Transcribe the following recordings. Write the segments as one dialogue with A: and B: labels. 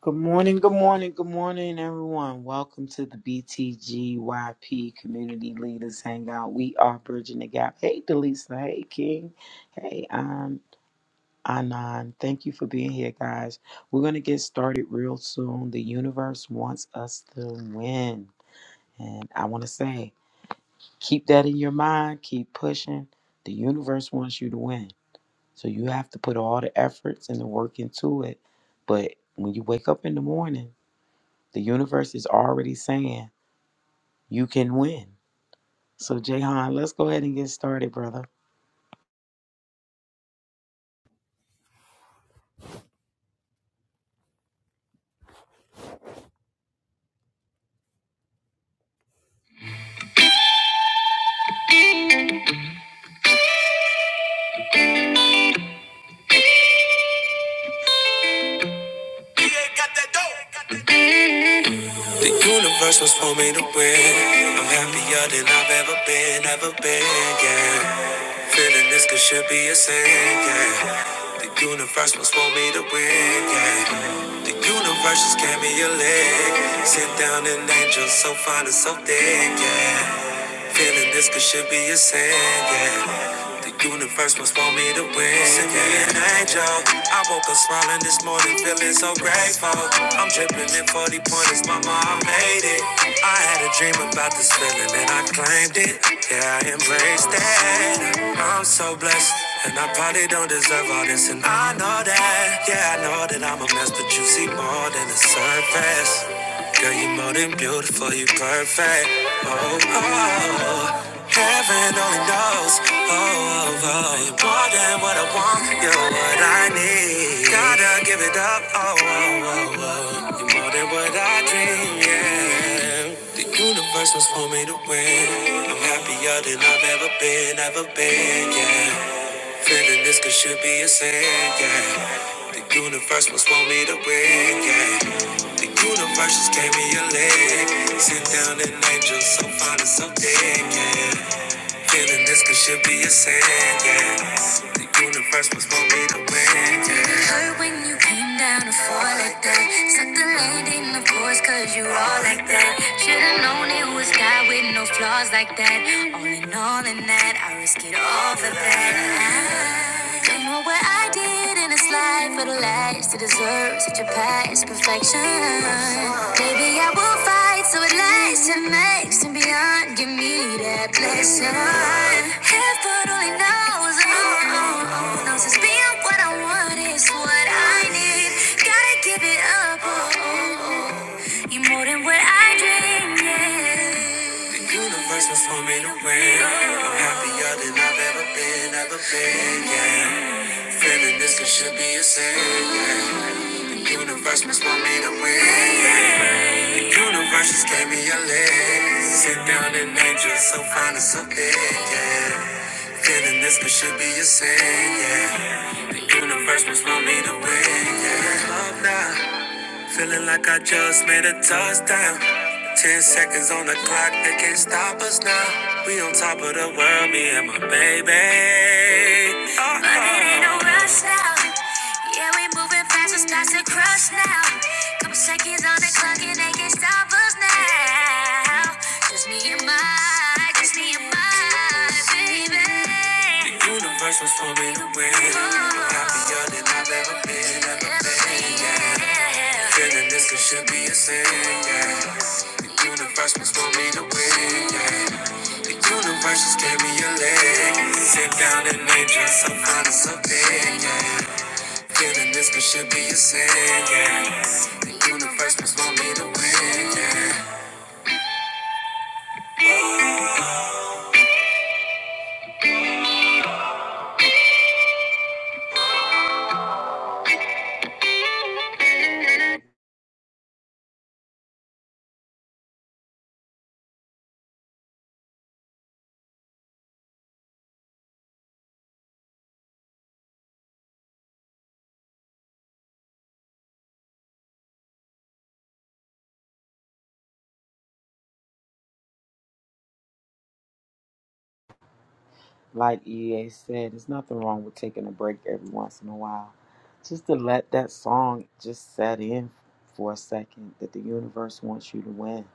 A: Good morning, good morning, good morning, everyone. Welcome to the BTGYP Community Leaders Hangout. We are bridging the gap. Hey, Delisa. Hey, King. Hey, um, Anon. Thank you for being here, guys. We're going to get started real soon. The universe wants us to win. And I want to say, keep that in your mind, keep pushing. The universe wants you to win. So you have to put all the efforts and the work into it. But when you wake up in the morning, the universe is already saying you can win. So, Jayhan, let's go ahead and get started, brother.
B: The universe was for me to win. I'm happier than I've ever been, ever been, yeah. Feeling this could should be a sin, yeah. The universe was for me to win, yeah. The universe just gave me a leg. Sit down an angel so fine and so thick, yeah. Feeling this could should be a sin, yeah. The universe must want me to win. Send me an angel. I woke up smiling this morning, feeling so grateful. I'm dripping in 40 pointers, mama, I made it. I had a dream about this feeling and I claimed it. Yeah, I embraced it. I'm so blessed. And I probably don't deserve all this, and I know that. Yeah, I know that I'm a mess, but you see more than the surface. Girl, you are more than beautiful, you are perfect. Oh, oh, oh. heaven only knows. Oh, oh, oh, you're more than what I want, you're what I need. Gotta give it up. Oh, oh, oh, oh. you're more than what I dream. Yeah, the universe was for me to win. I'm happier than I've ever been, ever been. Yeah. Feeling this could should be a sin, yeah. The universe must want me to win, yeah. The universe just gave me a leg. Sit down an angel, so fine and so dead, yeah. Feeling this could should be a sin, yeah. The universe must want me to win, yeah. Hurt when you came down to fall like that. Suck the landing, of course, cause you all like that. Should've known it was God with no flaws like that. All in all, in that, I risk it all for that. Don't know what I did in this life for the last to deserve such a past perfection. Maybe I will fight so it lasts and makes and beyond. Give me that blessing. Heaven only knows, oh, oh, oh, knows it's being what I want is what I need. Gotta give it up, oh, oh, oh. You're more than what I dreamed. yeah. The universe was for me to win. I'm happier than I've ever been, ever been. Yeah. Feeling this it should be a sin. Yeah. The universe must want me to win. Yeah. The universe just gave me a leg. Sit down and angel, so fine and so big. Yeah. Feeling this could should be a sin, yeah. The universe must want me to win, yeah. Love now. Feeling like I just made a touchdown. Ten seconds on the clock, they can't stop us now. We on top of the world, me and my baby. Oh, but it ain't no rush now. Yeah, we moving fast, it starts to crush now. Couple seconds on the clock, and they can't stop us now. Just me and my, just me and my baby. The universe was for me to win. I'm happier than I've ever been, ever been. Feeling this could should be a sin, yeah. The universe must want me to win, yeah. The universe just gave me a leg. Sit down and nature, so fine and so yeah. Feeling this could should be a sin, yeah. The universe must want me to win, yeah.
A: Like EA said, there's nothing wrong with taking a break every once in a while. Just to let that song just set in for a second that the universe wants you to win.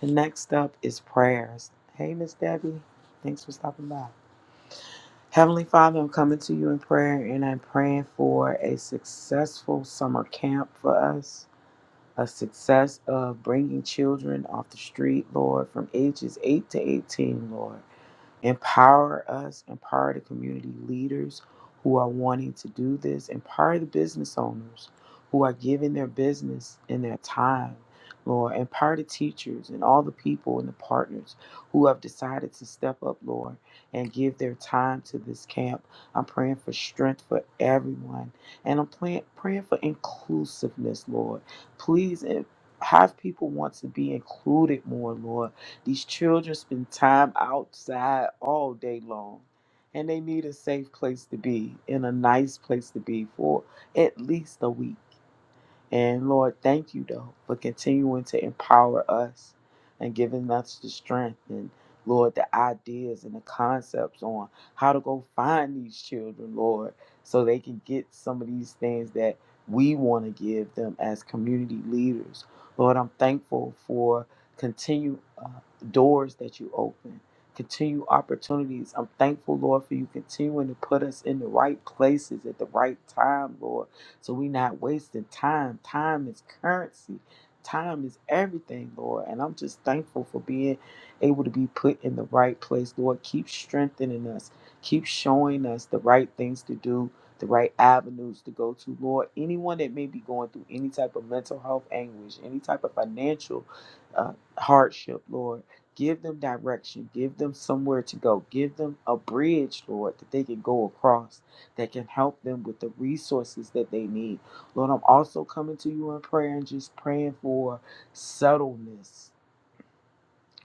A: And next up is prayers. Hey, Miss Debbie, thanks for stopping by. Heavenly Father, I'm coming to you in prayer and I'm praying for a successful summer camp for us a success of bringing children off the street, Lord, from ages 8 to 18, Lord. Empower us, empower the community leaders who are wanting to do this, empower the business owners who are giving their business and their time, Lord. Empower the teachers and all the people and the partners who have decided to step up, Lord, and give their time to this camp. I'm praying for strength for everyone, and I'm praying, praying for inclusiveness, Lord. Please eh, have people want to be included more, Lord these children spend time outside all day long, and they need a safe place to be and a nice place to be for at least a week. And Lord, thank you though for continuing to empower us and giving us the strength and Lord, the ideas and the concepts on how to go find these children, Lord, so they can get some of these things that we want to give them as community leaders. Lord, I'm thankful for continue uh, doors that you open, continue opportunities. I'm thankful, Lord, for you continuing to put us in the right places at the right time, Lord so we not wasting time. Time is currency. Time is everything, Lord. And I'm just thankful for being able to be put in the right place, Lord. Keep strengthening us. Keep showing us the right things to do, the right avenues to go to, Lord. Anyone that may be going through any type of mental health anguish, any type of financial uh, hardship, Lord. Give them direction. Give them somewhere to go. Give them a bridge, Lord, that they can go across that can help them with the resources that they need. Lord, I'm also coming to you in prayer and just praying for settledness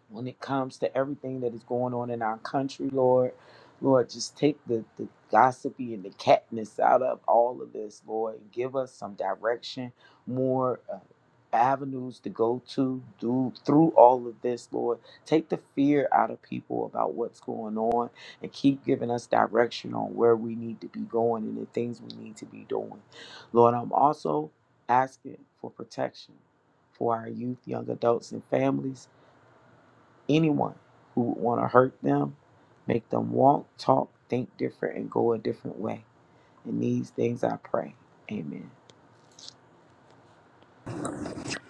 A: when it comes to everything that is going on in our country, Lord. Lord, just take the, the gossipy and the catness out of all of this, Lord, and give us some direction, more uh, avenues to go to do, through all of this, Lord. Take the fear out of people about what's going on and keep giving us direction on where we need to be going and the things we need to be doing. Lord, I'm also asking for protection for our youth, young adults, and families anyone who would want to hurt them, make them walk, talk, think different, and go a different way. In these things I pray. Amen.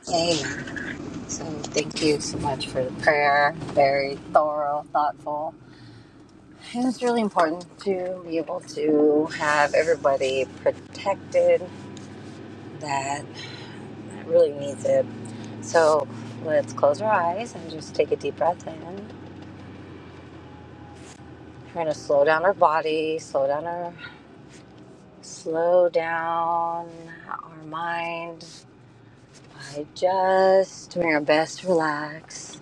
C: Amen. So thank you so much for the prayer. Very thorough, thoughtful. And it's really important to be able to have everybody protected that really needs it. So let's close our eyes and just take a deep breath in. We're gonna slow down our body, slow down our slow down our mind by just doing our best to relax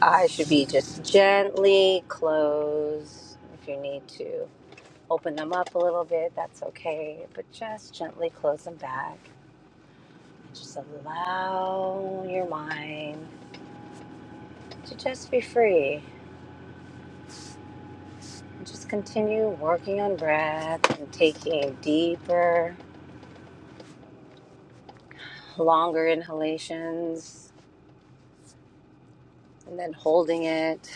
C: eyes should be just gently closed. If you need to open them up a little bit, that's okay, but just gently close them back. Just allow your mind to just be free. Just continue working on breath and taking deeper, longer inhalations and then holding it.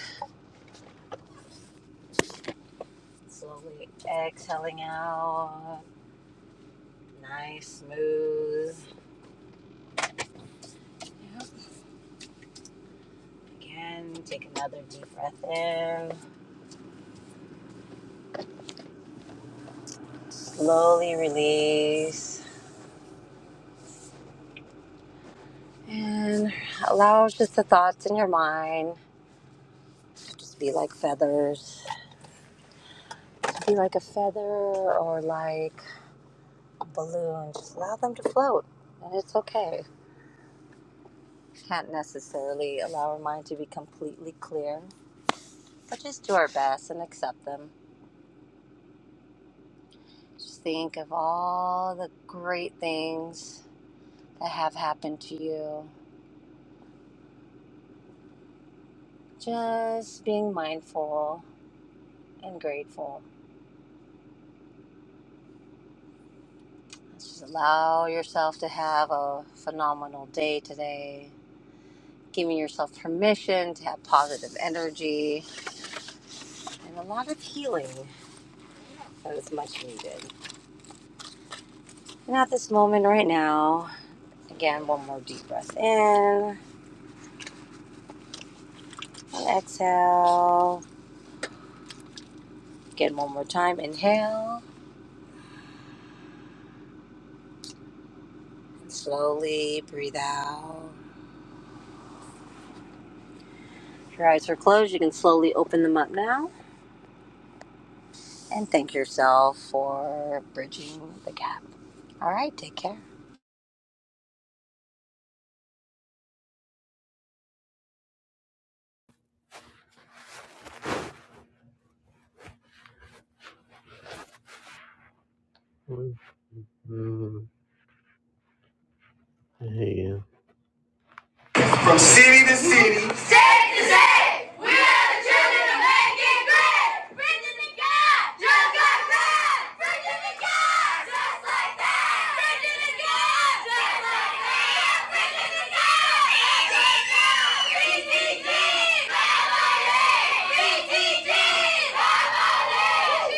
C: Slowly exhaling out. Nice, smooth. Again, take another deep breath in. Slowly release. And allow just the thoughts in your mind to just be like feathers. be like a feather or like a balloon. Just allow them to float. And it's okay. We Can't necessarily allow our mind to be completely clear, but just do our best and accept them. Just think of all the great things that have happened to you. Just being mindful and grateful. Just allow yourself to have a phenomenal day today, giving yourself permission to have positive energy and a lot of healing that is much needed. And at this moment right now, again, one more deep breath in and exhale. Again, one more time, inhale and slowly breathe out. If your eyes are closed, you can slowly open them up now and thank yourself for bridging the gap. All right, take care.
B: Yeah. Safe to say, we are the children of making great. Virginia God, just like that. Virginia God, just like that. Virginia God, just like that. Virginia God, VTG, family. VTG, family. VTG, family.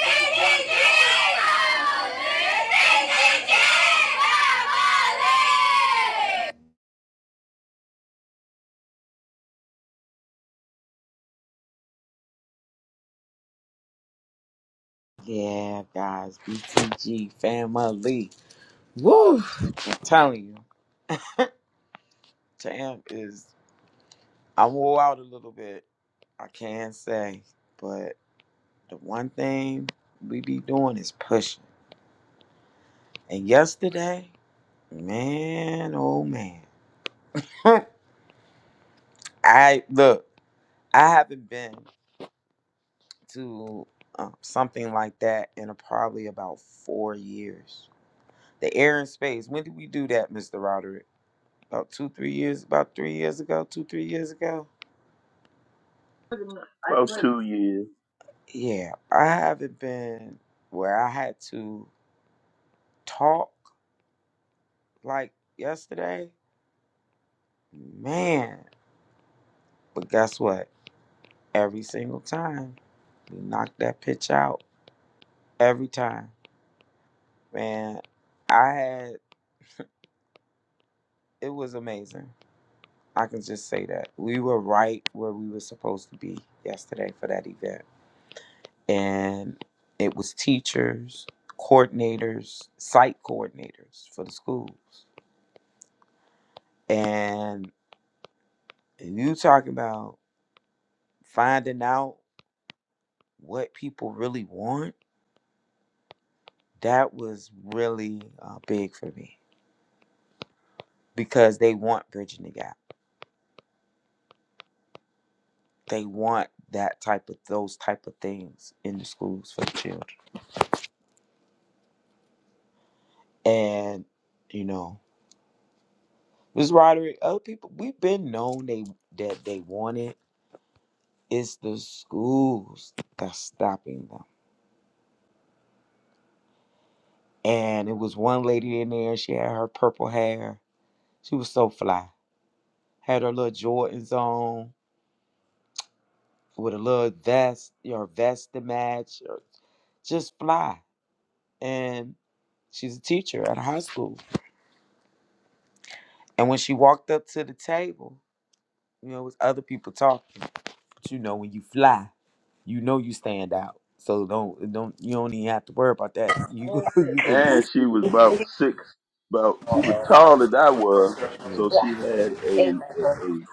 B: VTG, family.
A: Yeah, guys, BTG family. Woo! I'm telling you, Tam is, I wore out a little bit. I can say, but the one thing we be doing is pushing. And yesterday, man, oh man, I look. I haven't been. to uh, something like that in a, probably about four years. The air and space. When did we do that, Mr. Roderick? About two, three years. About three years ago. Two, three years ago.
D: about two years,
A: Yeah, I haven't been where I had to talk like yesterday, man. But guess what? Every single time we knocked that pitch out. Every time, man. I had it was amazing I can just say that we were right where we were supposed to be yesterday for that event. And it was teachers, coordinators, site coordinators for the schools. And you talking about finding out what people really want, that was really uh, big for me because they want bridging the gap. They want that type of those type of things in the schools for the children. And you know. Ms. Roderick, other people we've been known they that they wanted. It's the schools that's stopping them. And it was one lady in there, she had her purple hair. She was so fly. Had her little Jordans on with a little vest, your vest to match, or just fly. And she's a teacher at a high school. And when she walked up to the table, you know, it was other people talking. you know when you fly, you know you stand out. So don't don't you don't even have to worry about that. You go you go get
D: and she was about six. About she was taller than I was,
C: Yeah.
D: so
A: yeah.
D: she had a
C: Exactly.
D: a, a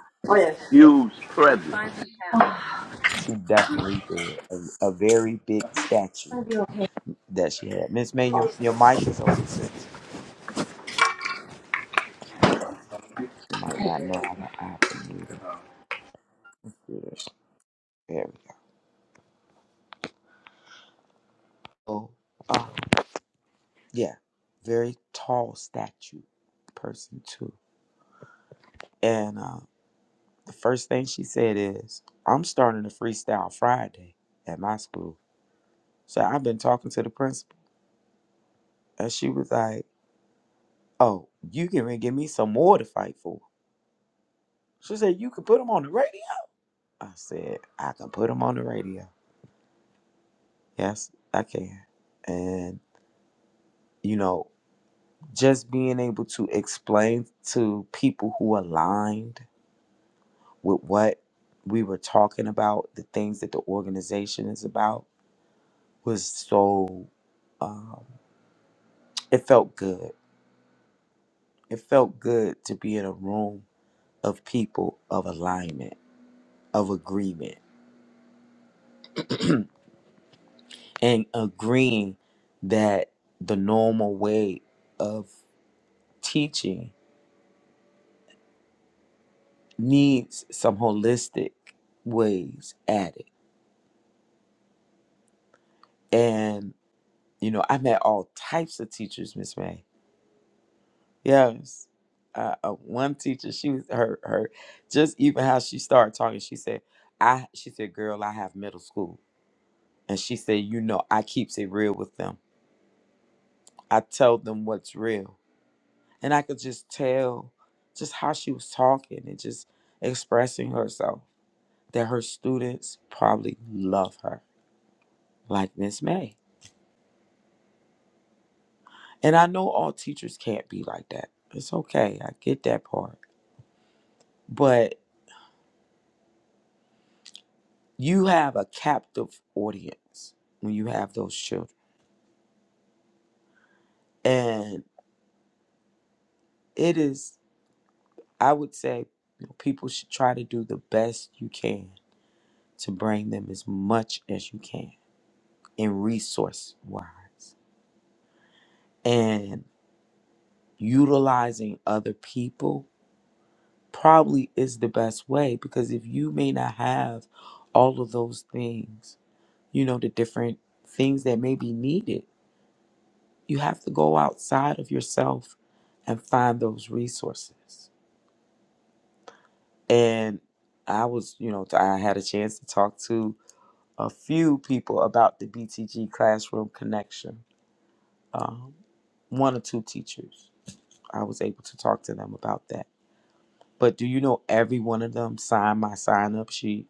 D: huge presence.
A: She definitely did a, a very big statue that she had. Miss May, your, your mic is open, sis. She might not know how to I have to mute her. Let's do this. There we go. Oh, uh, yeah, very tall statue person too. And uh, the first thing she said is, "I'm starting a freestyle Friday at my school." So I've been talking to the principal. And she was like, Oh, you can re- give me some more to fight for. She said, You can put them on the radio. I said, I can put them on the radio. Yes, I can. And, you know, just being able to explain to people who aligned with what we were talking about, the things that the organization is about, was so, um, it felt good. It felt good to be in a room of people of alignment, of agreement. and agreeing that the normal way of teaching needs some holistic ways at it. And you know, I met all types of teachers, Miss May. Yes, uh, uh, one teacher, she was her her just even how she started talking. She said, "I," she said, "Girl, I have middle school," and she said, "You know, I keeps it real with them. I tell them what's real." And I could just tell just how she was talking and just expressing herself that her students probably love her, like Miss May. And I know all teachers can't be like that. It's okay. I get that part. But you have a captive audience when you have those children. And it is, I would say, you know, people should try to do the best you can to bring them as much as you can in resource wise. and. utilizing other people probably is the best way because if you may not have all of those things, you know, the different things that may be needed, you have to go outside of yourself and find those resources. And I was, you know, I had a chance to talk to a few people about the BTG Classroom Connection. Um, one or two teachers, I was able to talk to them about that But do you know every one of them signed my sign up sheet?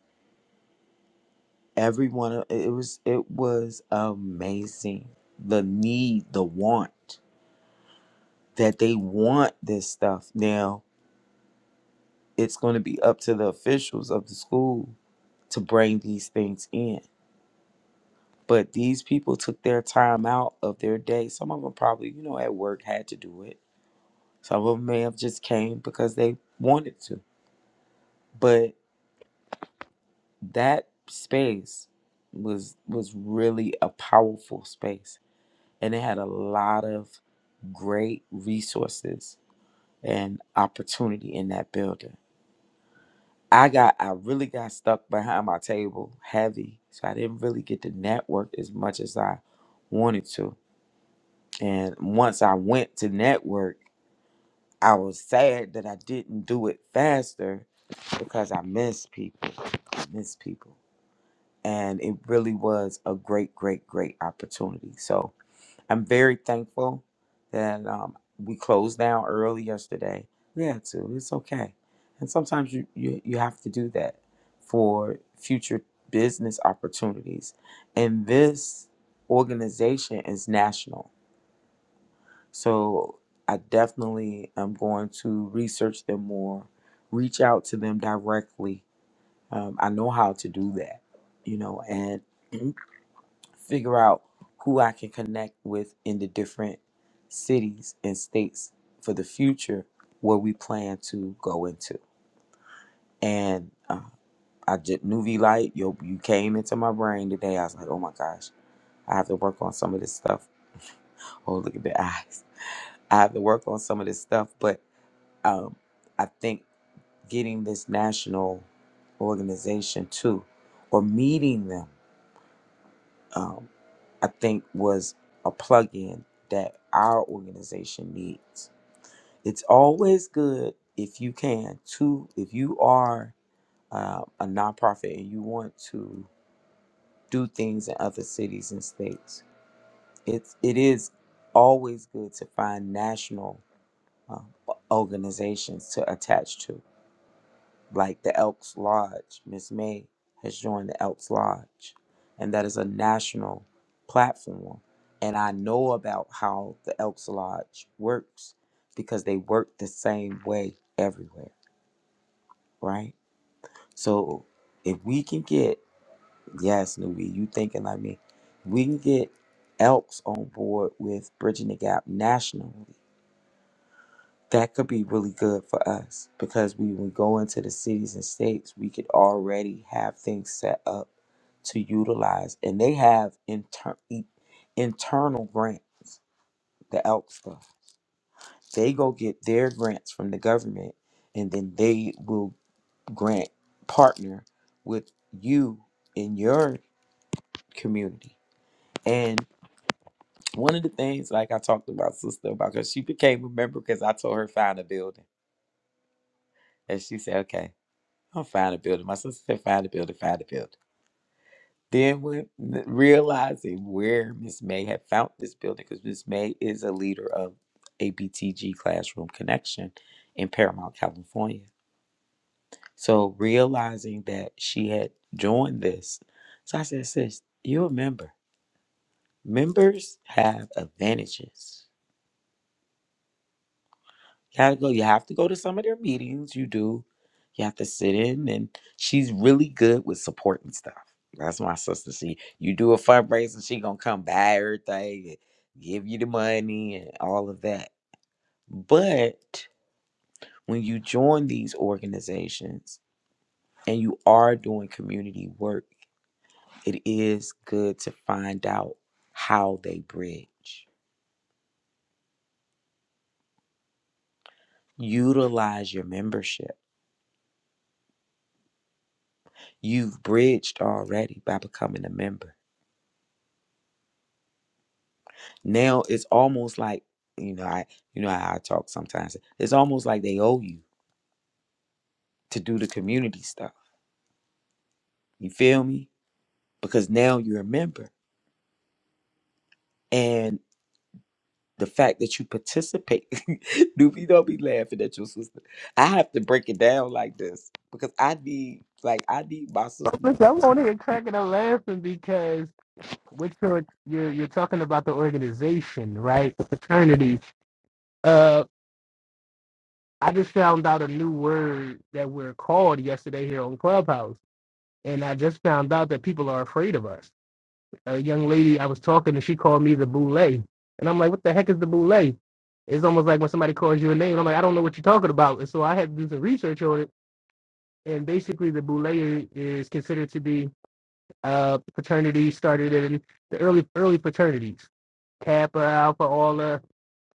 A: Every one of it was it was amazing. The need, the want that they want this stuff. Now it's going to be up to the officials of the school to bring these things in. But these people took their time out of their day. Some of them probably, you know, at work had to do it. Some of them may have just came because they wanted to. But. that space was was really a powerful space and it had a lot of great resources and opportunity in that building i got i really got stuck behind my table heavy so i didn't really get to network as much as i wanted to and once i went to network i was sad that i didn't do it faster because i miss people i miss people and it really was a great, great, great opportunity. So I'm very thankful that um, we closed down early yesterday. We had to. It's okay, and sometimes you you, you have to do that for future business opportunities. And this organization is national, so I definitely am going to research them more, reach out to them directly. Um, I know how to do that, you know, and figure out who I can connect with in the different cities and states for the future where we plan to go into. And uh, I just knew V Light, yo, you came into my brain today. I was like, oh my gosh, I have to work on some of this stuff. Oh, look at the eyes. I have to work on some of this stuff. But um, I think getting this national organization too, or meeting them. um, I think was a plug-in that our organization needs. It's always good if you can to if you are uh, a nonprofit and you want to do things in other cities and states. It's it is always good to find national uh, organizations to attach to like the Elks Lodge. Miss May has joined the Elks Lodge, and that is a national platform. And I know about how the Elks Lodge works because they work the same way everywhere, right? So if we can get, yes, Newbie, you thinking like me, we can get Elks on board with Bridging the Gap nationally that could be really good for us because we would go into the cities and states we could already have things set up to utilize and they have inter- e- internal grants the elk stuff they go get their grants from the government and then they will grant partner with you in your community and one of the things like i talked about sister about because she became a member because i told her find a building and she said okay I'm find a building. My sister said, find a building, find a building. Then when realizing where Miss May had found this building, because Miss May is a leader of ABTG Classroom Connection in Paramount, California. So realizing that she had joined this, so I said, sis, you're a member. Members have advantages. You have to go. You have to go to some of their meetings. You do. You have to sit in, and she's really good with supporting stuff. That's my sister. She, you do a fundraiser, she gonna come buy everything, and give you the money, and all of that. But when you join these organizations and you are doing community work, it is good to find out how they bridge. Utilize your membership. You've bridged already by becoming a member Now it's almost like you know I you know how I talk sometimes. It's almost like they owe you to do the community stuff. You feel me? Because now you're a member, and the fact that you participate, Doopy, don't be laughing at your sister. I have to break it down like this because I need like I need my sister.
E: Listen, I'm on here cracking up laughing because what you're you're you're talking about the organization, right? The fraternity. Uh, I just found out a new word that we're called yesterday here on Clubhouse, and I just found out that people are afraid of us. A young lady I was talking to, she called me the boule, and I'm like, what the heck is the boule? It's almost like when somebody calls you a name, I'm like, I don't know what you're talking about, and so I had to do some research on it. And basically, the boule is considered to be Uh, fraternities started in the early early fraternities, Kappa, Alpha, all the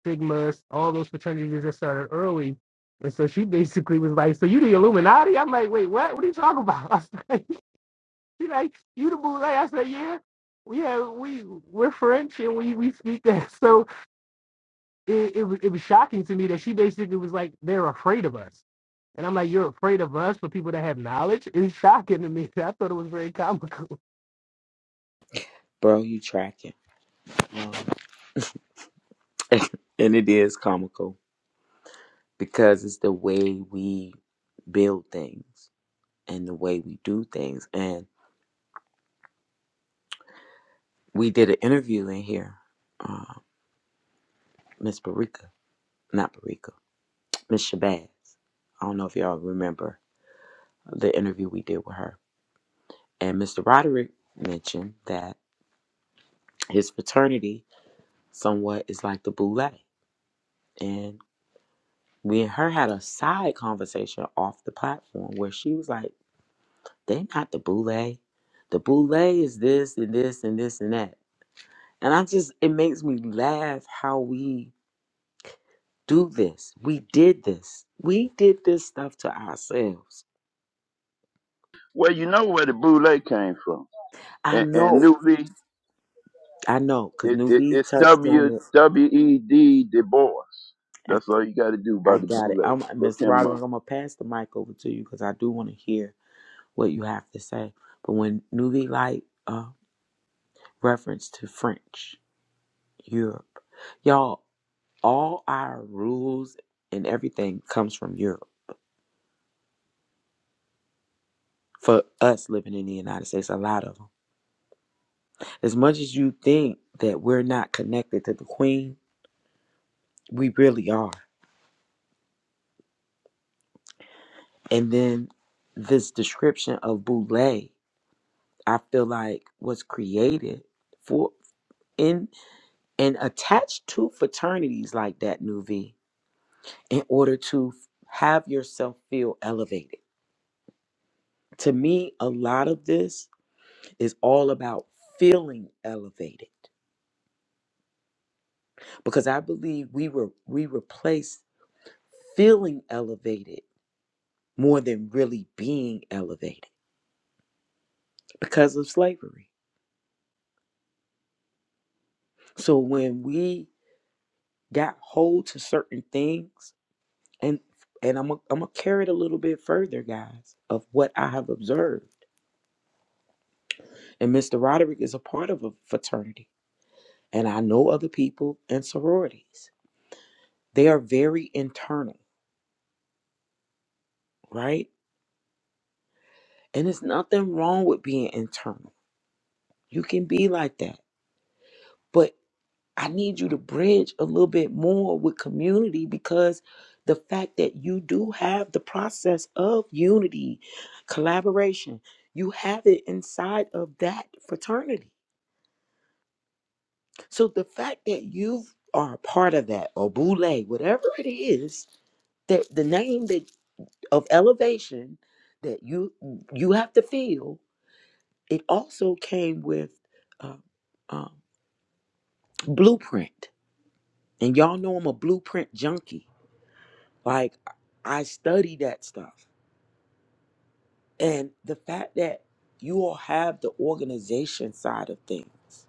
E: Sigmas, all those fraternities that started early. And so she basically was like, "So you the Illuminati?" I'm like, "Wait, what? What are you talking about?" I was like, "She like you the Boule?" I said, "Yeah, yeah, we we're French and we we speak that." So it it, was- it was shocking to me that she basically was like, "They're afraid of us." And I'm like, you're afraid of us for people that have knowledge? It's shocking to me. I thought it was very comical.
A: Bro, you tracking? Bro. and it is comical because it's the way we build things and the way we do things. and. we did an interview in here, uh, Miss Barika, not Barika, Miss Shabazz. I don't know if y'all remember the interview we did with her. And Mr. Roderick mentioned that his fraternity somewhat is like the boule. And we and her had a side conversation off the platform where she was like, they not the boule. The boule is this and this and this and that. And I just, it makes me laugh how we do this. We did this. We did this stuff to ourselves.
D: Well, you know where the boule came from,
A: I
D: and, and
A: know.
D: newly
A: I know, because
D: it, it
A: Nuvi
D: it's
A: touched on
D: W
A: it.
D: W E D Du Bois.
A: I,
D: That's all you got to do
A: I
D: about the
A: got it.
D: boule.
A: I'm
D: Look
A: Miss
D: him
A: Roderick,
D: up.
A: I'm gonna pass the mic over to you because I do want to hear what you have to say. But when Nuvi like uh reference to French Europe, y'all, all our rules and everything comes from Europe. For us living in the United States, a lot of them. As much as you think that we're not connected to the Queen, We really are. And then this description of boule, I feel like was created for in and attached to fraternities like that, Nuvi, in order to have yourself feel elevated. To me, a lot of this is all about feeling elevated because I believe we were we replace feeling elevated more than really being elevated because of slavery. So when we got hold to certain things and and I'm gonna I'm gonna carry it a little bit further, guys, of what I have observed. And Mr. Roderick is a part of a fraternity, and I know other people in sororities. They are very internal, right? And there's nothing wrong with being internal. You can be like that. but. I need you to bridge a little bit more with community because the fact that you do have the process of unity, collaboration, you have it inside of that fraternity. So the fact that you are a part of that or boule, whatever it is, that the name that of elevation that you you have to feel, it also came with uh, uh, blueprint. And y'all know I'm a blueprint junkie Like I study that stuff. And the fact that you all have the organization side of things,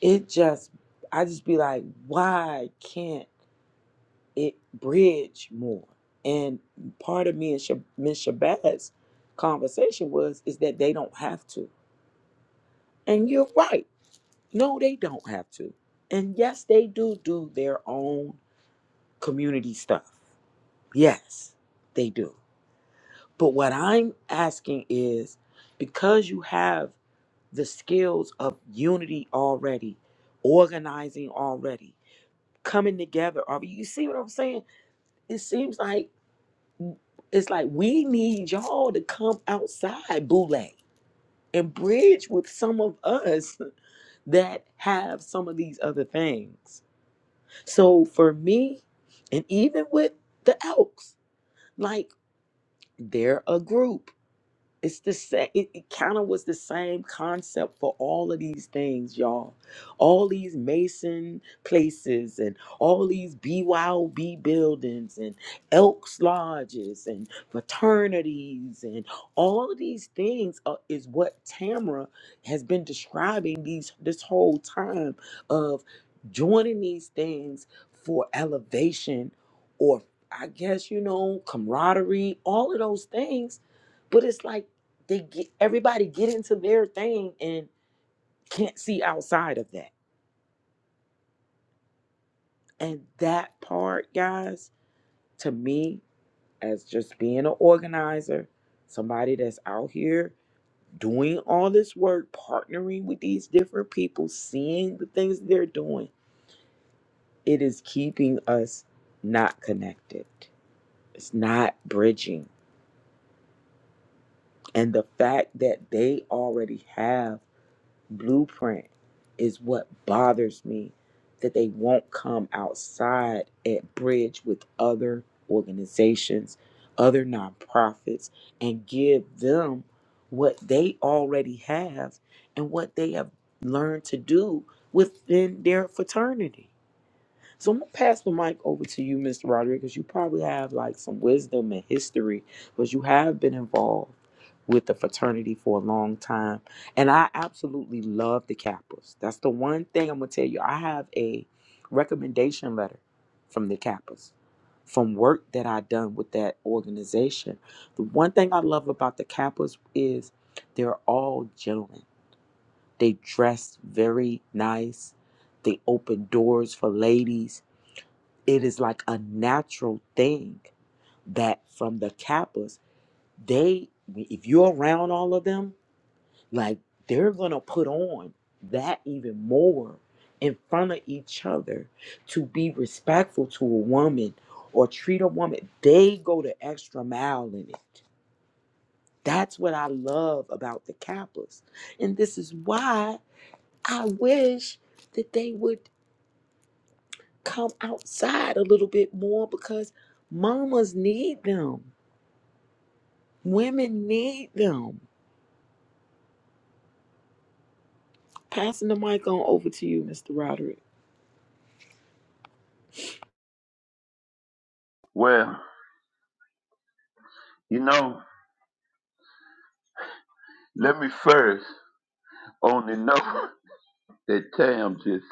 A: it just I just be like, why can't it bridge more? And part of me and Sha- Miss Shabazz conversation was is that they don't have to. And you're right. No, they don't have to. And yes, they do do their own community stuff. Yes, they do But what I'm asking is because you have the skills of unity already, organizing already, coming together, are you see what I'm saying? It seems like it's like we need y'all to come outside Boule and bridge with some of us that have some of these other things. So for me, and even with the Elks, like they're a group It's the same. It, it kind of was the same concept for all of these things, y'all. All these Mason places and all these BYOB buildings and Elks lodges and fraternities and all of these things are, is what Tamara has been describing these this whole time of joining these things for elevation or I guess you know camaraderie, all of those things. But it's like they get everybody get into their thing and can't see outside of that. And that part, guys, to me, as just being an organizer, somebody that's out here doing all this work, partnering with these different people, seeing the things they're doing, it is keeping us not connected. It's not bridging. And the fact that they already have blueprint is what bothers me that they won't come outside at bridge with other organizations other nonprofits and give them what they already have and what they have learned to do within their fraternity so I'm gonna pass the mic over to you, Mr. Roderick, because you probably have like some wisdom and history, because you have been involved with the fraternity for a long time. And I absolutely love the Kappas. That's the one thing I'm gonna tell you. I have a recommendation letter from the Kappas, from work that I done with that organization. The one thing I love about the Kappas is they're all gentlemen. They dress very nice. They open doors for ladies it is like a natural thing that from the kappas they if you're around all of them like they're gonna put on that even more in front of each other to be respectful to a woman or treat a woman they go the extra mile in it that's what i love about the kappas and this is why i wish that they would come outside a little bit more because mamas need them Women need them. Passing the mic on over to you, Mr. Roderick.
D: Well, you know, let me first on the note that Tam just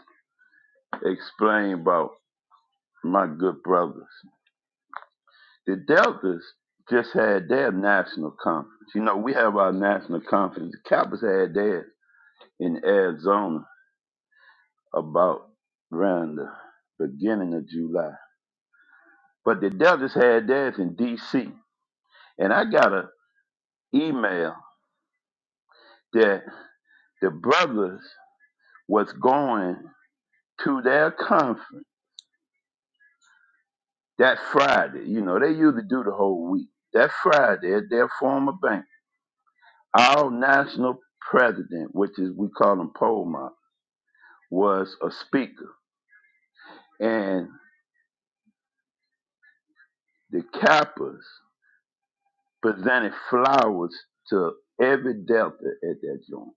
D: explained about my good brothers. The Deltas just had their national conference. You know, we have our national conference. The Kappas had theirs in Arizona about around the beginning of July. But the Deltas had theirs in D.C. And I got an email that the brothers was going to their conference that Friday. You know, they usually do the whole week. That Friday at their former bank, our national president, which is we call him Polmar was a speaker, and the Kappas presented flowers to every Delta at that joint.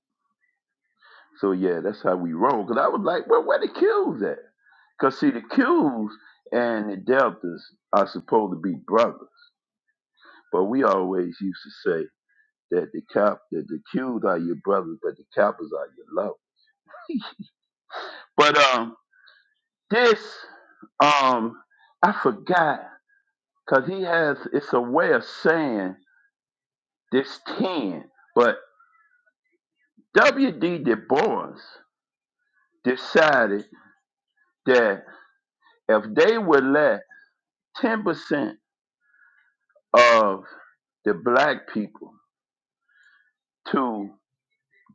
D: So yeah, that's how we roll. Cause I was like, well, where the Qs at? Cause see, the Qs and the Deltas are supposed to be brothers, but we always used to say that the Cap, that the Qs are your brothers, but the Kappas are your lovers. But um, this um, I forgot, cause he has it's a way of saying. There's 10. But W.D. Du Bois decided that if they would let 10% of the black people to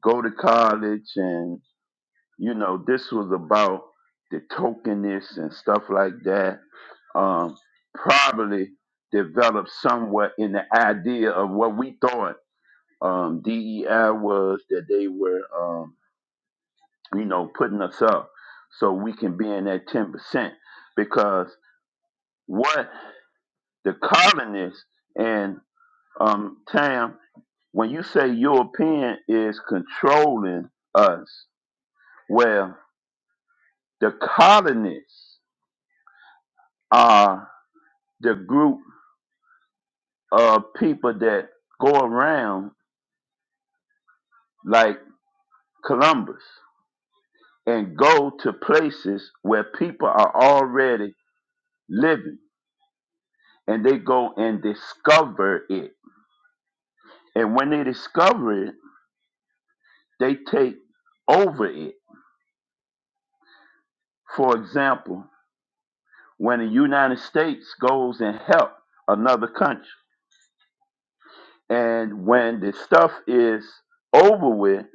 D: go to college, and, you know, this was about the tokenness and stuff like that, um, probably developed somewhat in the idea of what we thought um, DEI was, that they were. um, you know, putting us up so we can be in that 10% because what the colonists and um, Tam, when you say European is controlling us, well, the colonists are the group of people that go around like Columbus and go to places where people are already living and they go and discover it And when they discover it, they take over it. For example, when the United States goes and help another country, and when the stuff is over with,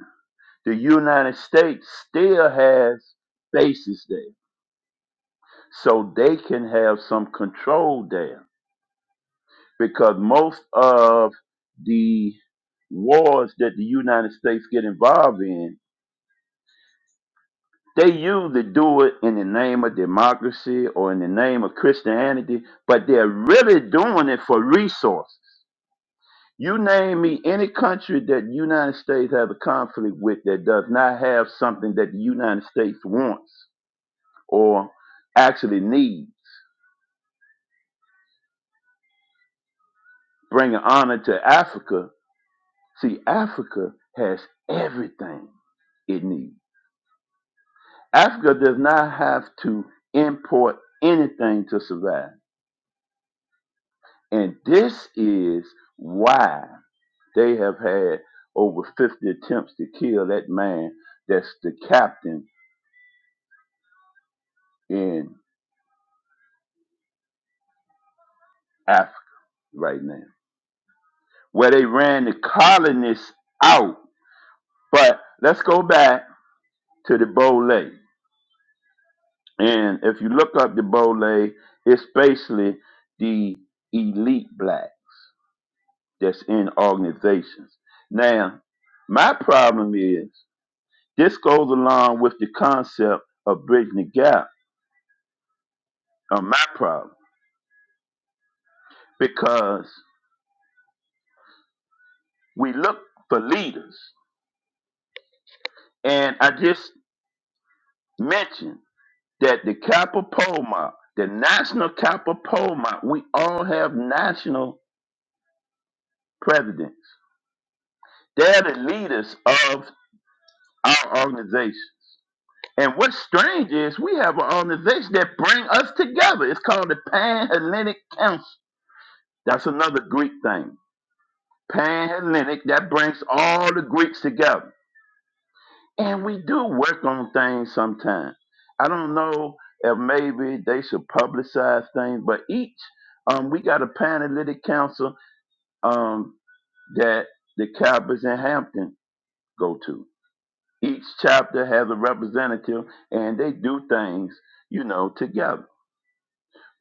D: the United States still has bases there. So they can have some control there. Because most of the wars that the United States get involved in They usually do it in the name of democracy or in the name of Christianity, but they're really doing it for resources. You name me any country that the United States has a conflict with that does not have something that the United States wants or actually needs. Bringing honor to Africa. See, Africa has everything it needs. Africa does not have to import anything to survive. And this is why they have had over 50 attempts to kill that man that's the captain in Africa right now, where they ran the colonists out. But let's go back to the Bole. And if you look up the Bole, it's basically the elite black that's in organizations. Now, my problem is this goes along with the concept of bridging the gap or my problem, because we look for leaders. And I just mentioned that the Kappa Pole Mob, the National Kappa Pole Mob, we all have national presidents. They're the leaders of our organizations. And what's strange is we have an organization that bring us together. It's called the Pan Hellenic Council. That's another Greek thing. Pan Hellenic, that brings all the Greeks together. And we do work on things sometimes. I don't know if maybe they should publicize things, but each um, we got a Panhellenic Council um, that the Cowboys in Hampton go to. Each chapter has a representative, and they do things, you know, together.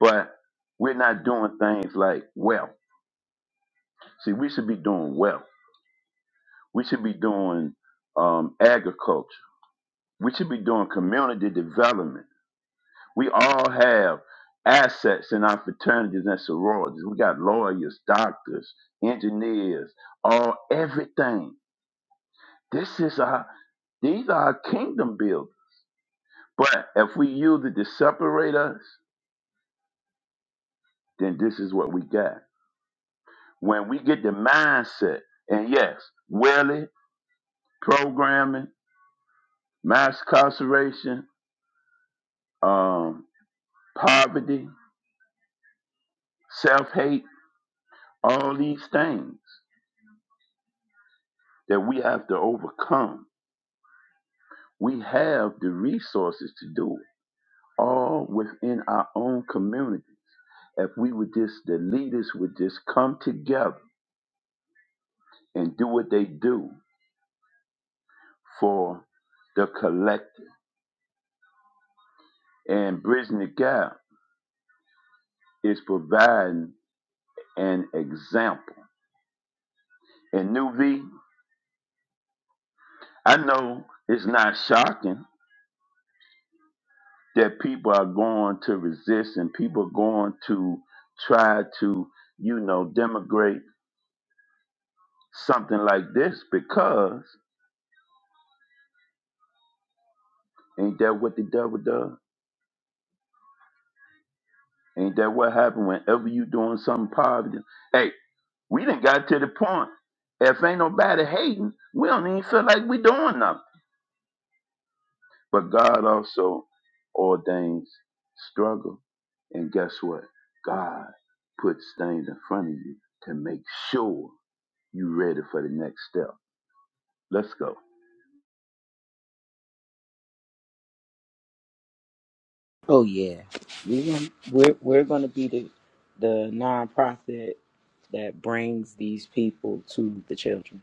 D: But we're not doing things like wealth. See, we should be doing wealth. We should be doing um, agriculture. We should be doing community development We all have assets in our fraternities and sororities. We got lawyers, doctors, engineers, all everything. This is our these are our kingdom builders. But if we use it to separate us, then this is what we got. When we get the mindset, and yes, Willie, programming, mass incarceration, um, poverty, self hate, all these things that we have to overcome We have the resources to do it, all within our own community. If we would just, the leaders would just come together and do what they do for the collective. And Bridging the Gap is providing an example. And New V, I know it's not shocking that people are going to resist and people are going to try to, you know, demigrate something like this because. Ain't that what the devil does? Ain't that what happened whenever you doing something positive? Hey, we done got to the point. If ain't nobody hating, we don't even feel like we doing nothing. But God also ordains struggle. And guess what? God puts things in front of you to make sure you ready for the next step. Let's go.
A: Oh yeah, we're gonna, we're we're gonna be the the nonprofit that brings these people to the children.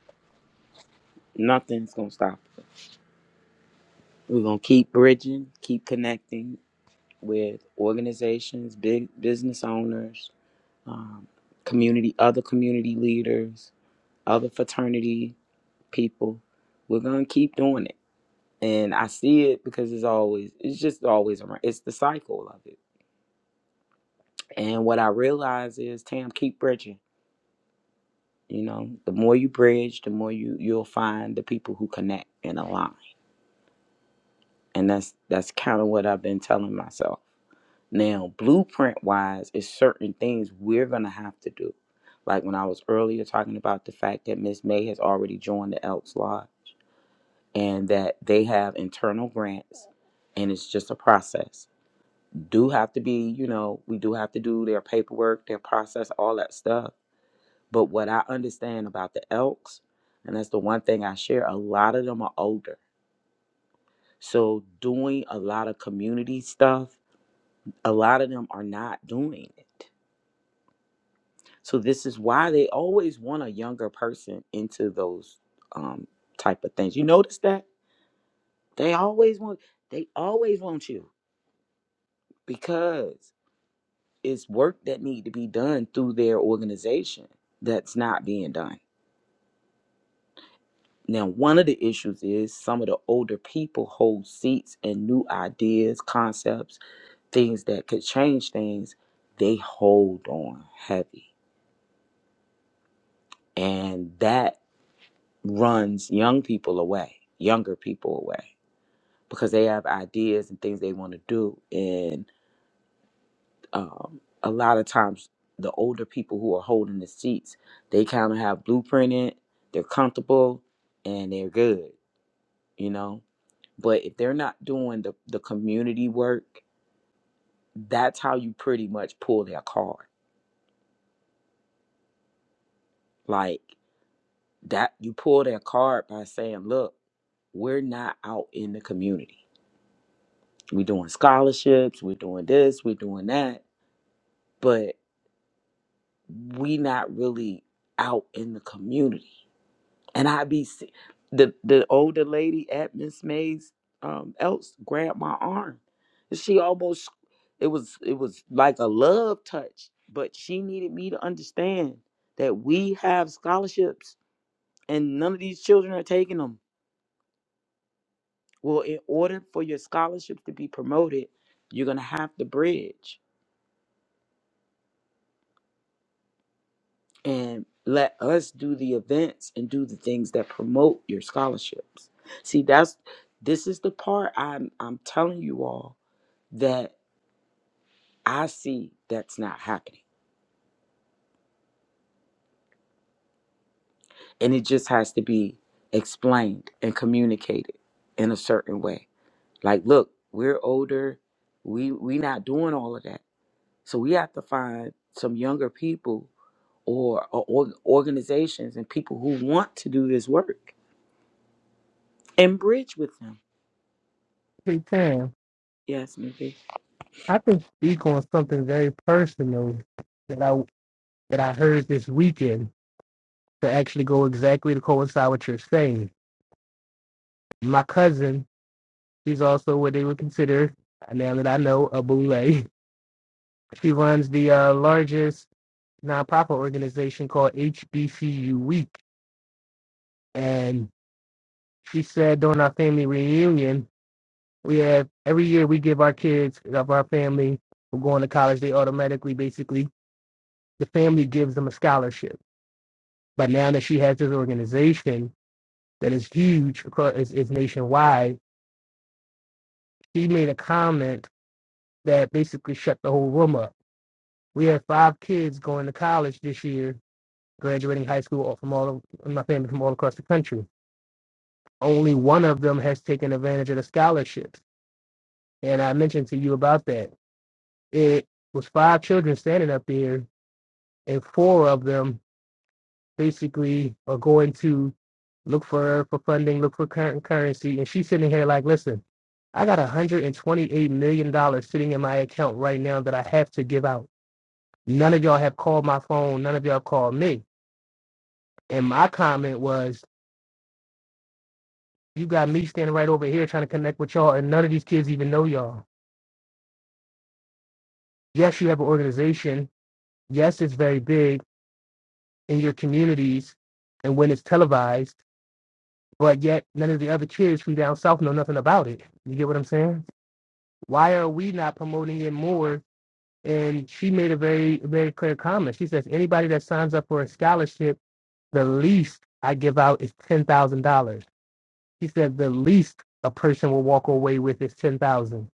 A: Nothing's gonna stop us. We're gonna keep bridging, keep connecting with organizations, big business owners, um, community, other community leaders, other fraternity people. We're gonna keep doing it. and I see it because it's always it's just always around. It's the cycle of it. And what I realize is, Tam, keep bridging. You know, the more you bridge, the more you you'll find the people who connect and align. And that's that's kind of what I've been telling myself. Now, blueprint wise, is certain things we're gonna have to do. Like when I was earlier talking about the fact that Miss May has already joined the Elks Lodge and that they have internal grants and it's just a process do have to be, you know, we do have to do their paperwork, their process, all that stuff. But what I understand about the Elks, and that's the one thing I share, a lot of them are older. So doing a lot of community stuff, a lot of them are not doing it. So this is why they always want a younger person into those um, type of things. You notice that they always want, they always want you because Is work that need to be done through their organization that's not being done. Now, one of the issues is some of the older people hold seats and new ideas, concepts, things that could change things. They hold on heavy. And that runs young people away, younger people away, because they have ideas and things they want to do. and. um, a lot of times the older people who are holding the seats, they kind of have blueprinted, they're comfortable, and they're good, you know. But if they're not doing the, the community work, that's how you pretty much pull their card. Like that, you pull their card by saying, look, we're not out in the community. We're doing scholarships, we're doing this, we're doing that, but we not really out in the community and I be se- the the older lady at Miss May's um else grabbed my arm. And she almost it was it was like a love touch, but she needed me to understand that we have scholarships and none of these children are taking them. Well, in order for your scholarships to be promoted, you're gonna have to bridge and let us do the events and do the things that promote your scholarships. See, that's this is the part I'm I'm telling you all that I see that's not happening. And it just has to be explained and communicated in a certain way. Like, look, we're older, we we not doing all of that. So we have to find some younger people or, or org- organizations and people who want to do this work and bridge with them.
E: Big time.
A: Yes, maybe.
E: I can speak on something very personal that I that I heard this weekend to actually go exactly to coincide what you're saying. My cousin, she's also what they would consider, now that I know, a boule. She runs the uh, largest nonprofit organization called HBCU Week, and she said during our family reunion, we have every year we give our kids of our family who are going to college, they automatically, basically, the family gives them a scholarship But now that she has this organization that is huge, across, is, is nationwide, she made a comment that basically shut the whole room up. We have five kids going to college this year, graduating high school all- from all of my family from all across the country. Only one of them has taken advantage of the scholarships. And I mentioned to you about that. It was five children standing up there, and four of them basically are going to look for for funding, look for current currency, and she's sitting here like, listen, I got 128 million dollars sitting in my account right now that I have to give out. None of y'all have called my phone. None of y'all called me. And my comment was, you got me standing right over here trying to connect with y'all, and none of these kids even know y'all. Yes, you have an organization. Yes, it's very big in your communities, and when it's televised. But yet, none of the other kids from down south know nothing about it. You get what I'm saying? why are we not promoting it more? And she made a very, very clear comment. She says, anybody that signs up for a scholarship, the least I give out is ten thousand dollars. She said the least a person will walk away with is ten thousand. dollars.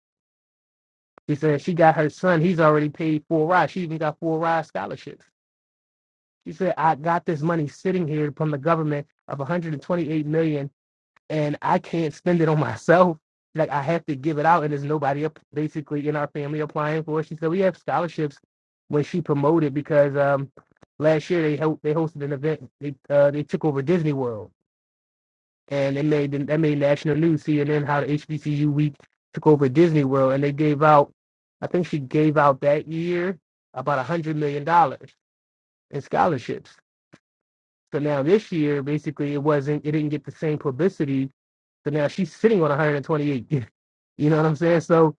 E: She said she got her son, he's already paid four rides. She even got four ride scholarships. She said, I got this money sitting here from the government of $128 million dollars and I can't spend it on myself. Like I have to give it out, and there's nobody up basically in our family applying for it. She said we have scholarships when she promoted because um, last year they ho- they hosted an event. They uh, they took over Disney World, and they made that made national news. CNN how the HBCU week took over Disney World, and they gave out. I think she gave out that year about a hundred million dollars in scholarships. So now this year, basically, it wasn't. It didn't get the same publicity so now she's sitting on 128 you know what I'm saying? So,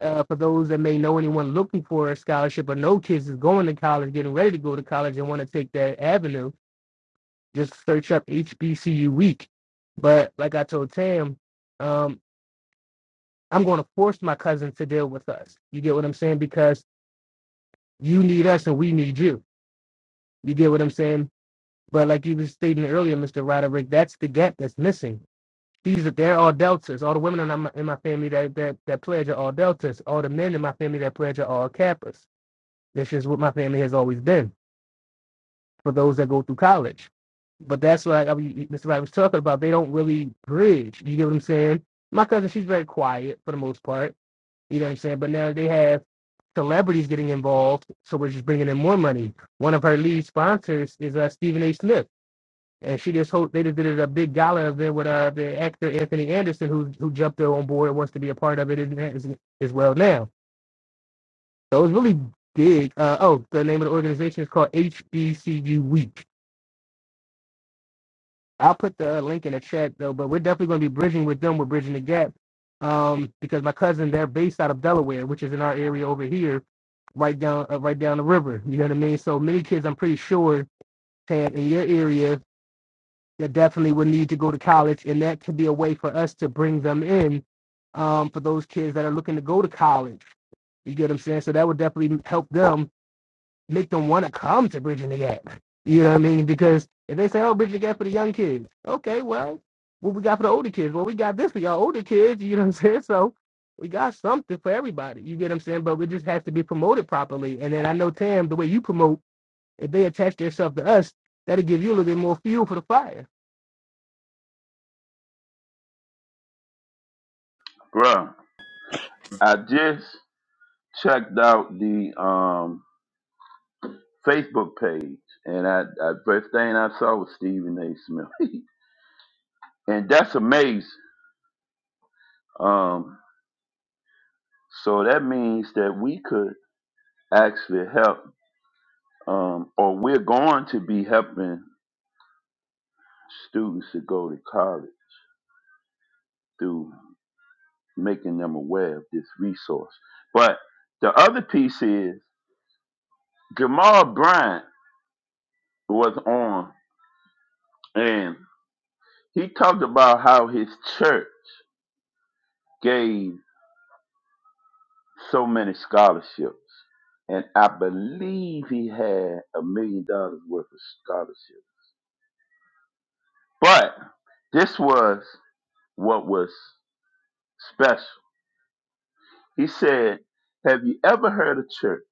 E: uh, for those that may know anyone looking for a scholarship or know kids is going to college, getting ready to go to college and want to take that avenue, just search up HBCU week. But like I told Tam, um, I'm going to force my cousin to deal with us. You get what I'm saying? Because you need us and we need you. You get what I'm saying? But like you were stating earlier, Mr. Roderick, that's the gap that's missing. These are they're all deltas. All the women in my, in my family that, that that pledge are all deltas. All the men in my family that pledge are all kappas. That's just what my family has always been for those that go through college. But that's what I, I mean, Mr. Wright was talking about. They don't really bridge. You get what I'm saying? My cousin, she's very quiet for the most part. You know what I'm saying? But now they have celebrities getting involved, so we're just bringing in more money. One of her lead sponsors is uh, Stephen A. Smith, and she just hope they just did a big gala event with uh, the actor Anthony Anderson, who who jumped on board and wants to be a part of it as, as well now. So it's really big. Uh, oh, the name of the organization is called HBCU Week. I'll put the uh, link in the chat though, but we're definitely going to be bridging with them. We're bridging the gap um, because my cousin they're based out of Delaware, which is in our area over here, right down uh, right down the river. You know what I mean? So many kids, I'm pretty sure, Tad, in your area, that definitely would need to go to college, and that could be a way for us to bring them in um, for those kids that are looking to go to college. You get what I'm saying? So that would definitely help them make them want to come to Bridging the Gap. You know what I mean? Because if they say, "Oh, Bridging the Gap for the young kids," okay, well, what we got for the older kids? Well, we got this for y'all older kids. You know what I'm saying? So we got something for everybody. You get what I'm saying? But it just has to be promoted properly. And then I know Tam, the way you promote, if they attach themselves to us, that'll give you a little bit more fuel for the fire.
D: Bruh, I just checked out the um Facebook page, and I, I first thing I saw was Stephen A. Smith, and that's amazing. Um, so that means that we could actually help, um, or we're going to be helping students to go to college through making them aware of this resource. But the other piece is Jamal Bryant was on, and he talked about how his church gave. so many scholarships. And I believe he had a million dollars worth of scholarships. But this was what was special. He said, Have you ever heard a church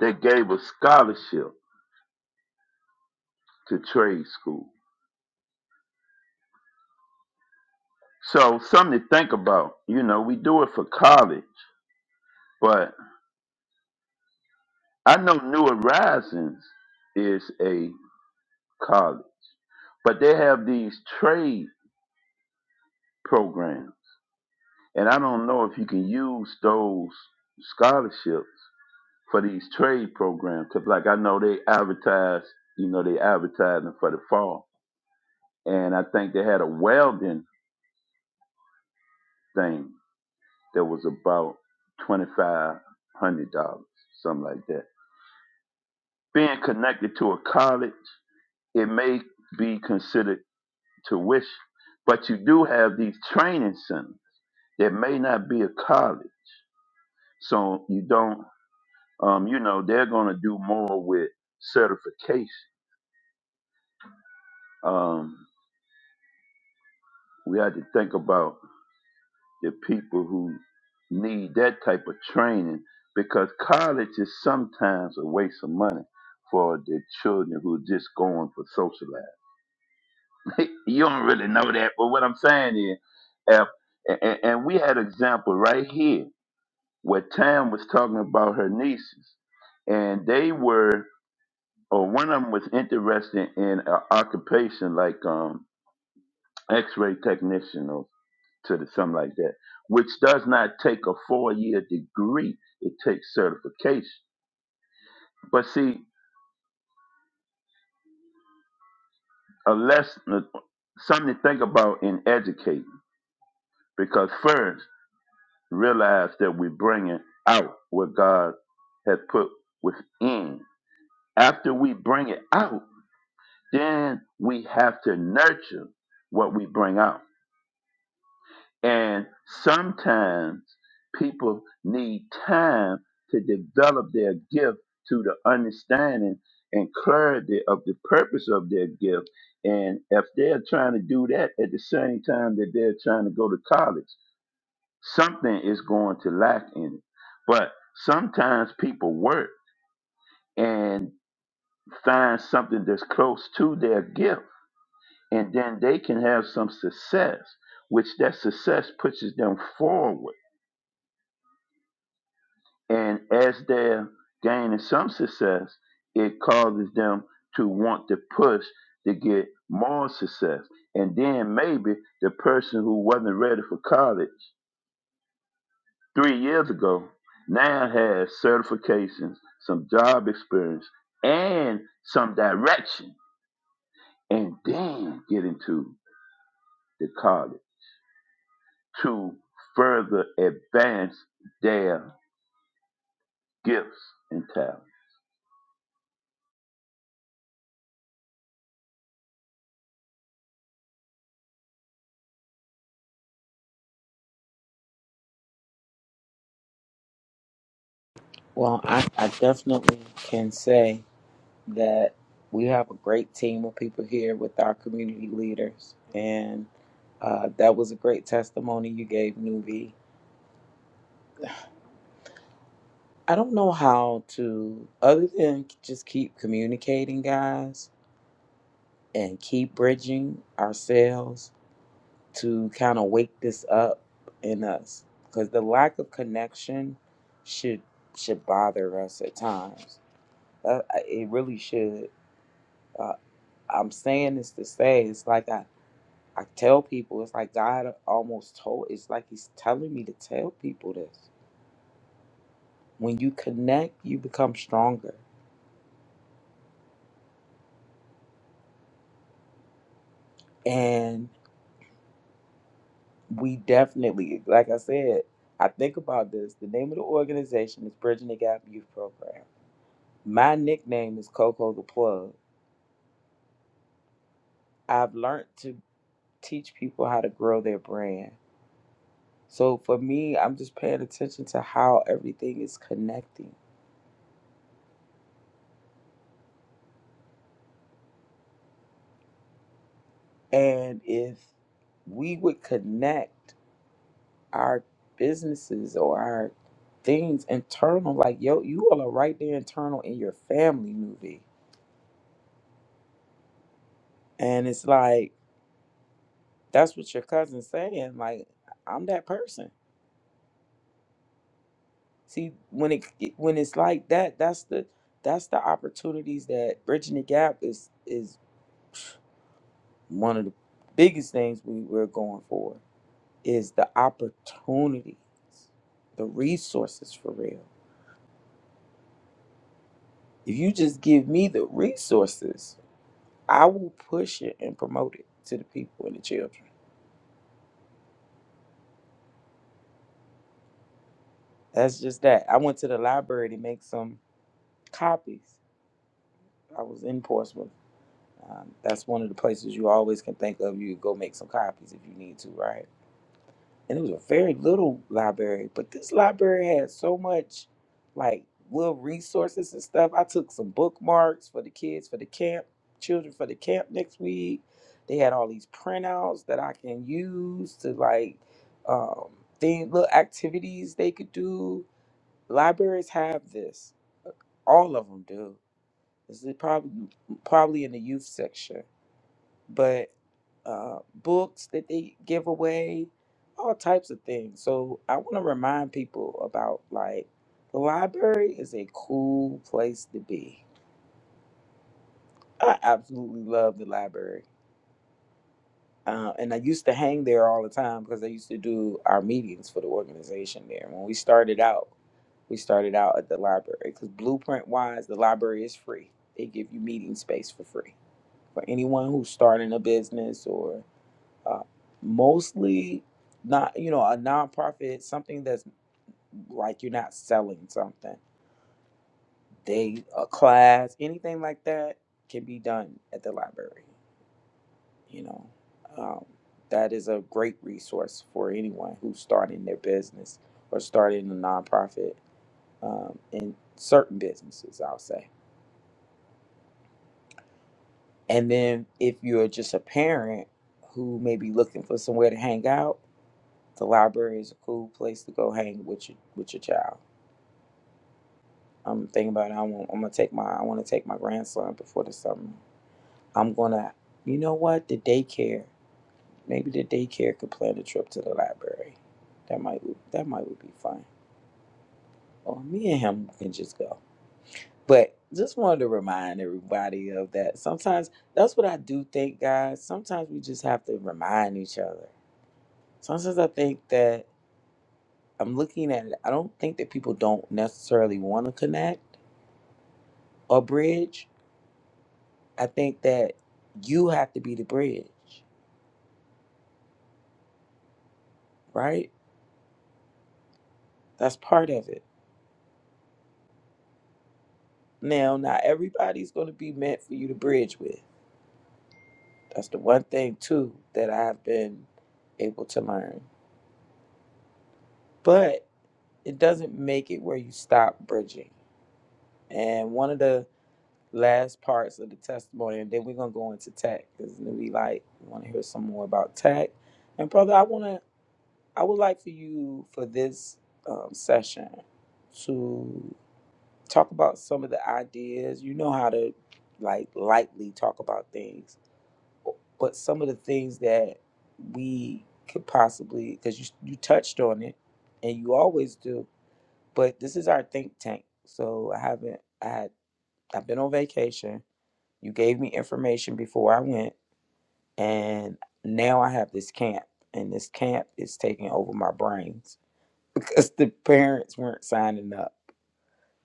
D: that gave a scholarship to trade school? So, something to think about. You know, we do it for college, but I know New Horizons is a college, but they have these trade programs And I don't know if you can use those scholarships for these trade programs. Cause like I know they advertise, you know, they advertising for the fall. And I think they had a welding thing that was about twenty five hundred dollars, something like that. Being connected to a college, it may be considered tuition. But you do have these training centers. that may not be a college. So you don't um, you know, they're going to do more with certification. Um, we had to think about the people who need that type of training because college is sometimes a waste of money for the children who are just going for socializing. you don't really know that, but what I'm saying is, if, and, and we had an example right here where Tam was talking about her nieces, and they were. or one of them was interested in an occupation like um, X-ray technician or to the, something like that, which does not take a four-year degree. It takes certification. But see, a lesson, uh, something to think about in educating, because first realize that we're bringing out what God has put within. After we bring it out, then we have to nurture what we bring out. And sometimes people need time to develop their gift to the understanding and clarity of the purpose of their gift. And if they're trying to do that at the same time that they're trying to go to college, something is going to lack in it. But sometimes people work and find something that's close to their gift, and then they can have some success, which that success pushes them forward And as they're gaining some success, it causes them to want to push to get more success. And then maybe the person who wasn't ready for college three years ago now has certifications, some job experience, and some direction, and then get into the college to further advance their gifts and talents.
A: Well, I, I definitely can say. that we have a great team of people here with our community leaders. And uh, that was a great testimony you gave, Nuvi. I don't know how to, other than just keep communicating, guys, and keep bridging ourselves to kind of wake this up in us. Because the lack of connection should should bother us at times. Uh, it really should. Uh, I'm saying this to say it's like I I tell people it's like God almost told it's like he's telling me to tell people this. When you connect, you become stronger. And we definitely, like I said, I think about this. The name of the organization is Bridging the Gap Youth Program. My nickname is Coco the Plug. I've learned to teach people how to grow their brand. So for me, I'm just paying attention to how everything is connecting. And if we would connect. our businesses or our things internal. Like, yo, you all are right there internal in your family movie. And it's like, that's what your cousin's saying. Like, I'm that person. See, when it when it's like that, that's the that's the opportunities that bridging the gap is is one of the biggest things we, we're going for is the opportunities, the resources for real. If you just give me the resources, I will push it and promote it to the people and the children. That's just that. I went to the library to make some copies. I was in Portsmouth. Um, that's one of the places you always can think of. You go make some copies if you need to, right? and it was a very little library. But this library had so much, like little resources and stuff. I took some bookmarks for the kids for the camp, children for the camp next week. They had all these printouts that I can use to like um, thing little activities they could do. Libraries have this. All of them do. This is probably probably in the youth section but uh, books that they give away, all types of things. So I want to remind people about like the library is a cool place to be. I absolutely love the library. Uh, and I used to hang there all the time because I used to do our meetings for the organization there. When we started out, we started out at the library because blueprint wise, the library is free. They give you meeting space for free for anyone who's starting a business or. uh, mostly not you know a nonprofit something that's like you're not selling something they a class anything like that can be done at the library you know um, that is a great resource for anyone who's starting their business or starting a nonprofit um, in certain businesses i'll say and then if you're just a parent who may be looking for somewhere to hang out the library is a cool place to go hang with your with your child I'm thinking about it. I want, I'm gonna take my I want to take my grandson before the summer. I'm gonna, you know what? The daycare. Maybe the daycare could plan a trip to the library. That might that might would be fun. Or me and him can just go. But just wanted to remind everybody of that. Sometimes that's what I do think, guys. Sometimes we just have to remind each other. Sometimes I think that I'm looking at it. I don't think that people don't necessarily want to connect or bridge I think that you have to be the bridge, right? That's part of it. Now, not everybody's going to be meant for you to bridge with. That's the one thing, too, that I've been able to learn. But it doesn't make it where you stop bridging. And one of the last parts of the testimony, and then we're going to go into tech because we like want to hear some more about tech. And brother, I want to, I would like for you for this um, session to talk about some of the ideas. You know how to like lightly talk about things, but some of the things that we could possibly because you you touched on it, and you always do. But this is our think tank, so I haven't. I had I've been on vacation. You gave me information before I went, and now I have this camp, and this camp is taking over my brains because the parents weren't signing up.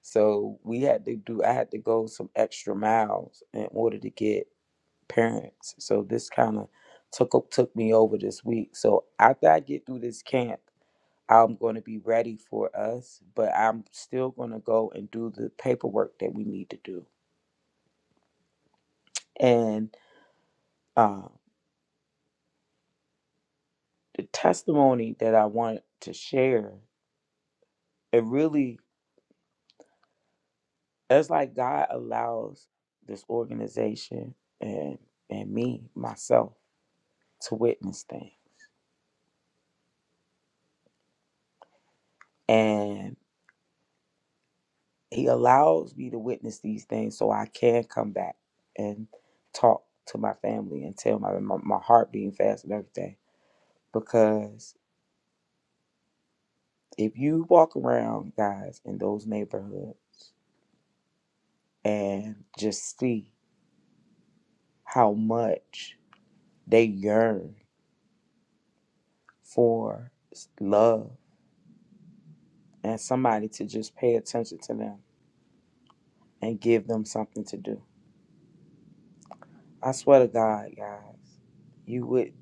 A: So we had to do, I had to go some extra miles in order to get parents. So this kind of took o- took me over this week. So after I get through this camp, I'm going to be ready for us, but I'm still going to go and do the paperwork that we need to do. And uh, the testimony that I want to share, it really, it's like God allows this organization and and me myself to witness things and he allows me to witness these things so I can come back and talk to my family and tell my my, my heart being fast and everything because if you walk around guys in those neighborhoods and just see how much they yearn for love and somebody to just pay attention to them and give them something to do. I swear to God, guys, you would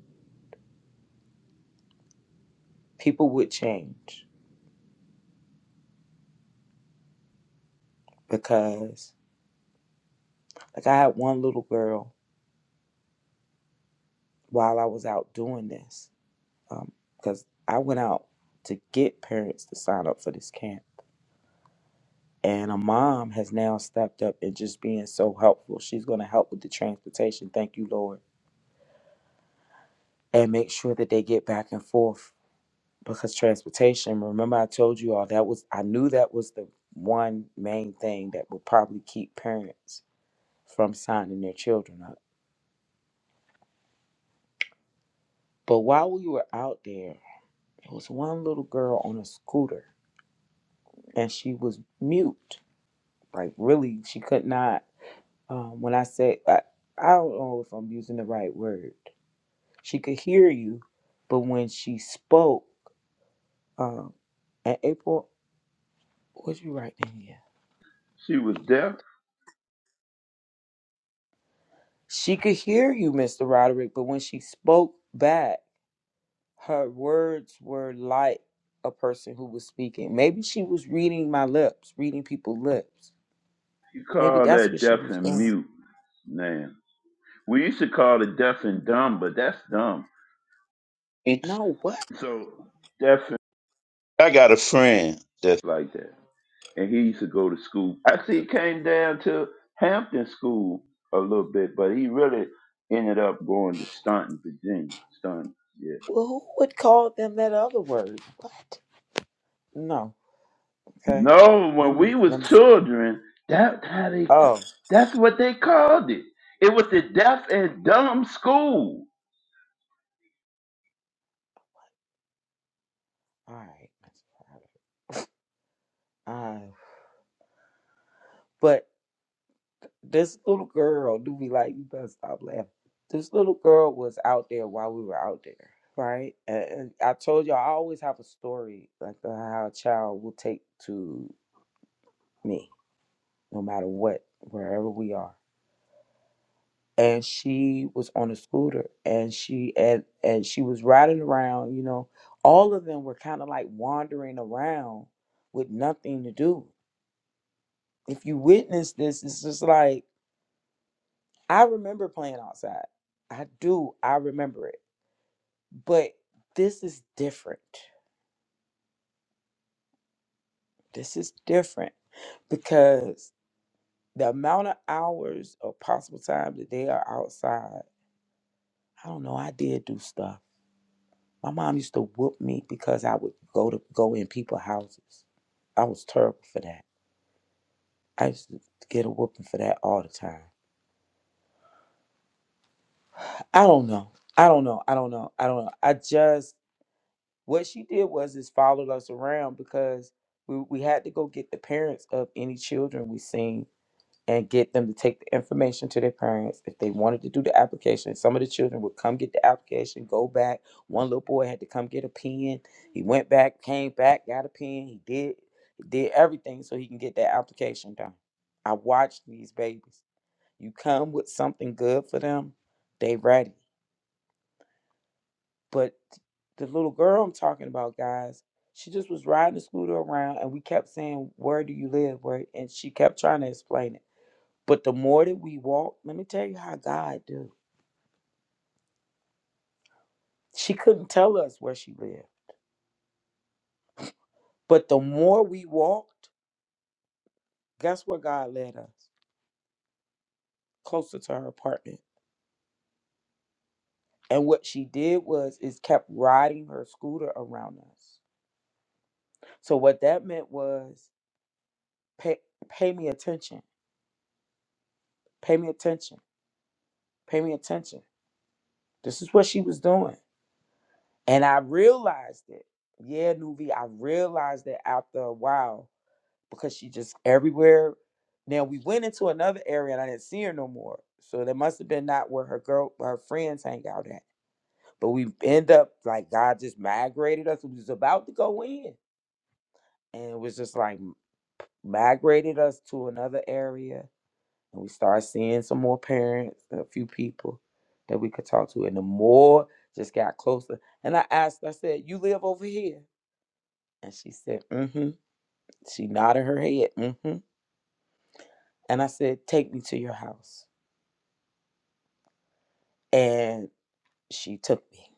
A: people would change because like I had one little girl while I was out doing this um, because I went out to get parents to sign up for this camp. And a mom has now stepped up and just being so helpful. She's going to help with the transportation. Thank you, Lord. And make sure that they get back and forth because transportation, remember I told you all that was, I knew that was the one main thing that would probably keep parents from signing their children up. But while we were out there, It was one little girl on a scooter, and she was mute. Like really, she could not. Um, when I say I, I don't know if I'm using the right word. She could hear you, but when she spoke, um, and April, what'd you write in here?
D: She was deaf
A: She could hear you, Mr. Roderick, but when she spoke back, her words were like a person who was speaking. Maybe she was reading my lips, reading people's lips.
D: You
A: Maybe
D: call
A: that's
D: that
A: what she
D: deaf
A: was
D: and
A: doing.
D: mute, man. We used to call it deaf and dumb, but that's dumb. It's
A: No,
D: so deaf. And, I got a friend that's like that, and he used to go to school. Actually, he came down to Hampton School a little bit, but he really ended up going to Staunton, Virginia. Staunton, yeah.
A: Well, who would call them that other word? What? No. Okay.
D: No,
A: Let
D: when
A: me.
D: we was
A: Let me.
D: children, that how they
A: Oh,
D: that's what they called it. It was the deaf and dumb school.
A: all right. Uh, but this little girl do be like, you better stop laughing. This little girl was out there while we were out there, right? And, and I told you I always have a story like uh, how a child will take to me, no matter what, wherever we are. and she was on a scooter and she and and she was riding around you know all of them were kind of like wandering around with nothing to do if you witness this it's just like i remember playing outside i do i remember it but this is different this is different because the amount of hours or possible time that they are outside i don't know i did do stuff My mom used to whoop me because I would go to go in people's houses. I was terrible for that. I used to get a whooping for that all the time. I don't know. I don't know. I don't know. I don't know. I just what she did was is followed us around because we, we had to go get the parents of any children we seen and get them to take the information to their parents. If they wanted to do the application, some of the children would come get the application, go back. One little boy had to come get a pen. He went back, came back, got a pen. He did he did everything so he can get that application done. I watched these babies. You come with something good for them, they ready. But the little girl I'm talking about, guys, she just was riding the scooter around and we kept saying, Where do you live? Where and she kept trying to explain it but the more that we walk, let me tell you how God do. She couldn't tell us where she lived. But the more we walked, guess where God led us? Closer to her apartment. And what she did was is kept riding her scooter around us. So what that meant was pay pay me attention. Pay me attention. Pay me attention. This is what she was doing. And I realized it. Yeah, Nuvi, I realized it after a while because she just everywhere. Now we went into another area and I didn't see her no more. So that must have been not where her girl her friends hang out at. But we end up like God just migrated us. We was about to go in. And it was just like migrated us to another area. And we started seeing some more parents, a few people that we could talk to. And the more just got closer. And I asked, I said, You live over here? And she said, Mm-hmm. She nodded her head, mm-hmm. And I said, Take me to your house. And she took me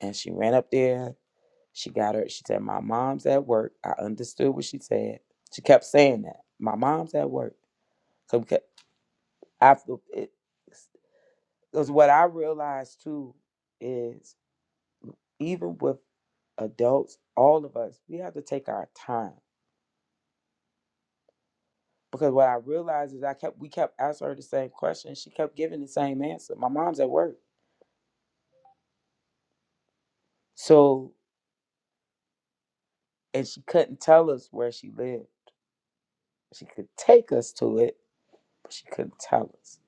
A: and she ran up there. She got her. She said, My mom's at work. I understood what she said. She kept saying that. My mom's at work. So we kept, after it, because what I realized too is even with adults, all of us, we have to take our time. Because what I realized is I kept, we kept asking her the same question. She kept giving the same answer. My mom's at work. So, and she couldn't tell us where she lived. She could take us to it, but she couldn't tell us.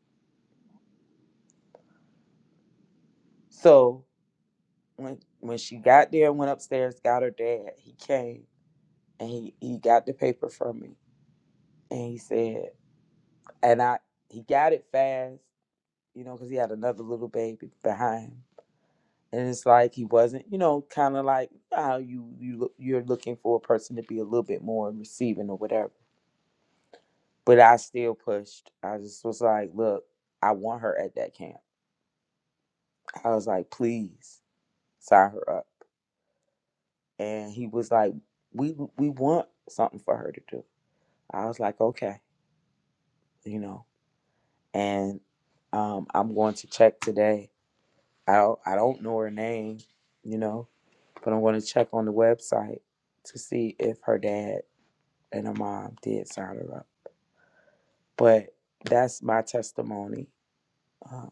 A: So when when she got there and went upstairs, got her dad, he came and he he got the paper from me and he said, and I he got it fast, you know, because he had another little baby behind. And it's like he wasn't, you know, kind of like how you you look, you're looking for a person to be a little bit more receiving or whatever. But I still pushed. I just was like, look, I want her at that camp. I was like, please sign her up. and he was like we we want something for her to do i was like okay you know and um i'm going to check today i don't, i don't know her name you know but i'm going to check on the website to see if her dad and her mom did sign her up but that's my testimony uh,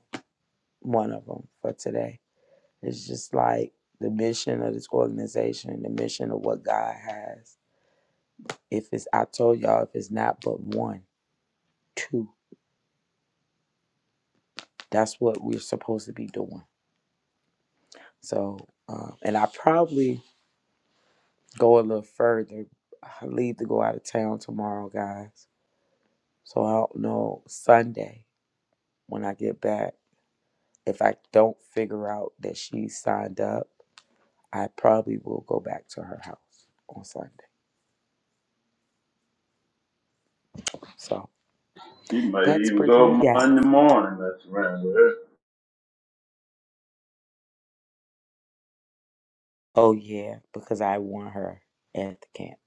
A: one of them for today it's just like the mission of this organization the mission of what god has if it's i told y'all if it's not but one two That's what we're supposed to be doing. So, um, and I probably go a little further. I leave to go out of town tomorrow, guys. So I don't know Sunday when I get back. If I don't figure out that she signed up, I probably will go back to her house on Sunday. So
D: She might
A: that's
D: even
A: pretty much
D: go
A: that.
D: Monday morning. That's around there.
A: Oh yeah, because I want her at the camp,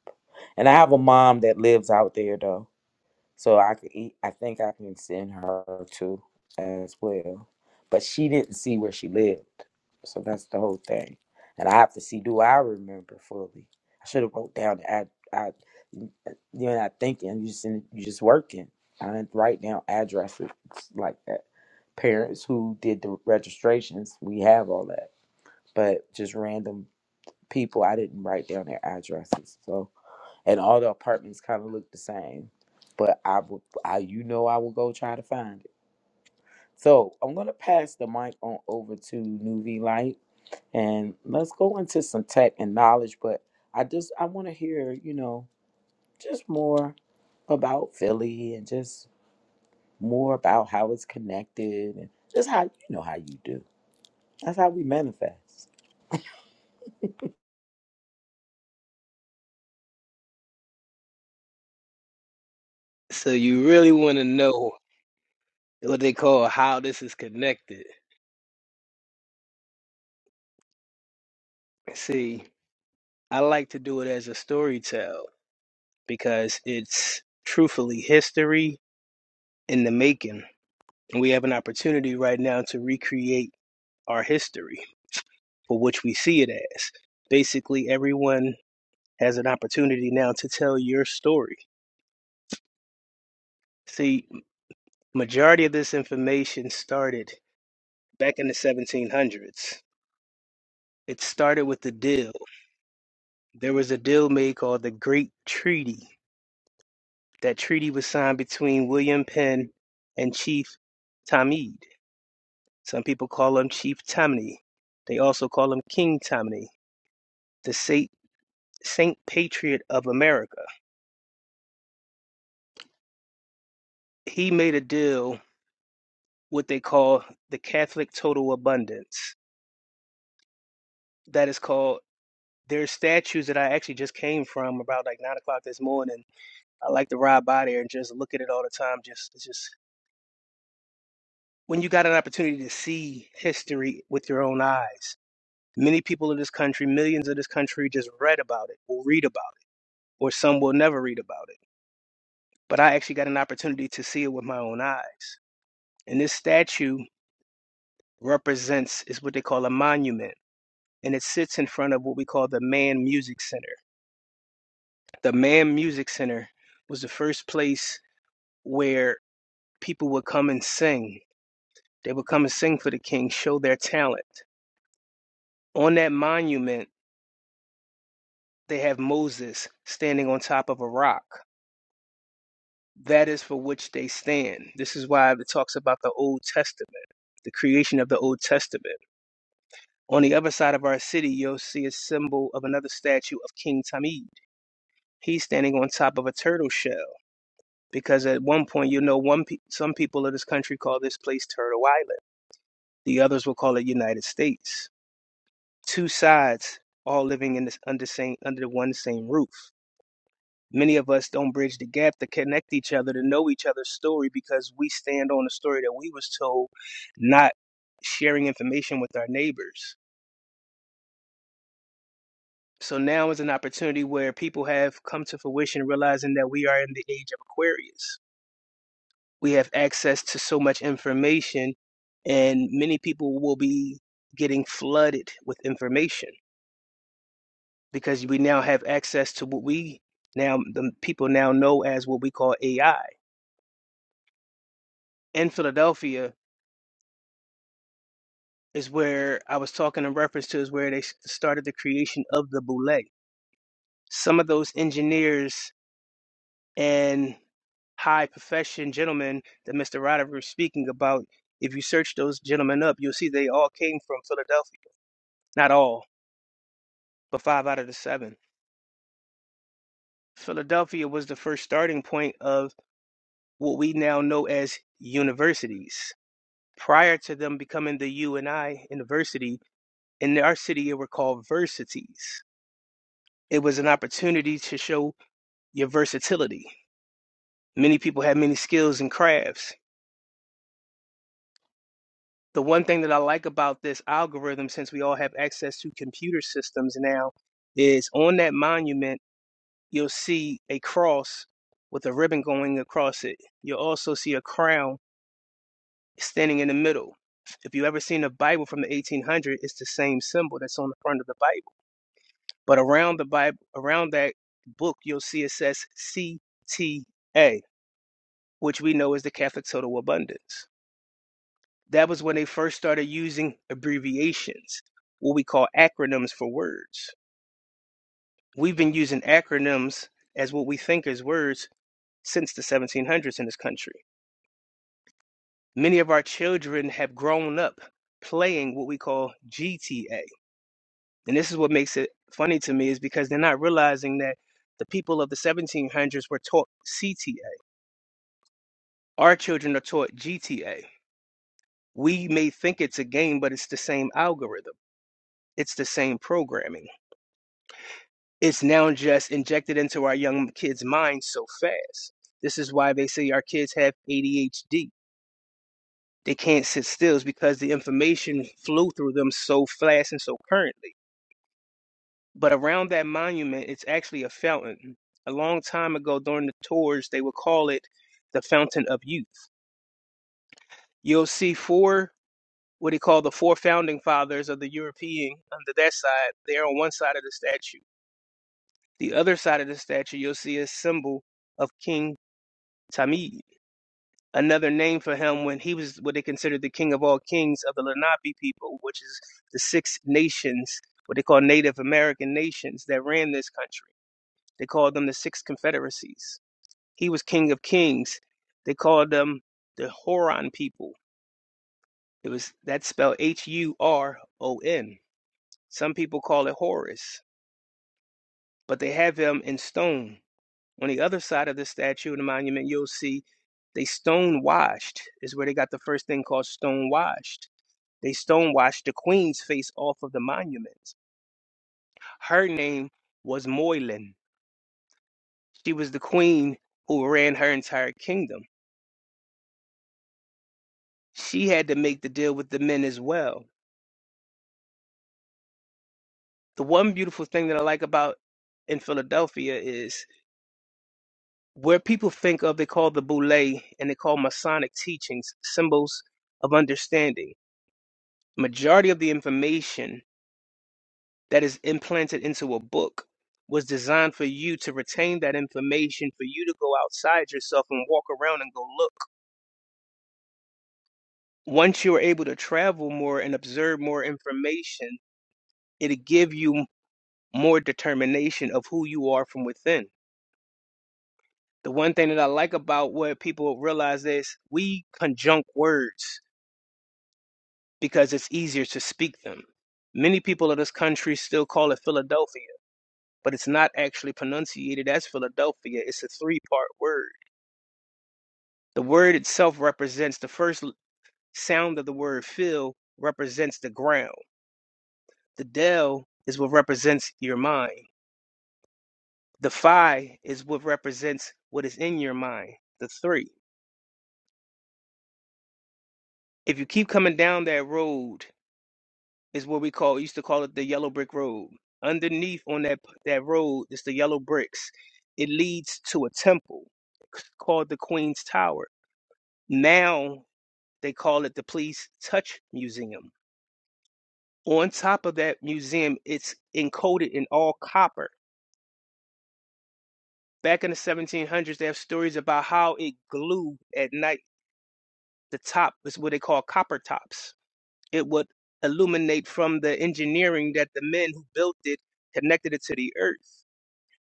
A: and I have a mom that lives out there though. So I could eat, I think I can send her to as well. But she didn't see where she lived. So that's the whole thing. And I have to see do I remember fully. I should have wrote down the ad I you're not thinking, you just in, you just working. I didn't write down addresses like that. Parents who did the registrations, we have all that. But just random people, I didn't write down their addresses. So and all the apartments kind of look the same. But I would, I you know, I will go try to find it. So I'm gonna pass the mic on over to Nuvi Light, and let's go into some tech and knowledge. But I just I want to hear, you know, just more about Philly and just more about how it's connected and just how you know how you do. That's how we manifest.
E: So you really want to know what they call how this is connected. See, I like to do it as a story tell because it's truthfully history in the making. And we have an opportunity right now to recreate our history for which we see it as. Basically, everyone has an opportunity now to tell your story. See, majority of this information started back in the 1700s. It started with the deal. There was a deal made called the Great Treaty. That treaty was signed between William Penn and Chief Tamid. Some people call him Chief Tammany. They also call him King Tammany, the Saint Patriot of America. He made a deal what they call the Catholic Total Abundance. That is called there's statues that I actually just came from about like nine o'clock this morning. I like to ride by there and just look at it all the time. Just it's just when you got an opportunity to see history with your own eyes. Many people in this country, millions of this country just read about it or read about it, or some will never read about it. But I actually got an opportunity to see it with my own eye. And this statue represents is what they call a monument and it sits in front of what we call the man music center the man music center was the first place where people would come and sing they would come and sing for the king show their talent on that monument they have moses standing on top of a rock that is for which they stand this is why it talks about the old testament the creation of the old testament on the other side of our city you'll see a symbol of another statue of king Tammuz He's standing on top of a turtle shell because at one point, you know, one pe- some people of this country call this place Turtle Island. The others will call it United States. Two sides, all living in this under same under the one same roof. Many of us don't bridge the gap to connect each other to know each other's story because we stand on a story that we was told, not sharing information with our neighbors. So now is an opportunity where people have come to fruition realizing that we are in the age of Aquarius we have access to so much information and many people will be getting flooded with information because we now have access to what we now the people now know as what we call AI. In Philadelphia is where I was talking in reference to is where they started the creation of the boule. Some of those engineers and high profession gentlemen that Mr. Roderick was speaking about, if you search those gentlemen up, you'll see they all came from Philadelphia. Not all, but five out of the seven. Philadelphia was the first starting point of what we now know as universities. Prior to them becoming the UNI University, in our city, it were called versities. It was an opportunity to show your versatility. Many people had many skills and crafts. The one thing that I like about this algorithm, since we all have access to computer systems now, is on that monument, you'll see a cross with a ribbon going across it. You'll also see a crown standing in the middle. If you ever seen a Bible from the 1800s, it's the same symbol that's on the front of the Bible. But around the Bible, around that book, you'll see it says CTA, which we know is the Catholic Total Abundance. That was when they first started using abbreviations, what we call acronyms for words. We've been using acronyms as what we think is words since the 1700s in this country. Many of our children have grown up playing what we call GTA And this is what makes it funny to me is because they're not realizing that the people of the 1700s were taught CTA. Our children are taught GTA. We may think it's a game, but it's the same algorithm. It's the same programming. It's now just injected into our young kids' minds so fast. This is why they say our kids have ADHD. They can't sit still is because the information flew through them so fast and so currently. But around that monument, it's actually a fountain. A long time ago, during the tours, they would call it the Fountain of Youth. You'll see four, what he called the four founding fathers of the European under that side. They're on one side of the statue. The other side of the statue, you'll see a symbol of King Tamid, another name for him when he was what they considered the king of all kings of the Lenape people, which is the six nations, what they call Native American nations that ran this country. They called them the six confederacies He was King of Kings. They called them the Horon people. It was that's spelled H U R O N. Some people call it Horus, but they have him in stone. On the other side of the statue and the monument, you'll see they stone washed is where they got the first thing called stone washed. They stone washed the queen's face off of the monument. Her name was Moylan. She was the queen who ran her entire kingdom. She had to make the deal with the men as well. The one beautiful thing that I like about in Philadelphia is where people think of they call the boule and they call Masonic teachings symbols of understanding. Majority of the information that is implanted into a book was designed for you to retain that information, for you to go outside yourself and walk around and go look. Once you're able to travel more and observe more information, it'll give you more determination of who you are from within The one thing that I like about what people realize is we conjunct words because it's easier to speak them. Many people of this country still call it Philadelphia, but it's not actually pronunciated as Philadelphia. It's a three part word. The word itself represents the first sound of the word Phil represents the ground. The Del is what represents your mind. The Phi is what represents what is in your mind, the three. If you keep coming down that road, is what we call used to call it the yellow brick road. Underneath on that that road is the yellow bricks. It leads to a temple called the Queen's Tower. Now they call it the Please Touch Museum. On top of that museum, it's encoded in all copper. Back in the 1700s, they have stories about how it glued at night. The top is what they call copper tops. It would illuminate from the engineering that the men who built it connected it to the earth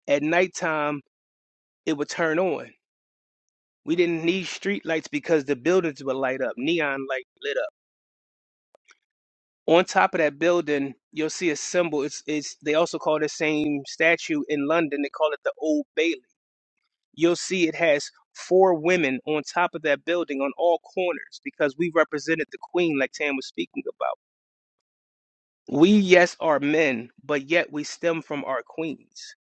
E: At nighttime, it would turn on. We didn't need street lights because the buildings would light up, neon light lit up. On top of that building, you'll see a symbol. It's it's they also call the same statue in London. They call it the Old Bailey. You'll see it has four women on top of that building on all corners because we represented the queen like Tam was speaking about. We yes are men, but yet we stem from our queens.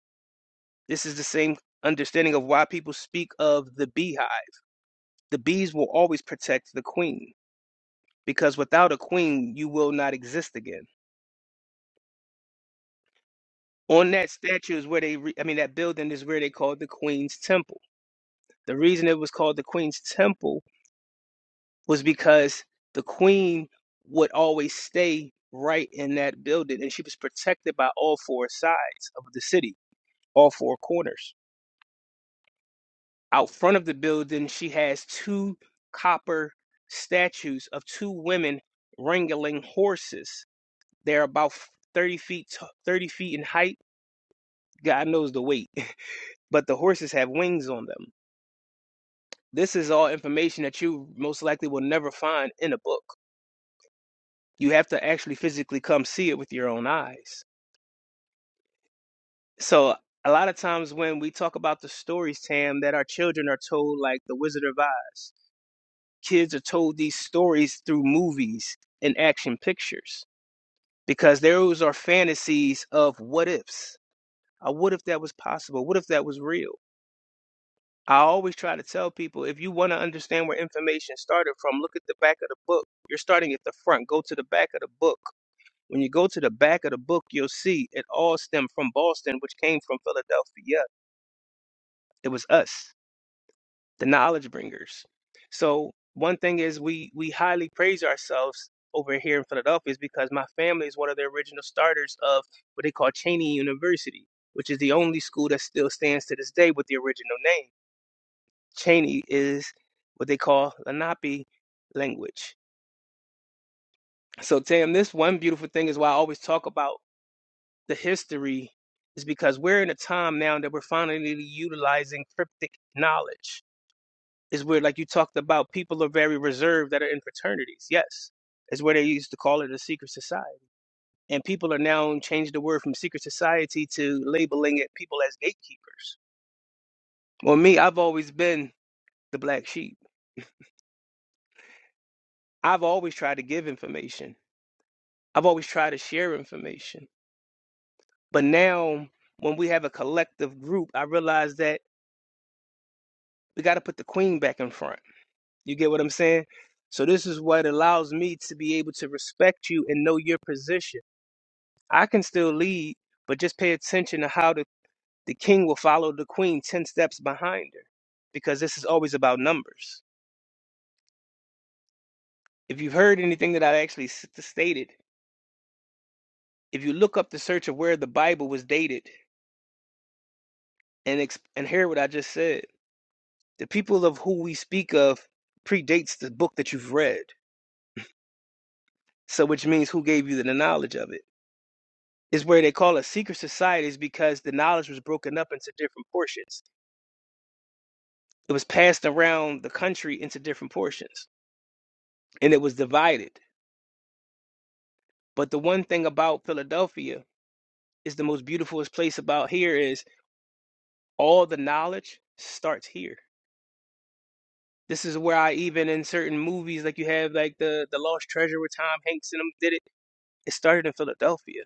E: This is the same understanding of why people speak of the beehive. the bees will always protect the queen because without a queen, you will not exist again. On that statue is where they, re- I mean, that building is where they called the Queen's Temple. The reason it was called the Queen's Temple was because the queen would always stay right in that building and she was protected by all four sides of the city, all four corners. Out front of the building, she has two copper statues of two women wrangling horses They're about 30 feet, 30 feet in height. God knows the weight, but the horses have wings on them. This is all information that you most likely will never find in a book. You have to actually physically come see it with your own eyes. So a lot of times when we talk about the stories, Tam, that our children are told, like The Wizard of Oz, kids are told these stories through movies and action pictures because those are fantasies of what ifs. Uh, what if that was possible? What if that was real? I always try to tell people if you want to understand where information started from, look at the back of the book. You're starting at the front, go to the back of the book. When you go to the back of the book, you'll see it all stemmed from Boston, which came from Philadelphia. It was us, the knowledge bringers. So, one thing is we we highly praise ourselves over here in Philadelphia is because my family is one of the original starters of what they call Cheney University, which is the only school that still stands to this day with the original name. Cheney is what they call Lenape language. So, Tam, this one beautiful thing is why I always talk about the history, is because we're in a time now that we're finally utilizing cryptic knowledge. Is where, like you talked about, people are very reserved that are in fraternities. Yes, is where they used to call it a secret society, and people are now changed the word from secret society to labeling it people as gatekeepers. Well, me, I've always been the black sheep. I've always tried to give information I've always tried to share information. But now, when we have a collective group, I realize that we got to put the queen back in front. You get what I'm saying? So, this is what allows me to be able to respect you and know your position. I can still lead, but just pay attention to how the, the king will follow the queen 10 steps behind her, because this is always about numbers. If you've heard anything that I actually s- stated, if you look up the search of where the Bible was dated and, ex- and hear what I just said, The people of who we speak of predates the book that you've read. So, which means who gave you the knowledge of it? Is where they call it secret societies because the knowledge was broken up into different portions. It was passed around the country into different portions and it was divided. But the one thing about Philadelphia is the most beautiful place about here is all the knowledge starts here. This is where I even in certain movies like you have like the the Lost Treasure with Tom Hanks and them did it. It started in Philadelphia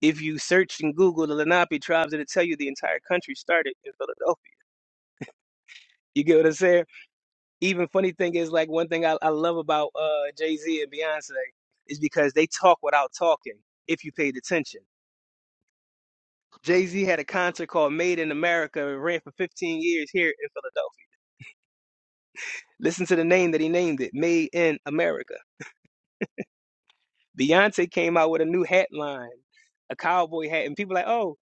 E: If you search and Google the Lenape tribes, it'll tell you the entire country started in Philadelphia. You get what I'm saying? Even funny thing is like one thing I, I love about uh, Jay Z and Beyonce is because they talk without talking. If you paid attention, Jay Z had a concert called Made in America and ran for 15 years here in Philadelphia. Listen to the name that he named it, Made in America. Beyonce came out with a new hat line, a cowboy hat, and people like, oh,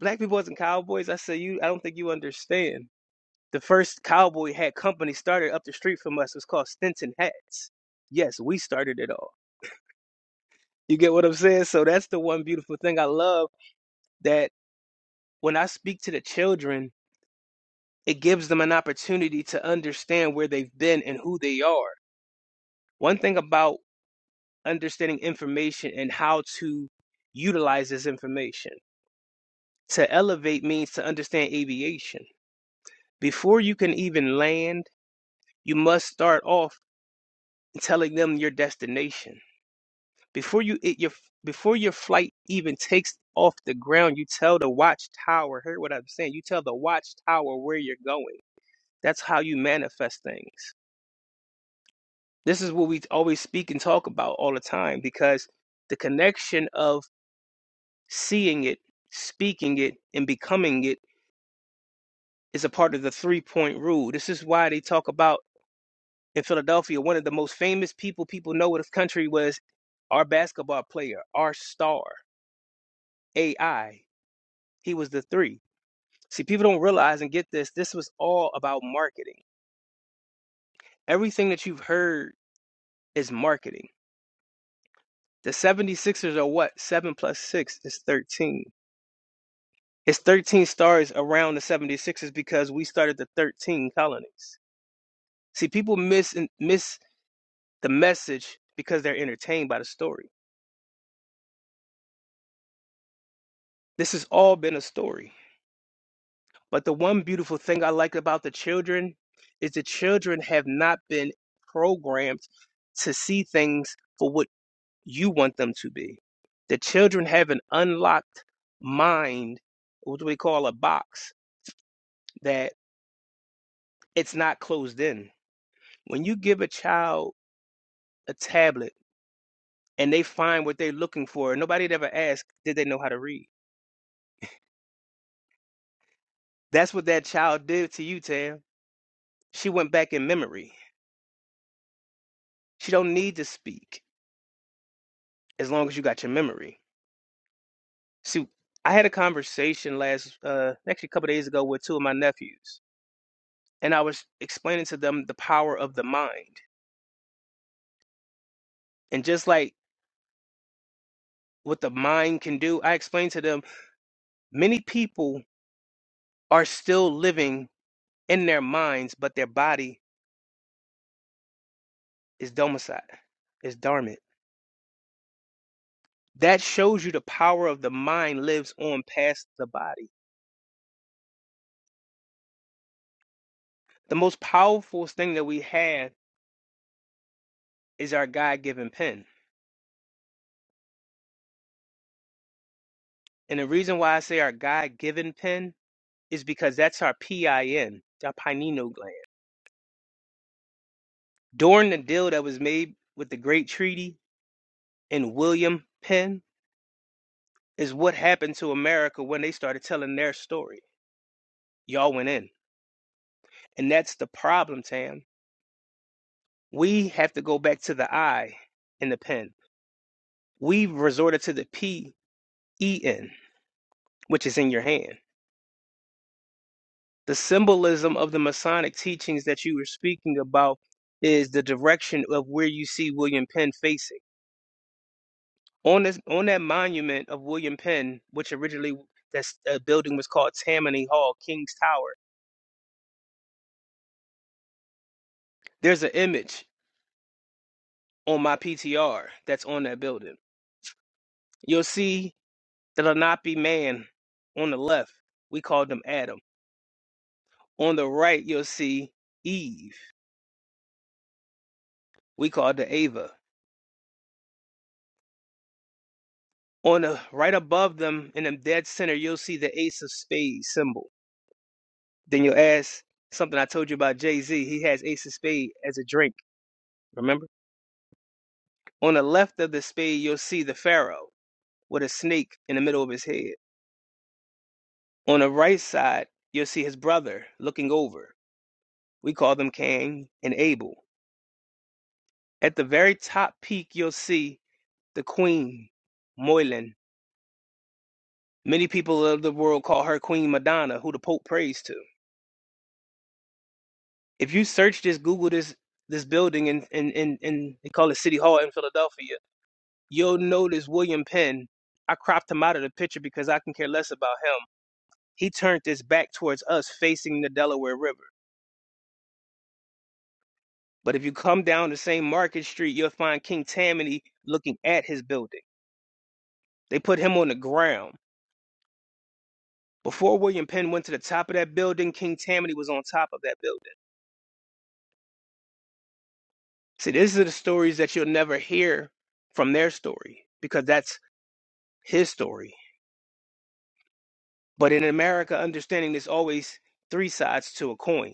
E: black people wasn't cowboys. I said, you, I don't think you understand The first cowboy hat company started up the street from us It was called Stinson Hats. Yes, we started it all. You get what I'm saying? So that's the one beautiful thing I love that when I speak to the children, it gives them an opportunity to understand where they've been and who they are. One thing about understanding information and how to utilize this information. To elevate means to understand aviation. Before you can even land, you must start off telling them your destination Before you it your before your flight even takes off the ground, you tell the watchtower, hear what I'm saying? You tell the watchtower where you're going. That's how you manifest things. This is what we always speak and talk about all the time because the connection of seeing it, speaking it, and becoming it is a part of the three point rule. This is why they talk about in Philadelphia, one of the most famous people people know in this country was our basketball player, our star, AI. He was the three. See, people don't realize and get this. This was all about marketing. Everything that you've heard is marketing. The 76ers are what? 7 plus 6 is 13. It's 13 stars around the 76ers because we started the 13 colonies. See, people miss miss the message because they're entertained by the story. This has all been a story. But the one beautiful thing I like about the children is the children have not been programmed to see things for what you want them to be. The children have an unlocked mind, what we call a box, that it's not closed in. When you give a child a tablet and they find what they're looking for, nobody ever asked, did they know how to read? That's what that child did to you, Tam. She went back in memory. She don't need to speak as long as you got your memory. See, I had a conversation last, uh, actually a couple of days ago with two of my nephews, and I was explaining to them the power of the mind And just like what the mind can do, I explained to them many people are still living in their minds, but their body is domicile, is dormant. That shows you the power of the mind lives on past the body. The most powerful thing that we have is our God given pen. And the reason why I say our God given pen is because that's our PIN, our pineal gland. During the deal that was made with the Great Treaty and William Penn, is what happened to America when they started telling their story. Y'all went in. And that's the problem, Tam. We have to go back to the I in the pen. We've resorted to the P E N, which is in your hand. The symbolism of the Masonic teachings that you were speaking about is the direction of where you see William Penn facing. On this on that monument of William Penn, which originally that's uh, building was called Tammany Hall, King's Tower, there's an image on my PTR that's on that building You'll see the Lenape man on the left. We called him Adam. On the right, you'll see Eve. We called her Ava. On the right above them, in the dead center, you'll see the Ace of Spades symbol. Then you'll ask something I told you about Jay Z. He has Ace of Spade as a drink. Remember? On the left of the spade, you'll see the Pharaoh with a snake in the middle of his head. On the right side, you'll see his brother looking over. We call them Cain and Abel. At the very top peak, you'll see the Queen, Moylan. Many people of the world call her Queen Madonna, who the Pope prays to. If you search this, Google this this building in in in, in they call it City Hall in Philadelphia, you'll notice William Penn. I cropped him out of the picture because I can care less about him. He turned his back towards us, facing the Delaware River. But if you come down the same Market Street, you'll find King Tammany looking at his building. They put him on the ground. Before William Penn went to the top of that building, King Tammany was on top of that building. See, these are the stories that you'll never hear from their story because that's his story. But in America, understanding there's always three sides to a coin.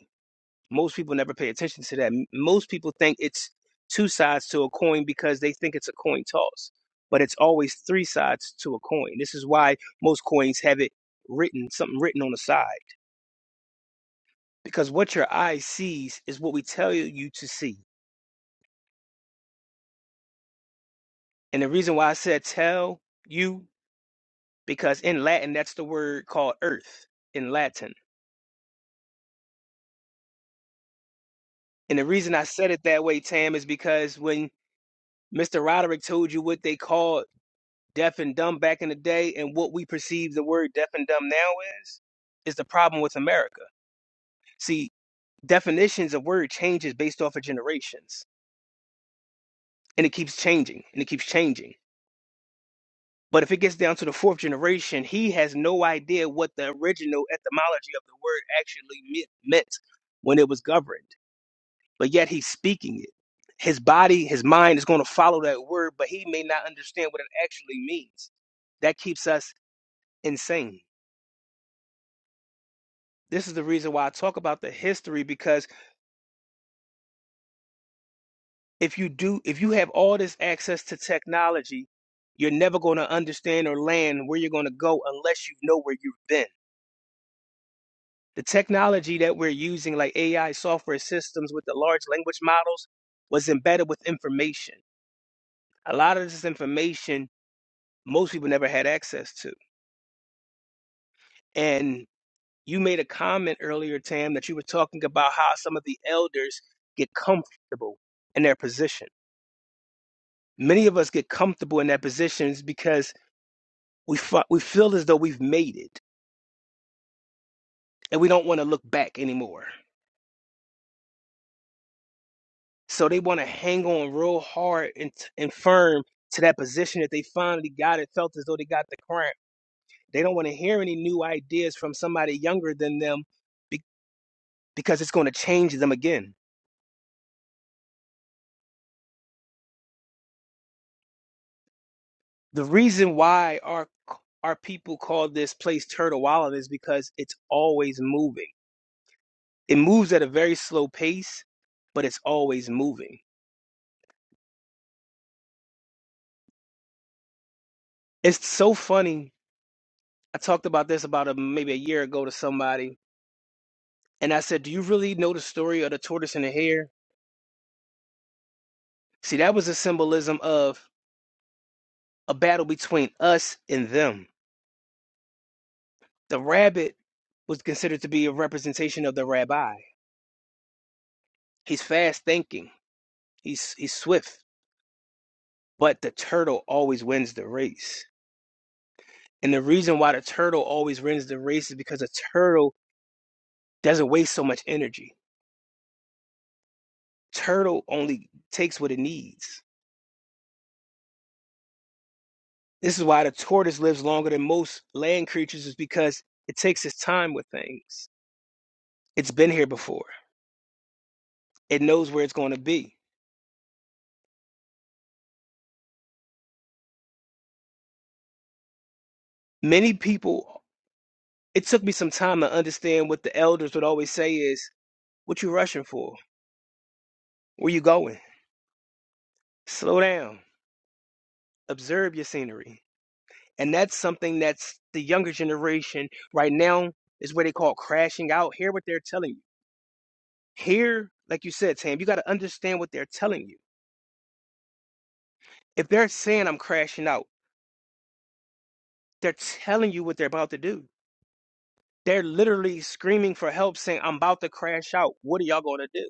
E: Most people never pay attention to that. M- Most people think it's two sides to a coin because they think it's a coin toss, but it's always three sides to a coin. This is why most coins have it written, something written on the side, because what your eye sees is what we tell you to see. And the reason why I said tell you because in Latin, that's the word called earth in Latin. And the reason I said it that way, Tam, is because when Mr. Roderick told you what they called deaf and dumb back in the day and what we perceive the word deaf and dumb now is, is the problem with America. See, definitions of word changes based off of generations, and it keeps changing, and it keeps changing. But if it gets down to the fourth generation, he has no idea what the original etymology of the word actually me- meant when it was governed. but yet he's speaking it. His body, his mind is going to follow that word, but he may not understand what it actually means. That keeps us insane. This is the reason why I talk about the history because if you do, if you have all this access to technology, you're never going to understand or land where you're going to go unless you know where you've been. The technology that we're using, like AI software systems with the large language models, was embedded with information. A lot of this information most people never had access to And you made a comment earlier, Tam, that you were talking about how some of the elders get comfortable in their position. Many of us get comfortable in their positions because we fi- we feel as though we've made it and we don't want to look back anymore. So they want to hang on real hard and, t- and firm to that position that they finally got and felt as though they got the crown. They don't want to hear any new ideas from somebody younger than them be- because it's going to change them again The reason why our our people call this place Turtle Island is because it's always moving. It moves at a very slow pace, but it's always moving. It's so funny. I talked about this about a, maybe a year ago to somebody, and I said, "Do you really know the story of the tortoise and the hare?" See, that was a symbolism of a battle between us and them. The rabbit was considered to be a representation of the rabbi. He's fast thinking. He's he's swift. but the turtle always wins the race. And the reason why the turtle always wins the race is because a turtle doesn't waste so much energy. Turtle only takes what it needs. This is why the tortoise lives longer than most land creatures, is because it takes its time with things. It's been here before, it knows where it's going to be. Many people, it took me some time to understand what the elders would always say is, What you rushing for? Where you going? Slow down, observe your scenery And that's something that's the younger generation right now is what they call crashing out. Hear what they're telling you. Hear, like you said, Tam, you got to understand what they're telling you. If they're saying I'm crashing out, they're telling you what they're about to do. They're literally screaming for help, saying, I'm about to crash out. What are y'all going to do?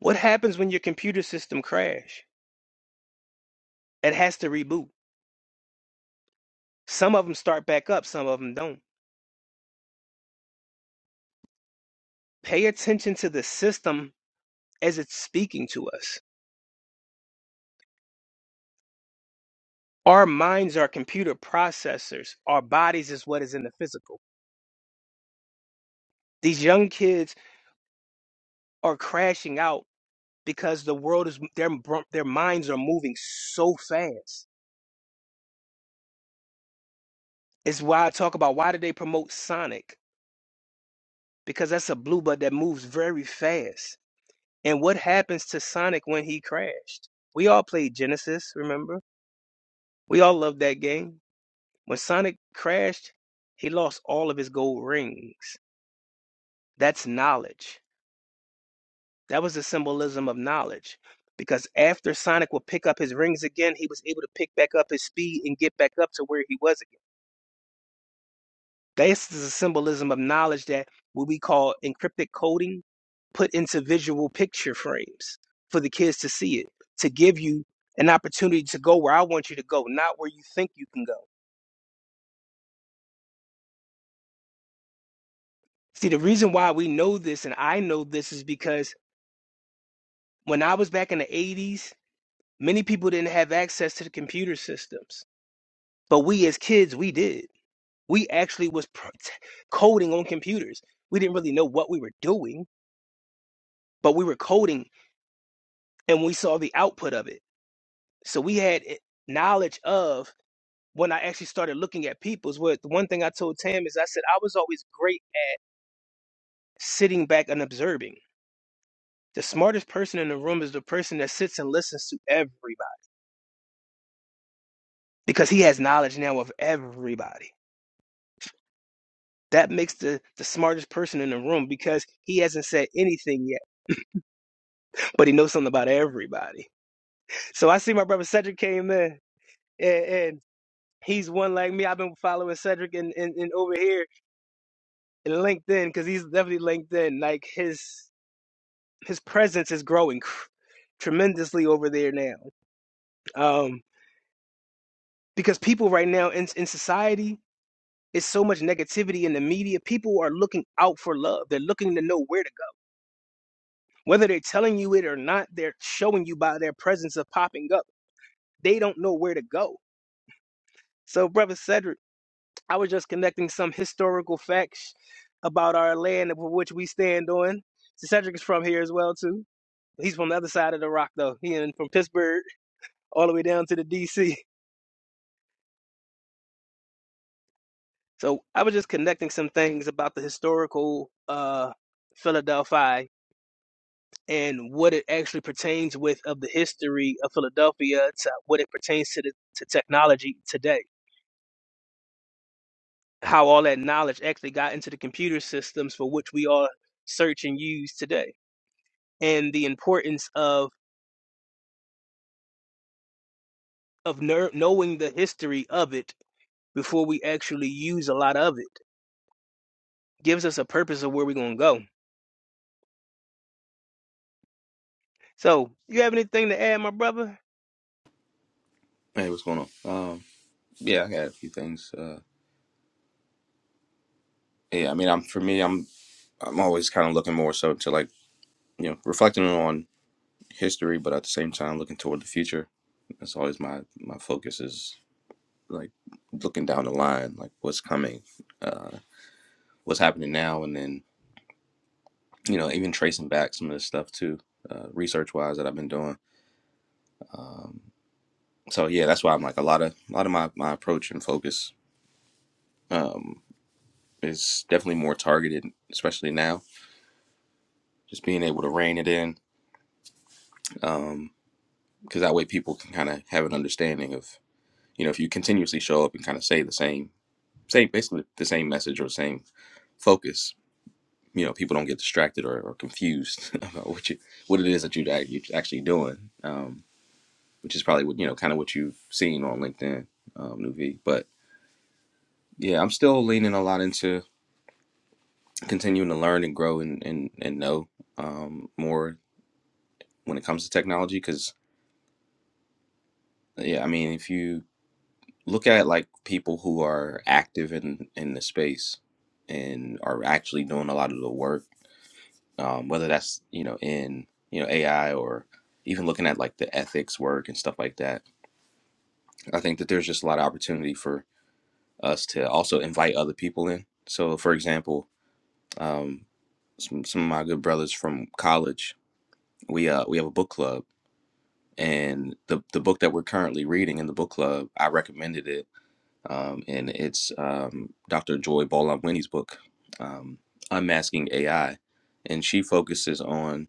E: What happens when your computer system crash? It has to reboot. Some of them start back up, some of them don't. Pay attention to the system as it's speaking to us Our minds are computer processors. Our bodies is what is in the physical. These young kids are crashing out because the world is their br- their minds are moving so fast. It's why I talk about why do they promote Sonic? Because that's a blue bud that moves very fast. And what happens to Sonic when he crashed? We all played Genesis, remember? We all loved that game. When Sonic crashed, he lost all of his gold rings. That's knowledge That was the symbolism of knowledge. Because after Sonic would pick up his rings again, he was able to pick back up his speed and get back up to where he was again. This is a symbolism of knowledge that what we call encrypted coding put into visual picture frames for the kids to see it, to give you an opportunity to go where I want you to go, not where you think you can go. See, the reason why we know this and I know this is because when I was back in the 80s, many people didn't have access to the computer systems, but we as kids, we did. We actually was pro- t- coding on computers. We didn't really know what we were doing, but we were coding and we saw the output of it. So we had i- knowledge of when I actually started looking at people's what the one thing I told Tam is I said I was always great at sitting back and observing. The smartest person in the room is the person that sits and listens to everybody because he has knowledge now of everybody. That makes the, the smartest person in the room because he hasn't said anything yet, but he knows something about everybody. So I see my brother Cedric came in, and, and he's one like me. I've been following Cedric and in, in, in over here in LinkedIn because he's definitely LinkedIn. Like his his presence is growing cr- tremendously over there now. Um, because people right now in in society, it's so much negativity in the media. People are looking out for love. They're looking to know where to go. Whether they're telling you it or not, they're showing you by their presence of popping up. They don't know where to go. So, brother Cedric. I was just connecting some historical facts about our land of which we stand on. So Cedric is from here as well too. He's from the other side of the rock though. He in from Pittsburgh all the way down to the DC. So I was just connecting some things about the historical uh Philadelphia and what it actually pertains with of the history of Philadelphia to what it pertains to the to technology today. How all that knowledge actually got into the computer systems for which we all search and use today and the importance of of ner- knowing the history of it before we actually use a lot of it gives us a purpose of where we're gonna go. So, you have anything to add, my brother?
F: Hey, what's going on? Um, yeah, I had a few things. Uh, yeah, I mean, I'm for me, I'm I'm always kind of looking more so to like you know reflecting on history, but at the same time looking toward the future. That's always my my focus is like looking down the line, like what's coming, uh, what's happening now, and then you know even tracing back some of the stuff too, uh, research wise that I've been doing. Um, so yeah, that's why I'm like a lot of a lot of my my approach and focus um, is definitely more targeted, especially now just being able to rein it in um because that way people can kind of have an understanding of you know if you continuously show up and kind of say the same say basically the same message or same focus you know people don't get distracted or, or confused about what you what it is that you that you're actually doing um which is probably what you know kind of what you've seen on linkedin um new but yeah i'm still leaning a lot into continuing to learn and grow and and, and know um more when it comes to technology because yeah i mean if you look at like people who are active in in the space and are actually doing a lot of the work um, whether that's you know in you know ai or even looking at like the ethics work and stuff like that i think that there's just a lot of opportunity for us to also invite other people in so for example um, some, some of my good brothers from college we uh we have a book club and the the book that we're currently reading in the book club i recommended it um, and it's um, Dr. Joy Bolamwini's book, um, Unmasking AI, and she focuses on